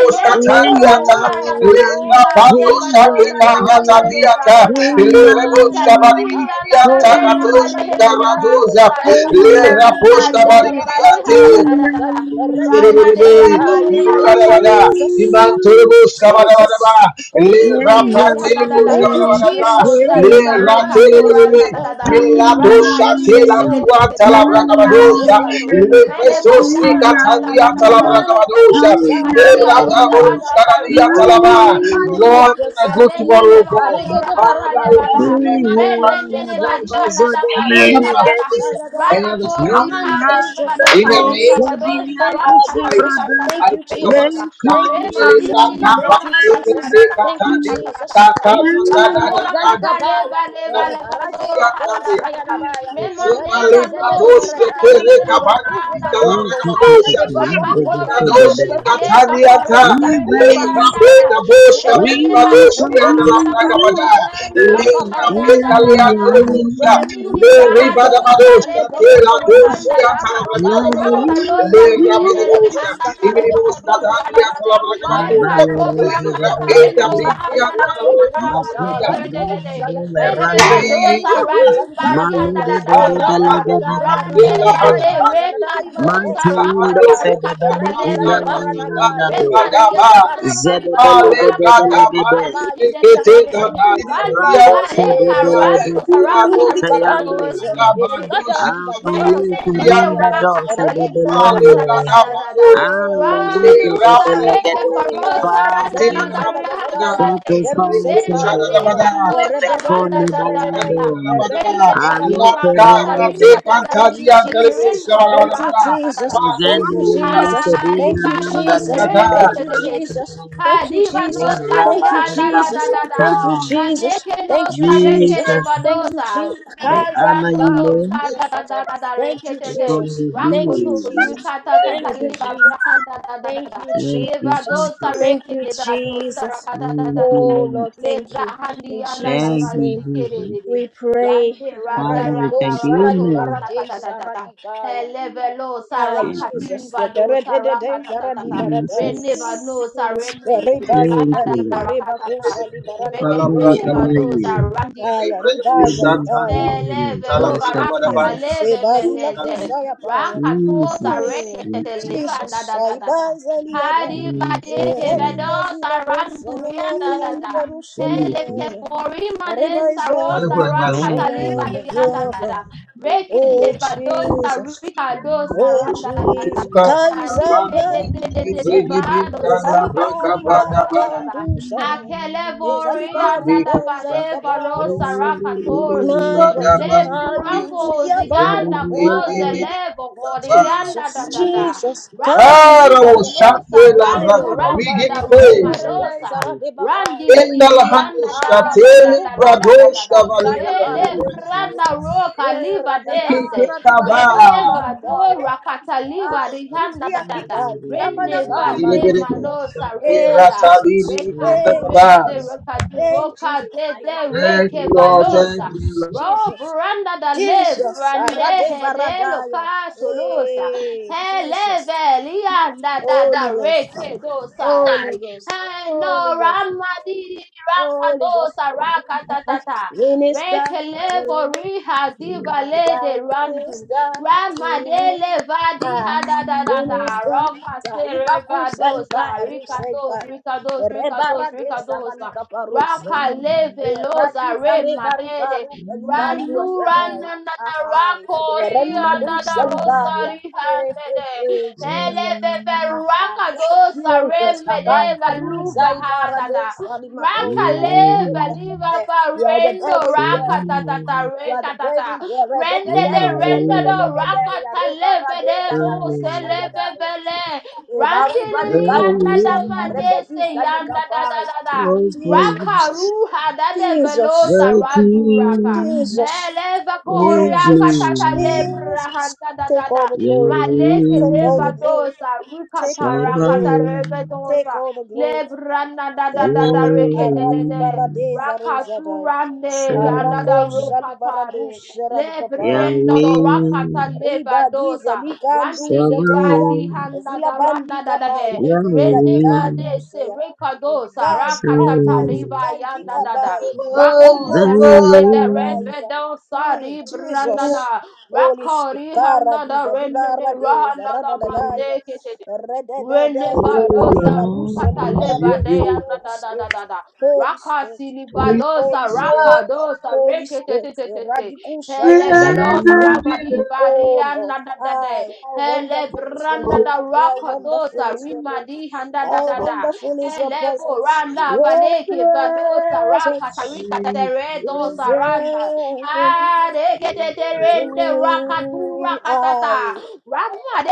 Ele
yeah, yeah,
balora
Tadiata,
ni ana da
Ele
da
Oh,
rika de
Jesus.
Rabandosha
balosa
Eka
rakata
Rata
lora da
Diata,
da
yeah,
da.
Ele
yeah,
Rebosha
Makali bilianda
Balibria
da
yeah,
Taka
rena
yeah,
va de
Toshi
hele nebrando
Garadosa,
Hey, yeah, yeah, hey,
zarakata
Ele Rabosha
Hazele bali
yeah, yeah,
hana na
hey,
Balibria
na na na na. Ramande
Zerebe,
yeah, yeah,
do saraka
Ibiribarabaraba,
yeah, yeah.
Imantorobos, Kabarabaraba,
Thank
Le
Hey
you,
ya
Sanibari
Jesus.
ya,
handa da
Rapandelebos,
da
hey
Thank you, Jesus. Thank you, Jesus. Thank
ya
de.
you,
Kabarabaraba,
ya,
Rendo
Jesus.
hey
Le
Hey,
ya
saleva
you
le kato
manifest
ya,
Ratelebelebe,
randa da da
yourself.
da.
hey
You
ya ya,
Randa
Miladosha,
manifest
Tela,
te te
yourself.
te
Tua,
te te.
hey ya ya,
You
hey
Randa da da
ya
manifest
habio
Talabragabadosha,
yourself
kato.
in
Le
an
Preso,
Releva
apostle
Sika,
rehavi kata
Tandia,
randa da
You
da da da da da
manifest
da.
Talabragabadosha,
yourself in
Maleka
Belebranda,
rosa
ya,
the
Bolus,
randa da
Karadia,
riha
Yaradusaya.
da da
Talaba.
You
rela boda.
Lord,
manifest
when I go
yourself,
Aleva
tomorrow,
Jesus.
leva
God,
kato
Arede de
rakata
Father,
leva
Baradaya.
da.
You
hey
let
Rene
manifest
ne ne
yourself,
ba
us
di handa da
Jesus.
mane
hear
Aranima
my
salada.
voice and
Kosayadaya.
understand
You
Rakatori
my voice.
hadi
manifest yourself,
In
baloka
the name of
Jesus.
our
ya
lekavado
ya.
Thank you,
Jesus
sarakata
Christ,
Jesus.
Brother,
Thank
I
you,
put our
let
rikata
Jesus.
Osha
Thank
come
you,
the
Rema
Libram
Jesus.
lidi
from
Gampa,
Thank you,
brahanda
take
da
it,
da
Jesus.
da
take it,
da
Thank you,
take
rakata
it,
the
take
ta ta
it,
ta
take
Jesus.
ta
it,
ta.
take it, take it,
Thank you,
Rando
Yay.
Chikaya.
take it, take it, take it, take it, take
rakata
Zalikabaya.
leva leva
Eh,
leva zora
Barazela
ha da da da
Kosaya
da.
Le
Nabaya. Eh,
Mema neka
Bebereza de
no
de
rita da
Beredaya.
da da da
They were
libra
filled with
da
the
da da
Holy
Oh, tick,
da da
Ghost uh,
da.
and
tick, tick,
they
tick. Yeah, go,
performed
Rakato
go, so
wonders. uh,
go
They
rihadi
down.
were
go.
filled with the
baleka
Holy Ghost
farosa
uh, and they
rekele
performed
Reverse,
variana.
wonders. uh, They were
Rene
filled
neba
with the
reverse, oh,
Holy
luhana
Ghost
da
uh,
da
and they
reverse.
roko
performed
da seri
Yeah,
Ribakabarosa
mariana da da da da.
Liberadaya.
yeah.
They were filled
Ranini
with the Holy Ghost
rahado
uh, and they
saleke
performed
lepo
wonders.
rahanda
Eh,
da da.
Love,
Barukabarusaya. They were
reverse,
Rakalosa
you.
filled
rinde
with
de
the Holy Ghost
rehanda
uh,
da
and they
roka
performed
duri ana
wonders.
da de.
Barubaya
Reka
they were
Hallelujah,
robra
filled with the
kataka
Holy
rabeda
rendo
Ghost
hallelujah.
uh, and
bidia
they
rahanda da
tala
ina
performed
da da ma
wonders.
de
uh,
braga
Makuta,
kere de de
bela,
de.
Radikosaya,
bela,
Rende
rando.
Jesus.
Reberetadeza,
vadosa radi bari handa
Rosalibaradea,
Malede,
da da
bela,
da da da
bela,
da.
bela,
Eradadadadaya,
bela,
Rande
bela, bela.
Radadadadai,
vade reka
Baradadadai,
dosa
Mantalundo
rakata
Barakosalibaradaya,
rekata ta
Fedebelika
leve losi.
Eradizalibaradagai,
Nandandando
Remanina na na rando
Erededebarusalibaradeza,
rakata
Zedebelegedegede
ribadi
Eredukabai,
de de de de de de. Rani
Rabo
Ziriakabanukuselikaya,
vale karando sa
Fedebelegedega
rakata
Latayanda
ribadoro se
Eadikututulikabanduse,
de de de de.
Ezikadai, Badukaza,
Abaluta
Menenene
Dikandiabai,
Randado
rakata
Fedebelende
librahanda da da da
Eredezalikabarosaya.
da da.
Ale
Oh,
Radu
Rose de
Jesus
sareke
saikuza
Belegede
divai
parosa randa da
Father
da
izadiza la
rihanda
dadadai
da de.
Satisfy
iberuse
Le
us, Holy
Thank
dibaradeza
maneka
Lord
you.
no
Thank you.
saranda
Nefekone
da da da
erebebebezerelei
Balando
da.
ereduka
Rende badi
Alo
paradeza
rakata
karanda
likabaruse
rimba da
do.
da
Thank you, Jesus.
reseketerendo do
Thank you,
rakata da
Jesus.
da da da.
Thank you,
Mezandelindo
Jesus. Thank
Serena
Hariba
you,
no
Jesus.
Dandanda
sereke
Thank
te
you,
te te te.
Jesus.
Barakata.
Thank you,
Hadiba no
Jesus. Thank you,
sadihanda da
Jesus.
da da
Erabarakata.
Thank
da.
you, Jesus.
Maneke no
Thank you,
sareke
Jesus.
de
Jesus,
Thank you, Jesus.
vadosa.
we honor
Thank
Mebrando
you,
do
Lord.
ricata da da da da
you,
We call
rekete
Jesus.
you
Thank you,
rakoto
glory.
Jesus.
surikata ta
Thank
ta
you,
liva
Jesus.
brahanda da da da
Thank
da
you,
Thank you,
Jesus.
nevado
Jesus.
Thank
sareke
you,
nevado
Jesus.
sarakata ta
Thank
ta ta
you,
ta
Oh,
Lord.
Lord, thank you.
nebrahandi
In
anda da
Thank
Jesus'
you,
name,
mazikere
Jesus.
de
we pray.
rande randa
Father, we
Radico
randa
thank you.
sarali
rakato
Amen.
rasta ta
barate
ta ta ta
saradibaya.
elevelo
Ay,
sarakati
Jesus.
Jesus.
livado
Tekerededede
sarakata ta ta ta
Jesus.
zaradibaradaya.
renevano
Holy
sareme
Spirit,
de de
bazi
Thank
randa
you,
da
dadi
Lord.
bareba
rakata
kusa
ta
libarani
Father, we
rekete
makuselia.
honor
levado
you.
sarandi
Aya, ribaza
Baby,
libaya.
even it is. Well, I
Mm,
Elevelova
slept in.
Jesus, se
rakabaleve
bazi la kusa ya paya.
rakatosa
Jesus.
Mm.
Thank you.
reketeliva da
Jesus,
da da
I
da da.
Saibazaliada,
Hari bade
Jesus. yeah.
Eradia Zila
hevedosa randurian da da
Kosanamaka,
da.
Jesus.
Heleke
Iberusheliada,
porima de
Arebaiza,
saronda
Thank
Zalipushana,
rakataliva
you.
de yanda da
Maguapa.
da. Reke
Oh
levadosa
Jesus,
rikadosa
oh
randa da da da.
Jesus, Kaizai
Manike de
by
de de de
Lukusa,
levado
Ezalibari
sarakatura da da da da da.
Bakandusala,
Akelebori
Ezalibaru
Andi
andadabade baro
Bezalikabarosa.
We give
sarakatorsi.
My God,
Le brango
Kaizidia Baru
ziganda goze
Payaraya.
lebo godi anda da
Jesus,
da
Thank
da.
Jesus, God,
Raki liva rosa rando randa da
you
rema
praise.
you,
dosa. Randi
Enokabaluseleberdezarabagaya.
di
In the
di
Lahando
lianda da
Ah,
da da da
Shateli
da da
manukupari
da da
Bradosh
da da.
Kavali
pelukusaya
Ele
Valandoja.
baradesaya.
branda roka liva
Kiki
dese.
Eradadara
Kaba.
dibarada
Reneva do
barukaya.
rakata
Ah,
liva rihanda
ikudia
da da da.
kikai
Reneva
tabanakaba
ne
luse.
Zilibiribo
manosa re
Eh,
da
Shakira
da.
Jesus.
Tabidi
eh,
Rekadi,
Kaba.
rekade,
Jesus.
rekadi,
eh, Jesus.
rokade,
I
de,
love.
de
Thank you,
reke,
Lord. Thank
valosa.
you,
Jesus,
Ro
Jesus,
branda da le
Jesus,
brande
Arade
he de lo
Baradaya.
casolosa.
Hey,
Hele
Jesus,
velianda da da
Holy Ghost,
reke
Holy
dosari.
Ghost,
Hey no
Holy Ghost,
ramadi
Holy Ghost.
rampandosa raka ta ta ta.
Minister,
Reke
to
levo
me,
riha diva le
I
de randu.
minister to you.
Ramadele vadi
Ah,
hada da da da.
minister.
Roka
Taiba
sere
kusali ba
vadosa.
eruseka.
Ricados, ricados, ricados,
Rebara de
ricadosa.
saralika paruseka.
Raka leve loza
Radiza
re
rebarika
mahede.
rupelikandu
Ranu
asadai.
ranana
Ahai.
rakori
Renima du
anada
salikaya.
rosari
Eh, eh,
hamede.
eh, Jesus.
Eleveve
Ahai.
rakadosa re
Jesus.
Hosts,
Akaila
medeva
du
luva
saibara
hada
de
da. Raka
salimakosa.
leva liva
You are the
barendo
burden bearer.
raka da da da
You
re
are
da
the
da
burden bearer. Da- da- da-
Rendede,
da- da- da- da-
rendede,
da- da- da- ya.
rakata
Reba rade da-
levede,
da-
vose
kosa ya da ya.
levevele.
Eba ruba
Randiri
liga
yanda
duze
da
ya. Rebe di
manese yanda da da
bai.
da da. Raka
Jesus,
ruha da de
the
Jesus,
velosa radu raka.
King
Jesus,
Eleva
of
koriaka
Jesus,
katata
Glory,
lebra
Jesus.
handa da
Take
da
all
da.
the glory.
Maleke
Take all
Yahweh,
the
leva
glory.
dosa rukata
Take all the glory.
rakata
Sabaoth,
reve
Take
dosa.
all the glory.
Lebra na da da
Take
da
all
da
the glory.
reke de de
Aradi
de.
baradeza rozadai.
Rakaturande yanda da
Arako shali
rokatare.
baradus radikapai.
Lebrendo do
Yahweh,
rakata
riba dize
levadosa.
likandu
Randi di
sheteya
badi
Sabaoth,
handa da randa
zilabandika
da da
pai
Yahweh, Sabaoth,
he.
lekiza
Rene ma
Yahweh,
de se
dikaduseya
rekadosa.
kai kai
Rakata ta
kai
Sabaoth.
leva
sukai
yanda
ndika
da da.
pai
Rako
Thy
se
ikalikosa
Lord.
re de de re
Lord,
de
iparadaisa
de o sa
hmm,
di
Thank you,
jesus
branda da.
Holy
Rako
Spirit,
di handa da
Karadiza,
rene de
Dibaradeza,
rahanda da
Lord.
Radadadaya,
maseke te
Rededeza,
We will
Relevadosa
Radeba,
all
Ruseli,
rukata
worship
praise.
Paradeza,
levadea
you.
da
Holy
da da da
Spirit,
da da.
Holy Spirit,
Rakasi
We will praise you.
Holy
livadosa
Spirit,
rapadosa
Holy
rekete te
Spirit,
te te te.
Radical Shari
Elevelosa
Amen.
rabadi
Oh
varian
Lord,
da da da da.
I how wonderful is your
Elebranda
name.
da
How wonderful
rakadosa
is your name.
rimadi handa da
How
da da.
wonderful is your
Elevo
presence.
randa
Your
valeke vadosa rakata
presence
rikata
is
teredosa randa.
heaven
Ah, rekete te
to
rende rakatu
me.
rakatata.
I,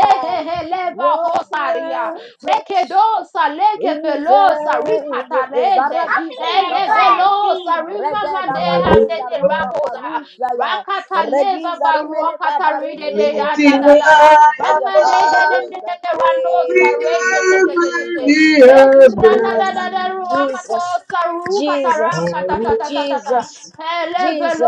I, your
hosaria.
presence.
Rekedosa
Ize
lekevelosa rikatarende.
baradiza
Amen.
likapai.
Elevelosa
Rede
I
baradeza
will
rimamandehandede
ruka
worship you.
rakosa.
palusa ya.
Rakataleva
Rediza rimene kabari de
varokataridede
deza
Lifting
yandadadada.
radikusa ya
up
baradeza.
Ramadehedendedede randosa
we
rekete.
Hey,
ever the
Jesus.
Bevrana da da
Jesus,
da
heavens.
Jesus,
ruakatosa
Jesus,
I will
rukataramkatatatatata.
Jesus,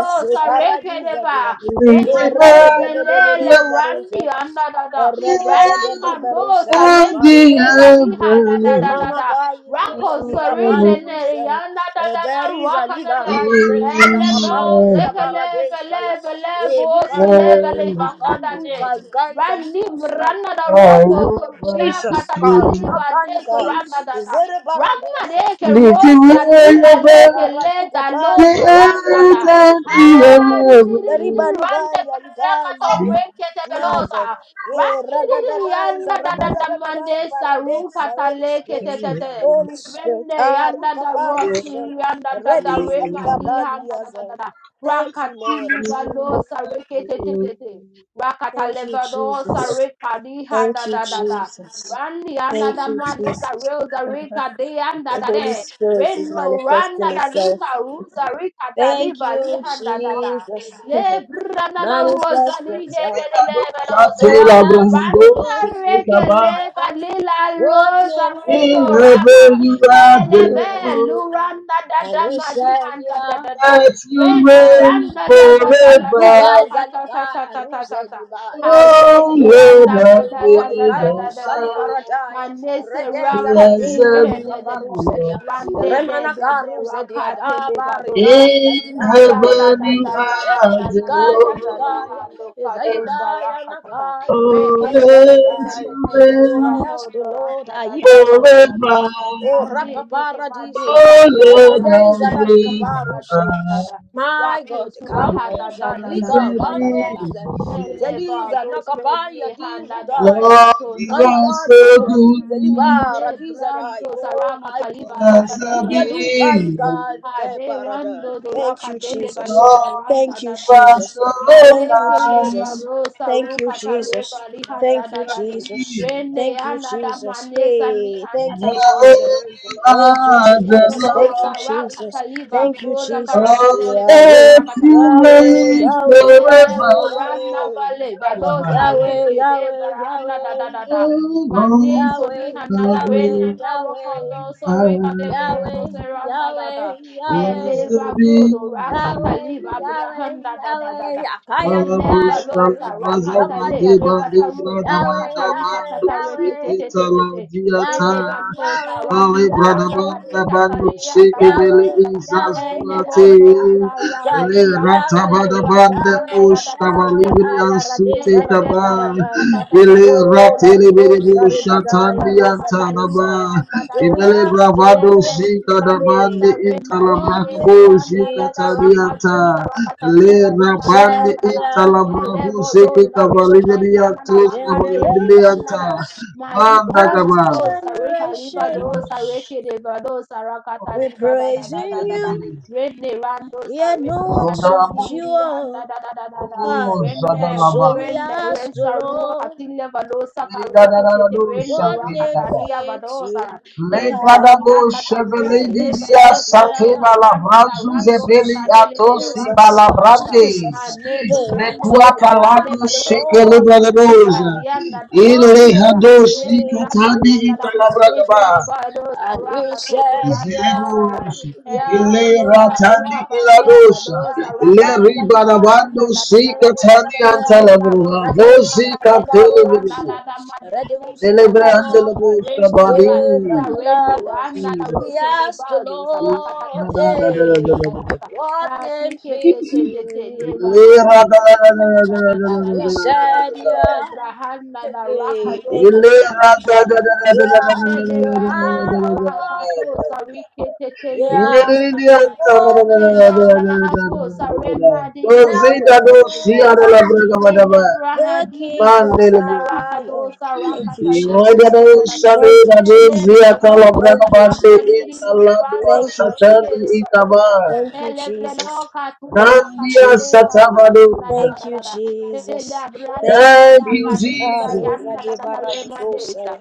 Jesus, Caradiza,
rekedeva. Remane
worship
Rada de
selele
you.
Barusa,
randi anda da da.
On
Rada
Randi
de Barusa,
kandosa leki
the
leva
Caparusa,
liha da da da
Bonding
da da.
Emanaka Yezudi
Rako
Aliga
serene ne
Banduse,
yanda da da da
Egeriza
raka da
Liga
da.
Raise Rusa
Elego
Kaparundia
zeke leve
Baradesaya,
leve levo si leve
Ebikanduse,
lehanda da
Bakanduka,
de.
guys,
Rani
Alikusa,
mranda da
I
roko
will
to ria
Jesus,
worship you.
Karuka
katataliva de
Bankai,
soranda da da.
Zere
Rama
Baradesa.
deke
Lifting
rosa
way
liva
Zeribaruka
leke
above
le
ratika
da
the
lo
pandi akusa.
saranda da.
earth and
My God.
the
Zeribanka
Randa brakato
yaligazulia.
rekete
My
belosa.
God. Eh,
Randi
radadada is a
yanda da da
heaven.
da mande
radadadada
saruka
baradesa. Holy
taleke
Spirit.
te te te.
Holy Spirit.
Rende
Ah,
yanda
ruka
da rossi
paruse.
yanda da da
Redis
renga di
alikapandi
handa da da da
azal.
da.
Thank you,
Rakati
Lord.
livalosa rekete te te te. Rakata
Thank you,
levalosa
Jesus.
rekadi
Thank
hada
you,
da da da.
Jesus.
Randi yanda
Thank
da
you,
mande
Jesus.
saruka reka de yanda
The
da
Holy
de.
Spirit is
Reno
manifesting
randa da
itself.
lika ruza rika da
Thank
liva
you,
lihanda da da.
Jesus.
Le brana da rosa
Manifest
lihe
yourself.
de de leva
So
rosa.
I
Abraham
ask the
goes
Lord,
to
Rana reke leva
ah,
lila
what
rosa
name
reno
In
fits you?
raka.
heaven you are the
Hmm.
Eleve
Lord,
luranda da
And
da
he said,
madihanda da
yeah,
da da.
that you
Reno
I.
reign
randa da da da
And
da da
forever.
Kuba
raka ta
Zalika
ta ta ta ta ta
Aruze
ta.
Dubai.
Oh
Hazeli
So I
Lord
handa
ask
da
of
the
da
Lord,
da da da
freedom,
da
Ikaru
da da
Sali
da.
Paradai,
Manese
Redeza
raka tu he
Radeza
blessed
Ruka
de de.
be
boho.
your
Paruselia,
Rande
name.
de
Remana
de de
Karu Sedia
rakate
Daba Rikai
levadosa.
In
Zalikaya,
heaven
Libranda da
you
da da da da
are
da
the
da
Zalikaya,
da da da
Zalikaya,
ha
Lord.
do
and
katosa
Zalikaya
rakatata.
Nakai,
Oh,
Rukai
Rekete te te
that
te
Zalikai.
te
you
te
So
reign
I ask
levraho
the
do
Lord,
randa da da da
Aibaru.
da da da da da.
forever.
O
Ade de de ma
rakaparadisa,
de
Oh,
sana da
Lord,
rando
how
regadeza
sa
great
riha da
thou
da
ralikaparusheya.
da da da.
art.
My God,
Rakusu raha da da
kakuza
da da
lika
da
Blessed
da da
be
da da.
bandoze,
your name.
Eleva
zeliza
dos
nakapaya
rende handa da
dizudaya.
Lord,
rekato
you are
Ngarika
so
sarandi
duka rize
good.
libara
Ele
dizarai.
brando
Oh
zaraka
my God,
taliba
kai
handa da
Blessed
da
zilia
rende
duka
de
be your
de.
name.
lika duke
Ade
paradai.
rando
Thank
doraka
you,
dele
Jesus.
barosa
Lord,
randa
Thank you,
da da
you are
da.
Jesus.
so
Thank you,
Maleke le
kind.
Jesus.
barosa
Thank you,
ruka
Jesus.
tareba li handa
Thank you,
da
Blessed
da
be
de.
Jesus.
your name.
Rene
Thank you,
handa da
Jesus.
manesa ni
Hey,
handa
thank
da
you,
raka
Lord,
Jesus.
you
torende de.
Thank you,
are
Ele
the
Jesus.
velo
Thank you,
Lord.
saraka
Jesus.
taliba
Thank you,
broda
Jesus.
On
kareketele
Yahweh,
basora
earth
kata
you
tarende de
Yahweh,
de.
reign
Yahweh,
Ele
forever.
buranda vale valo
Yahweh, Yahweh, Yahweh, Yahweh, Yahweh,
sareke de
Yahweh,
baranda da da da da.
Oh,
Mane
Lord,
soni
how
hanada rena
great
na
thou
rokodo sorika
Yahweh, Yahweh,
de beredo
Yahweh,
art.
seranda da da.
Yahweh,
Is
Yahweh.
Eleva brodo rakata
Yahweh,
liva
the
Yahweh,
brahanda da da da
Yahweh,
da.
Yakaya Nikai,
Eleva
Parabushala
Galu,
losa
Galu,
Vazava
rakata
Gamani
le
Deva
Yakai.
rekata
Libra
rosa
Yahweh,
Damada
rakata
Yahweh,
rikata
bandu
ta
Yahweh,
rekete te
Shikita
te te te.
Ladiata
Yahweh,
Meneva no
Yahweh,
Bali
sarandi di randa
Bradabanda
bade
bandu
kataria
Yahweh,
da da da da
Shikibili
Yahweh,
da da da.
Izaz
Yahweh,
Enebo
Duate
Yahweh,
no
le
Akusai.
sarandu rakata
Yahweh,
leva branda
Yahweh,
da da da da
Yahweh,
rikata rosa.
Ayaradis,
Rende
Aradi Paradise,
Ele
O
ratele bere
Radiko
bu şatan bir
Saribadaya, Reza
yantan
Lukusaya.
ama
So we
Imele
ask the
bravado
Lord,
shika da
rando
hey,
bande
sa rende di
what
intalabrabo
name
shika
fits you?
tadianta. Le
I
rabande
said, yeah,
intalabrabo seke
thank you, Jesus.
kavaliberiatus
Generation
kavaliberianta. Manda
after
gaba.
generation, we're praising you, yet no one
di
sums
di
you
di, handa
up.
da da da da da.
high.
Oh,
Rene,
Zabalaba.
So we
Sorene,
ask the
Rensarua,
Lord,
Catilla Valosa,
Le da da
Careke,
da da do
Terreno,
what
shaki da
name
da.
Racataria,
fits you?
Vadosa, Hele,
Legadabo
Vilanda,
Chevele
and you
Rikele,
Didia
said,
Valosa,
yeah.
Le,
Sateva la
Branda,
Brazu
Rando,
Jesus,
Zebeli
Catale, de
Atosi
Rando,
Jesus,
Tata,
Balabrande
Jesus.
and Ne,
Hey,
Rando,
so
Bequata
Sarica,
that
Le,
Lado
the
Valosa,
Lord,
Shekele
Racataliva,
I
Bradabosa
Liana,
what
Ile
Tata,
name
Ne,
Hadosi
Brian,
Katani
Tata,
it
Made,
Italabragaba
Vadosa,
and you
Racatoro,
said,
Rana,
yeah,
Tata,
Zilegus
yeah,
Ile
Elekolosa,
yeah, yeah,
Ratani
Rika Valene,
Iladosa
yeah, yeah,
Badosa,
Le
Igal, Igal,
Rakataliba,
Igal.
Diana,
Ribadabando
da da hele kolosa wika valele valosa raka kaliva lianda da da
Yeah,
da. da
yeah,
Sikatani
yeah,
Hey,
yeah, yeah.
Lebra
Antalabruga
Rades,
Vosi Katele
Rabaros,
Vilibi
Radeus, Alana,
Delebrandelabosa
eh,
Badi Oh,
Radila,
Jesus.
we ask the Lord, eh,
Mandela,
what name fits you? And we said, yeah, hey, hey, thank you, Jesus. Yeah, the hallowed one. Yeah, the Holy One,
Hado, surrender the
Yahweh, the
Melebrahadiri
King of
andadada
Zion.
rakadosa
Thank you,
rakatali
Jesus.
rakatadadada.
Thank you, Jesus.
Melebrahadosa
Thank you,
ramaniri
Jesus. Thank
randosa
you,
rehere
Jesus.
badosa.
Thank you, Jesus.
Meleveloka tu
Thank you,
Mandia
Jesus.
rakatale
Satavadosa.
Thank you,
babrahanadadadada.
Jesus. Thank you,
Melebrandosa
Thank you,
Jesus.
rakatili
Jesus.
Areza de
bayanadadada
barra de bolsa.
remadesa.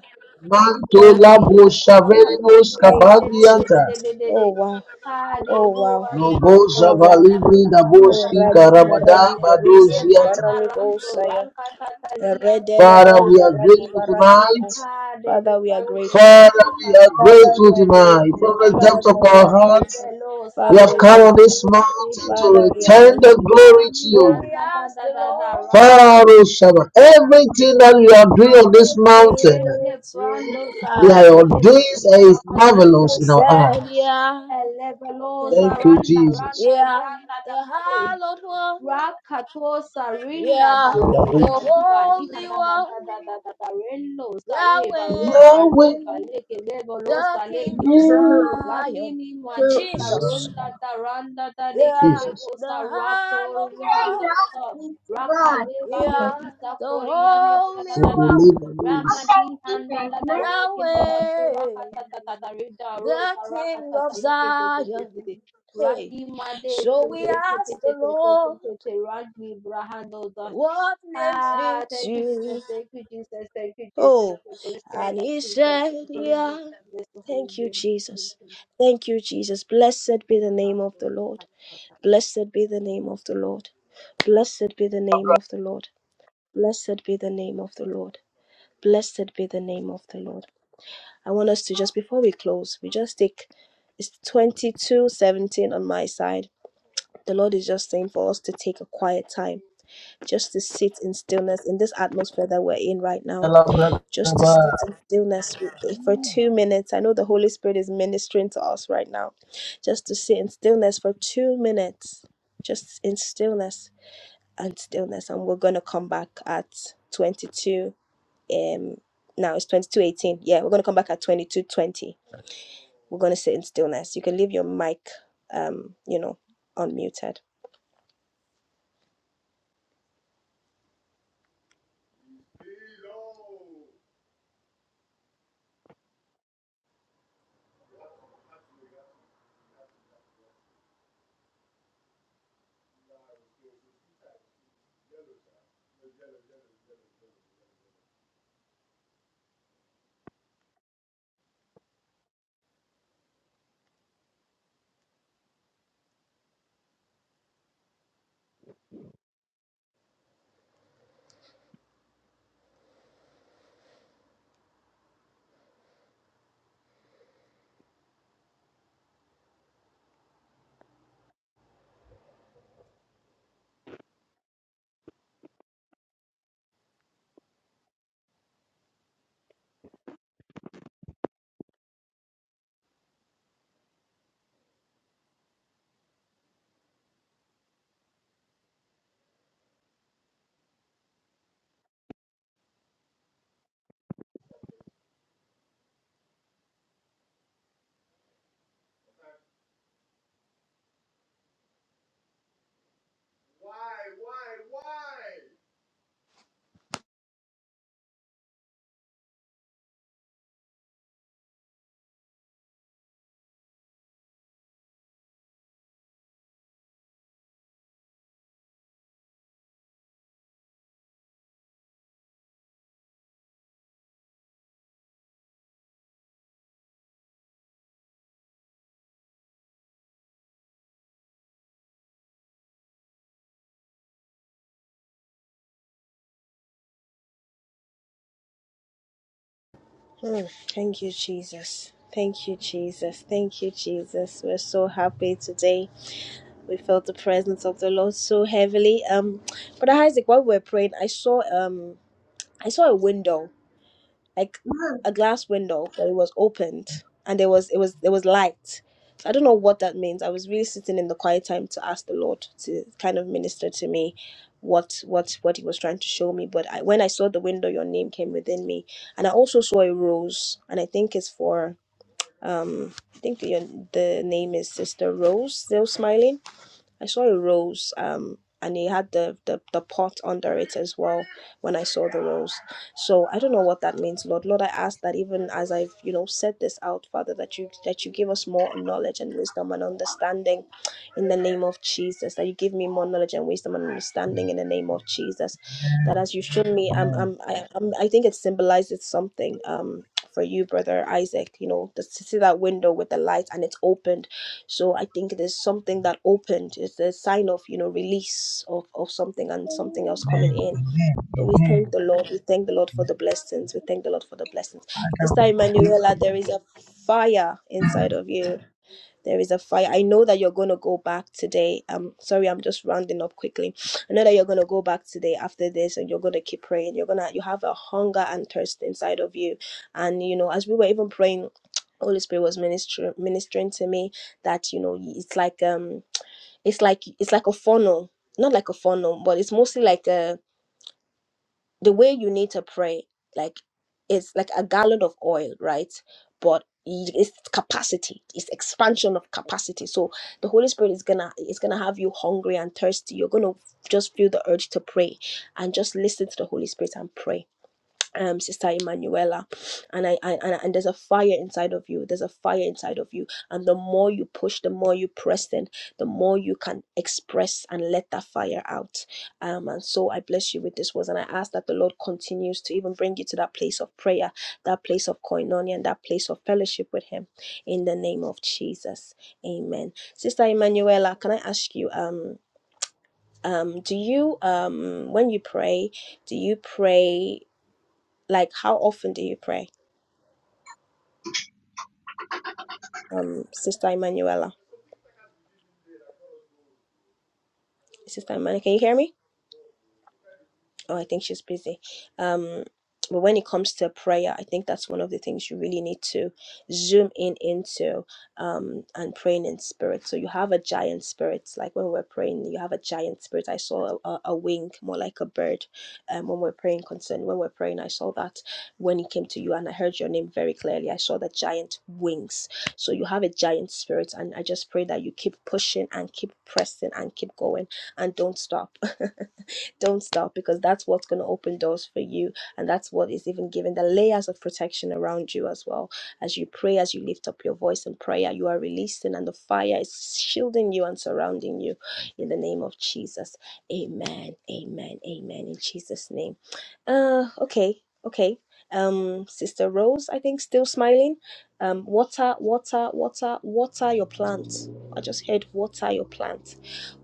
Thank
Mantola
you,
Randiza
Jesus.
Bosha
Tabakados,
Venimos
Thank you,
Capandiata.
Jesus. Oh
Rendedededededede.
wow.
Kade
Oh wow.
Hua Zeke
Oh
Lobosa
Bado
wow.
Valibri
Sakatata
Oh,
Naboski
Tata
Radi
Karabada
Paradi
Rekete.
Perusa di
Badoziata.
Levanta Rando,
Paranicosaya.
Rankata Talia
Redele
Father, we
Deza
are
Radi
grateful
Paradiso.
tonight.
Kade de
Father, we are
Rando
grateful.
Father, we
Sakata
are
Father, we
grateful
are
Tata
tonight. From
grateful.
Rekosa.
the depth
Father,
of
we
our
are
hearts,
grateful.
Helevelo
we
Father,
have
we
Saru
are
come on
grateful.
this
Kapareba
mountain to
Father, we are
Dehededede.
return
grateful.
the glory to
Kani
So
you.
we
Anda da
ask
da
the
da da
Lord,
Randi
Father,
Tata Ranka
everything that we are doing
have
on this
mercy
mountain.
Rene
to
brando
Yeah,
I.
sareki
your
leba
days is
sabakato
And he
marvelous in our
sarika
said,
takata.
eyes.
Yeah,
Elebelo
Thank you,
saranda
Jesus.
randa
yeah,
yanda
the
da made.
hallowed one,
Rakato Sarinda
yeah,
So
Daro
that
the
is
Kakaliba
holy
Lihanda
one,
Danda Dada Dabarello Sare Baroka
Yahweh,
Yahweh.
Reba Leke Lebolo
the King
Saleke
of
Yahweh.
Zion,
Ranini Made
Jesus.
Zalama.
Saronda Daranda Da Leke
Yeah,
Jesus.
Lebo
the
Sarapo
hallowed one.
Rihanda Dada
God.
Rakaleba
Yeah,
Amen.
Broti
the
Saforianda Dada Dada
holy
Dada
one,
Ramani Handa Dada Reke Nuba
Yahweh,
Surakata Tata Rida
the
Rosa
King of
Rakata
Zion.
Rike
Hey,
Radi Madese
so we ask the Lord,
Repetetetetetetete Radi Brahandodas.
what name
Ah,
fits
thank you, Jesus,
you?
thank you, Jesus, thank you, Jesus, thank
Oh,
you, Holy Spirit,
and
thank
he
you for
said,
the holy name,
Yeah.
bless the holy
Thank you,
name.
Jesus.
Thank
Thank you, Jesus. Blessed be
you,
the name of the Lord.
Jesus.
Blessed be the name of the Lord. Blessed be the name of the Lord. Blessed be the name of the Lord. Blessed be the name of the Lord. I want us to just before we close, we just take it's 22 17 on my side. The Lord is just saying for us to take a quiet time, just to sit in stillness in this atmosphere that we're in right now just
Amen.
to sit in stillness with, the- for two minutes. I know the Holy Spirit is ministering to us right now. Just to sit in stillness for two minutes, just in stillness and stillness. And we're going to come back at 22. Um, now it's 22.18. Yeah, we're going to come back at 22.20. We're going to sit in stillness. You can leave your mic, um, you know, unmuted. Mm, thank you, Jesus. Thank you, Jesus. Thank you, Jesus. We're so happy today we felt the presence of the Lord so heavily. Um, but Isaac, while we were praying, I saw um, I saw a window, like
Amen.
a glass window, but it was opened, and there was it was there was light. So I don't know what that means. I was really sitting in the quiet time to ask the Lord to kind of minister to me, what what what He was trying to show me. But I, when I saw the window, your name came within me, and I also saw a rose, and I think it's for um, I think your, the name is Sister Rose, still smiling I saw a rose, um, and it had the, the the pot under it as well when I saw the rose. So I don't know what that means, Lord. Lord, I ask that even as I've you know set this out, Father, that you that you give us more knowledge and wisdom and understanding, in the name of Jesus. That you give me more knowledge and wisdom and understanding in the name of Jesus. That as you showed me, um, um, I, um, I think it symbolizes something, um. For you, brother Isaac, you know, to see that window with the light and it's opened so I think there's something that opened. It's a sign of, you know, release of, of something and something else coming in. So we thank
Amen.
the Lord. We thank the Lord for the blessings. We thank the Lord for the blessings.
Father,
Sister
we are
Emanuela,
grateful.
there is a fire inside of you there is a fire. I know that you're going to go back today. I'm sorry, I'm just rounding up quickly. I know that you're going to go back today after this and you're going to keep praying. You're going to you have a hunger and thirst inside of you. And you know, as we were even praying, Holy Spirit was minister- ministering to me that, you know, it's like um it's like it's like a funnel. Not like a funnel, but it's mostly like a the way you need to pray like it's like a gallon of oil right but y- it's capacity it's expansion of capacity so the holy spirit is gonna is gonna have you hungry and thirsty you're gonna just feel the urge to pray and just listen to the holy spirit and pray um sister emanuela and I, I and, and there's a fire inside of you there's a fire inside of you and the more you push the more you press in the more you can express and let that fire out um and so i bless you with this words and i ask that the lord continues to even bring you to that place of prayer that place of koinonia and that place of fellowship with him in the name of jesus amen sister emanuela can i ask you um um do you um when you pray do you pray like, how often do you pray, um, Sister Emanuela? Sister Emanuela, can you hear me? Oh, I think she's busy. Um, but when it comes to prayer, I think that's one of the things you really need to zoom in into um, and praying in spirit. So you have a giant spirit. Like when we're praying, you have a giant spirit. I saw a, a, a wing, more like a bird. Um, when we're praying concern, when we're praying, I saw that when it came to you and I heard your name very clearly. I saw the giant wings. So you have a giant spirit. And I just pray that you keep pushing and keep pressing and keep going and don't stop. Don't stop because that's what's going to open doors for you. And that's what is even giving the layers of protection around you as well. As you pray, as you lift up your voice in prayer, you are releasing, and the fire is shielding you and surrounding you in the name of Jesus. Amen. Amen. Amen. In Jesus' name. Uh, okay. Okay. Um, Sister Rose, I think, still smiling. Um, water, water, water, water your plant. I just heard water your plant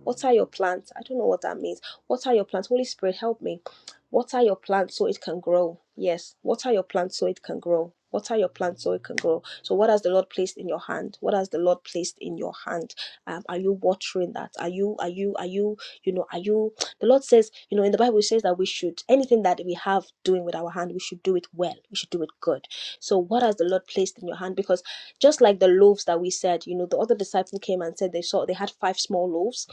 what are your plants? I don't know what that means. What are your plants? Holy Spirit, help me. What are your plants so it can grow? Yes. What are your plants so it can grow? What are your plants so it can grow? So, what has the Lord placed in your hand? What has the Lord placed in your hand? Um, are you watering that? Are you, are you, are you, you know, are you? The Lord says, you know, in the Bible, it says that we should, anything that we have doing with our hand, we should do it well. We should do it good. So, what has the Lord placed in your hand? Because just like the loaves that we said, you know, the other disciple came and said they saw they had five small loaves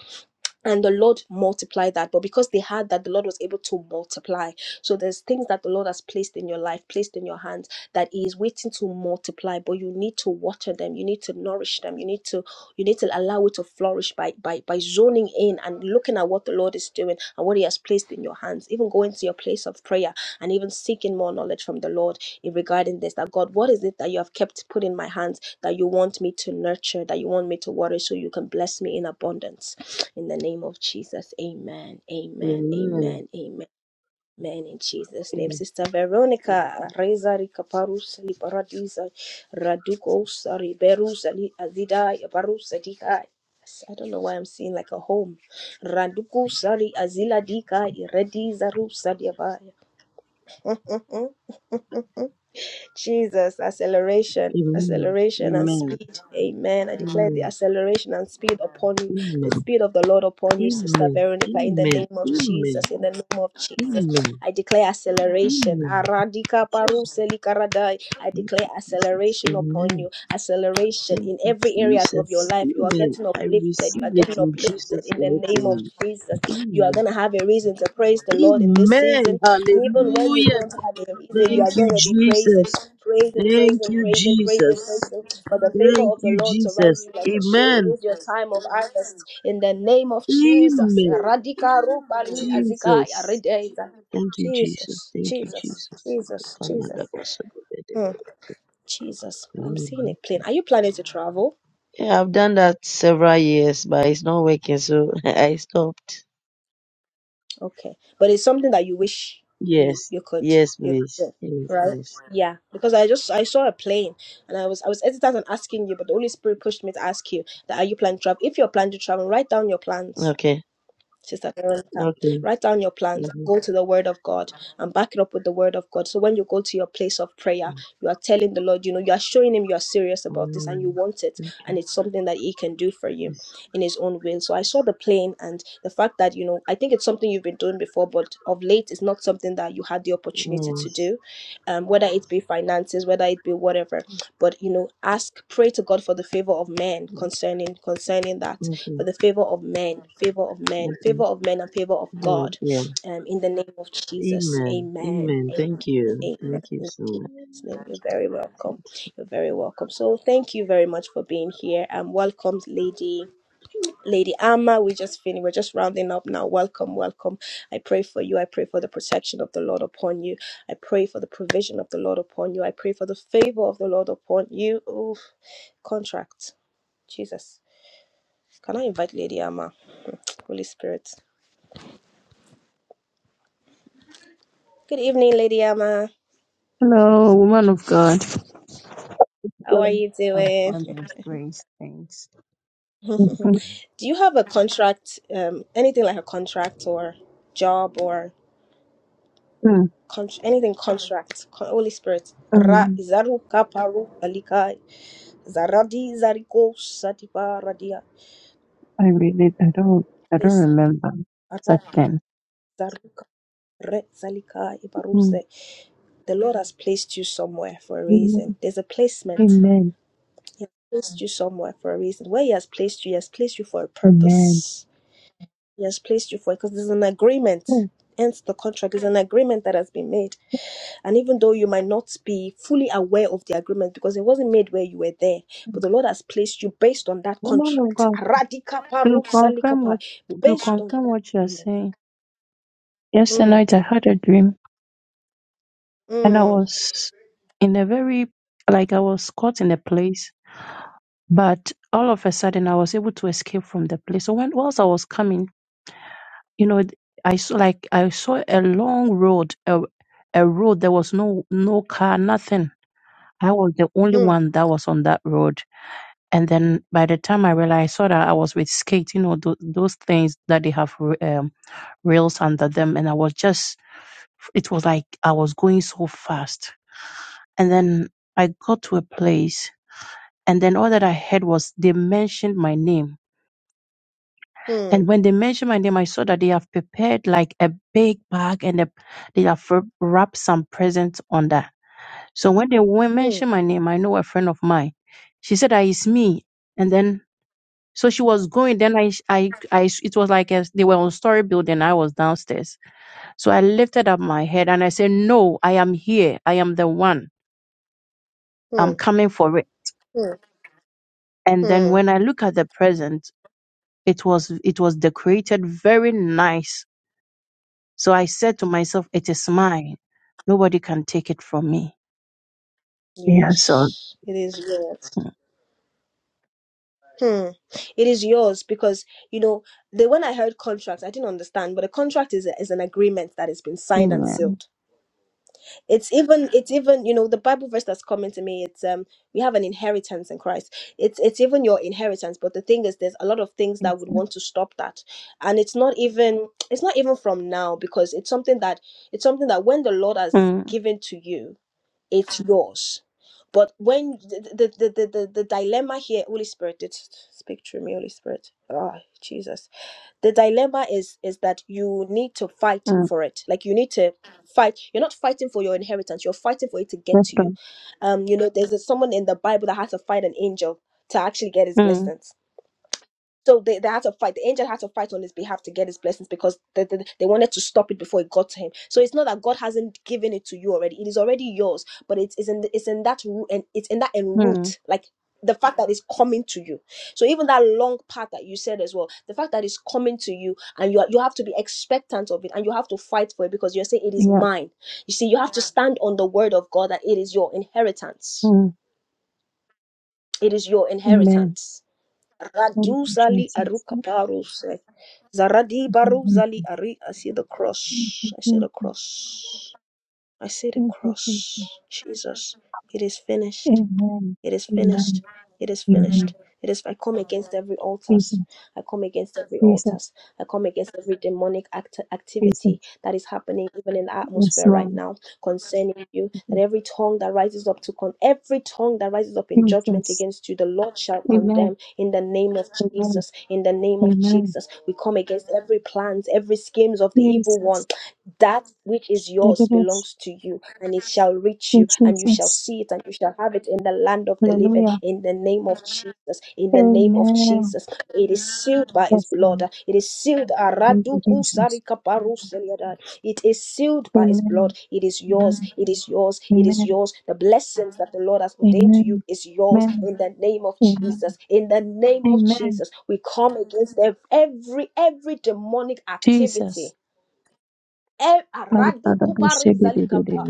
and the lord multiplied that but because they had that the lord was able to multiply so there's things that the lord has placed in your life placed in your hands that he is waiting to multiply but you need to water them you need to nourish them you need to you need to allow it to flourish by by by zoning in and looking at what the lord is doing and what he has placed in your hands even going to your place of prayer and even seeking more knowledge from the lord in regarding this that god what is it that you have kept putting in my hands? that you want me to nurture, that you want me to water, so you can bless me in abundance. In the name of Jesus, amen, amen, amen, amen. Amen in Jesus' name. Sister Veronica, Reza Kaparus, Liparadiza, Radukos, Riberus, Ali Azida, Yabarus, Adika. I don't know why I'm seeing like a home. Raduku sari azila dika iredi zaru sadiabaya. Jesus, acceleration,
Amen.
acceleration and
Amen.
speed. Amen. I declare the
Amen.
acceleration and speed upon you, the
Amen.
speed of the Lord upon you, Sister
Amen.
Veronica, in the
Amen.
name of
Amen.
Jesus, in the name of Jesus.
Amen.
I declare acceleration.
Amen.
Aradika
Jesus,
paruse likaradai. I
thank
declare
you, Jesus.
acceleration upon
Amen.
you. Acceleration
Thank
in
you,
every areas of
Jesus.
your life. You are
Amen.
getting
I
uplifted. You are
receive it
getting
in
uplifted
Jesus'
in the
mighty
name of
name.
Jesus. You are
Amen.
gonna have a reason to praise the Lord in this
Amen.
season. And even when you
Hallelujah.
don't have a reason, you are
Thank you,
gonna be praising,
Jesus.
praising,
Thank
praising,
you,
praising, praising,
Jesus.
praising. For the favor
Thank
of the
you,
Lord surrounds
Jesus.
you like a shield. It
Amen.
is your time of harvest in the name of Jesus.
Amen.
Radika rupari azika ya
Jesus.
redeza.
Thank you, Jesus.
Jesus,
Thank you,
Jesus, Jesus, Jesus,
Jesus.
Hmm, Jesus. Well, I'm seeing a
Mhm.
plane. Are you planning to travel?
Yeah, I've done that several years, but it's not working, so I stopped.
Okay, but it's something that you wish you
Yes.
you could
Yes,
you could
please.
do,
Yes,
right?
please.
Yeah, because I just I saw a plane and I was I was hesitant on asking you, but the Holy Spirit pushed me to ask you that are you planning to travel? If you're planning to travel, write down your plans
Okay.
Sister Veronica,
Okay.
write down your plans,
Mhm.
go to the Word of God, and back it up with the Word of God. So when you go to your place of prayer, you are telling the Lord, you know, you are showing Him you are serious about this and you
Mm.
want it, and
Okay.
it's something that He can do for you
Yes.
in His own will. So I saw the plane and the fact that, you know, I think it's something you've been doing before, but of late, it's not something that you had the opportunity to
Yes.
do, um, whether it be finances, whether it be whatever. But, you know, ask, pray to God for the favor of men
Mm-hmm.
concerning concerning that
Okay.
for the favor of men, favor of men,
Okay.
favor of men, and favor of
Good.
God.
Yeah.
Um, in the name of Jesus,
Amen.
Amen.
Amen.
Amen.
Thank you.
Amen.
Thank you
In
so much.
Jesus' name, you're very welcome. You're very welcome. So thank you very much for being here, and welcome, Lady. Lady Amma, we just finished. We're just rounding up now. Welcome, welcome. I pray for you. I pray for the protection of the Lord upon you. I pray for the provision of the Lord upon you. I pray for the favor of the Lord upon you. Oof, contract. Jesus. Can I invite Lady Amma? Holy Spirit. Good evening, Lady Ama.
Hello, woman of God.
How are you
I'm
doing?
fine by His grace, thanks.
Do
Mhm.
you have a contract, um, anything like a contract or job or
Mm,
con- anything contract? Con- Holy Spirit. Ra
um,
izaru kaparu alika zaradi zariko satipa radia.
I really, I don't, I don't
Please,
remember such
aradi
thing.
zaruka re zalika
Mm,
ibaruse. The Lord has placed you somewhere for a reason.
Amen,
There's a placement.
amen,
He has placed you somewhere for a reason. Where He has placed you, He has placed you for a
amen.
purpose. He has placed you for it because there's an agreement.
Oh,
Hence, the contract is an agreement that has been made. And even though you might not be fully aware of the agreement because it wasn't made where you were there, but the Lord has placed you based on that
woman of
contract.
God,
Aradikapa,
to confirm what,
rusalikapa,
to
Based on
confirm
that
what you are
agreement.
saying. Yesterday
Mm,
night I had a dream, and I
mm,
was in a very, like I was caught in a place, but all of a sudden I was able to escape from the place. So when, whilst I was coming. you know i saw like i saw a long road a, a road there was no no car nothing i was the only
mm,
one that was on that road and then by the time i realized i saw that i was with skate you know th- those things that they have r- um, rails under them and i was just it was like i was going so fast and then i got to a place and then all that i heard was they mentioned my name And
mm,
when they mentioned my name, I saw that they have prepared like a big bag and they they have wrap- wrapped some presents on that. So when they wen-
mm,
mentioned my name, I know a friend of mine. She said, ah, it's me. And then, so she was going. Then I, sh- I, I, sh- it was like a, they were on story building. I was downstairs. So I lifted up my head and I said, no, I am here. I am the one. I'm
mm,
coming for it.
mm,
And then
mm.
when I look at the present, it was, it was decorated very nice So I said to myself, it is mine. Nobody can take it from me. Yes, Lord.
Yes, it is. Yes.
Mm,
Hmm. It is yours because you know the when I heard contract, I didn't understand, but a contract is a, is an agreement that has been signed and
Amen.
sealed. It's even it's even you know the Bible verse that's coming to me. It's um we have an inheritance in Christ. It's it's even your inheritance, but the thing is, there's a lot of things that would
Jesus.
want to stop that, and it's not even it's not even from now because it's something that it's something that when the Lord has
mm,
given to you, it's yours. But when the the, the, the, the dilemma here, Holy Spirit, did speak through me, Holy Spirit. Oh, Jesus. The dilemma is is that you need to fight
mm,
for it. Like you need to fight. You're not fighting for your inheritance. You're fighting for it to get
Yes,
to you.
Lord.
Um, you know, there's a, someone in the Bible that had to fight an angel to actually get his
mm,
blessings so they, they had to fight. The angel had to fight on his behalf to get his blessings because they, they, they wanted to stop it before it got to him. So it's not that God hasn't given it to you already. It is already yours, but it is in it's in that root and it's in that en
mm,
route, like the fact that it's coming to you. So even that long path that you said as well, the fact that it's coming to you and you are, you have to be expectant of it and you have to fight for it because you're saying it is
Yeah.
mine. You see, you have to stand on the word of God that it is your inheritance.
mm.
It is your
Amen.
inheritance
Thank you,
Raduzali
Jesus.
Arukaparuse. Zaradi
Amen.
Baruzali Ari. I see the
Thank
cross.
you,
I see the
Jesus.
cross. I see the
Thank you,
cross.
Jesus.
Jesus, it is finished.
Amen.
It is finished.
Amen.
It is
Amen.
finished. It is. I come against every
Jesus.
altars. I come against every
Jesus.
altars. I come against every demonic act-
Jesus.
activity that is happening even in the
Yes,
atmosphere right
Lord.
now concerning you. That every tongue that rises up to con, every tongue that rises up in judgment
Jesus.
against you, the Lord shall
Amen.
condemn in the name of
Amen.
Jesus. In the name of
Amen.
Jesus, we come against every plans, every schemes of the evil one.
Jesus.
That which is
Thank
yours belongs to you and it shall reach
you,
you, and you shall
Jesus.
see it, and you shall have it in the land of the living,
Hallelujah.
in the name of Jesus. In the name of
Amen.
Jesus, it is sealed by His
Yes,
blood.
Lord.
It is sealed.
Thank you,
Araduku
Jesus.
sarika paruseliadad. It is sealed by His blood.
Amen.
It is yours.
Amen.
It is yours. It is
Amen.
yours. The blessings that the Lord has ordained to you
Amen.
is yours.
Amen.
In the name of
Amen.
Jesus. In the name of
Amen.
Jesus, we come against ev- every every demonic activity
Jesus.
E- Aradukuparinzalikapa.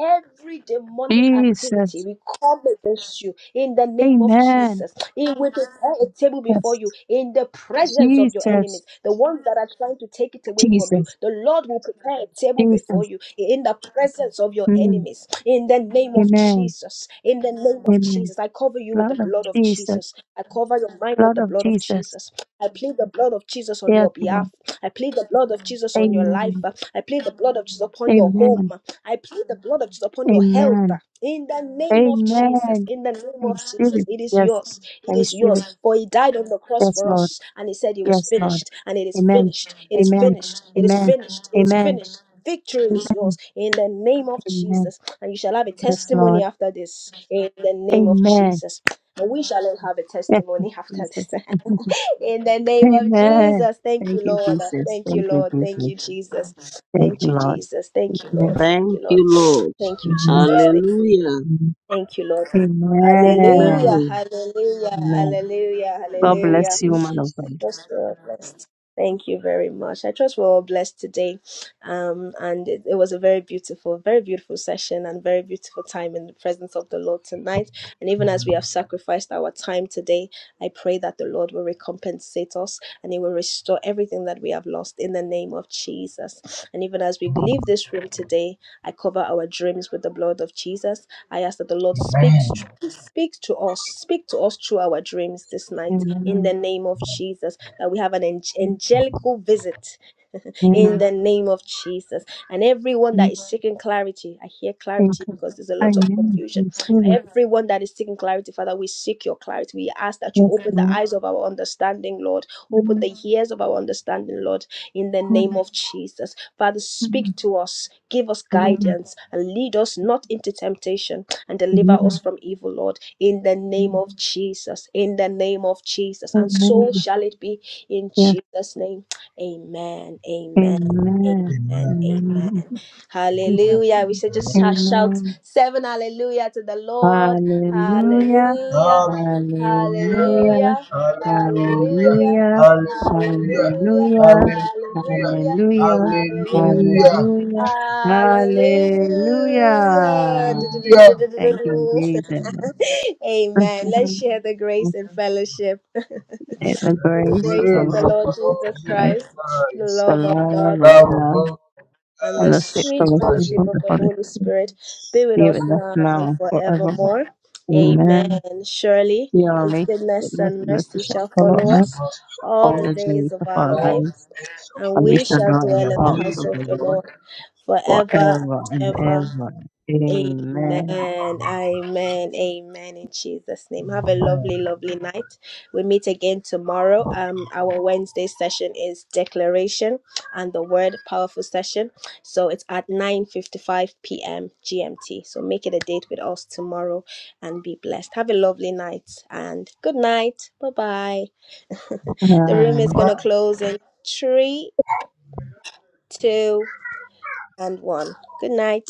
Every demonic activity
Jesus.
we come against you in the name of
Amen.
Jesus. It will prepare a table before
Yes.
you in the presence of your
Jesus.
enemies, the ones that are trying to take it away from you.
Jesus.
The Lord will prepare a table before
Jesus.
you in the presence of your
Mm.
enemies in the name of
Amen.
Jesus. In the name of
Amen.
Jesus, I cover you with the
Blood of
blood of
Jesus.
Jesus. I cover your mind with
Blood
the
of
blood of
Jesus.
Jesus. I plead the blood of Jesus on
Yes,
your
Lord.
behalf. I plead the blood of Jesus on your life.
Amen.
I plead the blood of Jesus upon your
Amen.
home. I plead the blood of Jesus upon your health.
Amen.
In the name of Jesus,
Amen.
in the name
I
of
receive
Jesus,
it.
it is
Yes.
yours
I
it is
receive it.
yours. For he died on the cross
Yes,
for
Lord.
us, and he said it was
Yes, Lord.
finished, and it is
Amen.
finished, it is
Amen.
finished, it is
Amen.
finished, it is
Amen.
finished. Victory is
Amen.
yours in the name of
Amen.
Jesus, and you shall have a
Yes,
testimony
Lord.
after this in the name of
Amen.
Jesus. And we shall all have a
Yes,
testimony after this
Jesus.
in the name of
Amen.
Jesus. Thank
Thank
you,
you,
Lord.
Jesus.
Thank you,
Thank you,
Lord. Thank
Jesus.
you, Jesus.
Thank
Thank
you,
you,
Lord.
Jesus. Thank you, Lord.
Amen.
Thank
Thank
you, Lord.
you, Lord.
Thank you,
Amen.
Jesus.
Hallelujah.
Thank you, Lord. Hallelujah,
Amen.
Amen.
hallelujah,
Amen.
hallelujah,
Thank
God
you,
hallelujah,
bless you, man of
Jesus.
I
God.
trust we're all blessed. Thank you very much. I trust we're all blessed today. Um, and it, it was a very beautiful, very beautiful session and very beautiful time in the presence of the Lord tonight. And even as we have sacrificed our time today, I pray that the Lord will recompensate us and He will restore everything that we have lost in the name of Jesus. And even as we leave this room today, I cover our dreams with the blood of Jesus. I ask that the Lord
Amen.
speaks, speaks to us, speak to us through our dreams this night in the
Amen.
name of Jesus. That we have an
Amen.
angelical visit in the
Amen.
name of Jesus. And everyone that is seeking clarity, I hear clarity
Jesus.
because there's a lot of
Amen.
confusion. For
Receive it.
everyone that is seeking clarity, Father, we seek your clarity. We ask that you
Yes,
open the
Lord.
eyes of our understanding, Lord. Open the
Amen.
ears of our understanding, Lord, in the name
Amen.
of Jesus. Father, speak to us, give us
Amen.
guidance, and lead us not into temptation and deliver us
Amen.
from evil, Lord, in the name of Jesus. In the name of Jesus. And so
Amen.
shall it be in
Amen.
Jesus' name. Amen. Amen.
Amen.
Amen.
Amen.
Amen.
Amen.
Hallelujah. We should
Amen.
just sh- shout
Amen.
seven hallelujah to the Lord.
Hallelujah.
Hallelujah.
Hallelujah.
Hallelujah.
Hallelujah.
Hallelujah.
Hallelujah.
Hallelujah.
Hallelujah.
Hallelujah.
Hallelujah.
Hallelujah.
Hallelujah.
Hallelujah.
Hallelujah.
Hallelujah.
Hallelujah.
Hallelujah.
Hallelujah.
Du- du- du- du-
Hallelujah.
du- du- du- du-
Thank you,
du.
Jesus.
Amen. Let's share the grace and fellowship.
May the
And
May the
the
grace of
grace
our
of
grace
the
of
Lord
Lord
our
Jesus
Lord
Jesus
Christ,
Jesus
Christ, the
Christ,
the
love of God,
love of
love of
God,
God,
and
and
the
and
the
the
state
sweet
sweet
fellowship
fellowship
fellowship
of
of
the
of
the
Holy
Holy
Spirit
Spirit be with
be
us
with us
now
now
and
and forevermore.
forevermore.
Amen.
Amen. Surely
We are
His
late,
goodness
goodness
and
and mercy
mercy
His
shall
shall
follow
follow
goodness
us
and
us
mercy shall
all
all
the
the
us
days
days of
of
our
our
all
life,
lives,
the days of
and
and we
we
our
shall
shall
dwell in the
dwell in
life. And
the
house
we
house
of
of
the
the
Lord
Lord forever
forever
and
and
ever.
ever.
Amen.
Amen.
Amen. Amen. In Jesus' name. Have
shall
a
be
lovely,
blessed.
lovely night. We meet again tomorrow. Um, our Wednesday session is declaration and the word powerful session. So it's at 9:55 p.m. GMT. So make it a date with us tomorrow and be blessed. Have a lovely night and good night. Bye-bye. The room is gonna close in three, two, and one. Good night.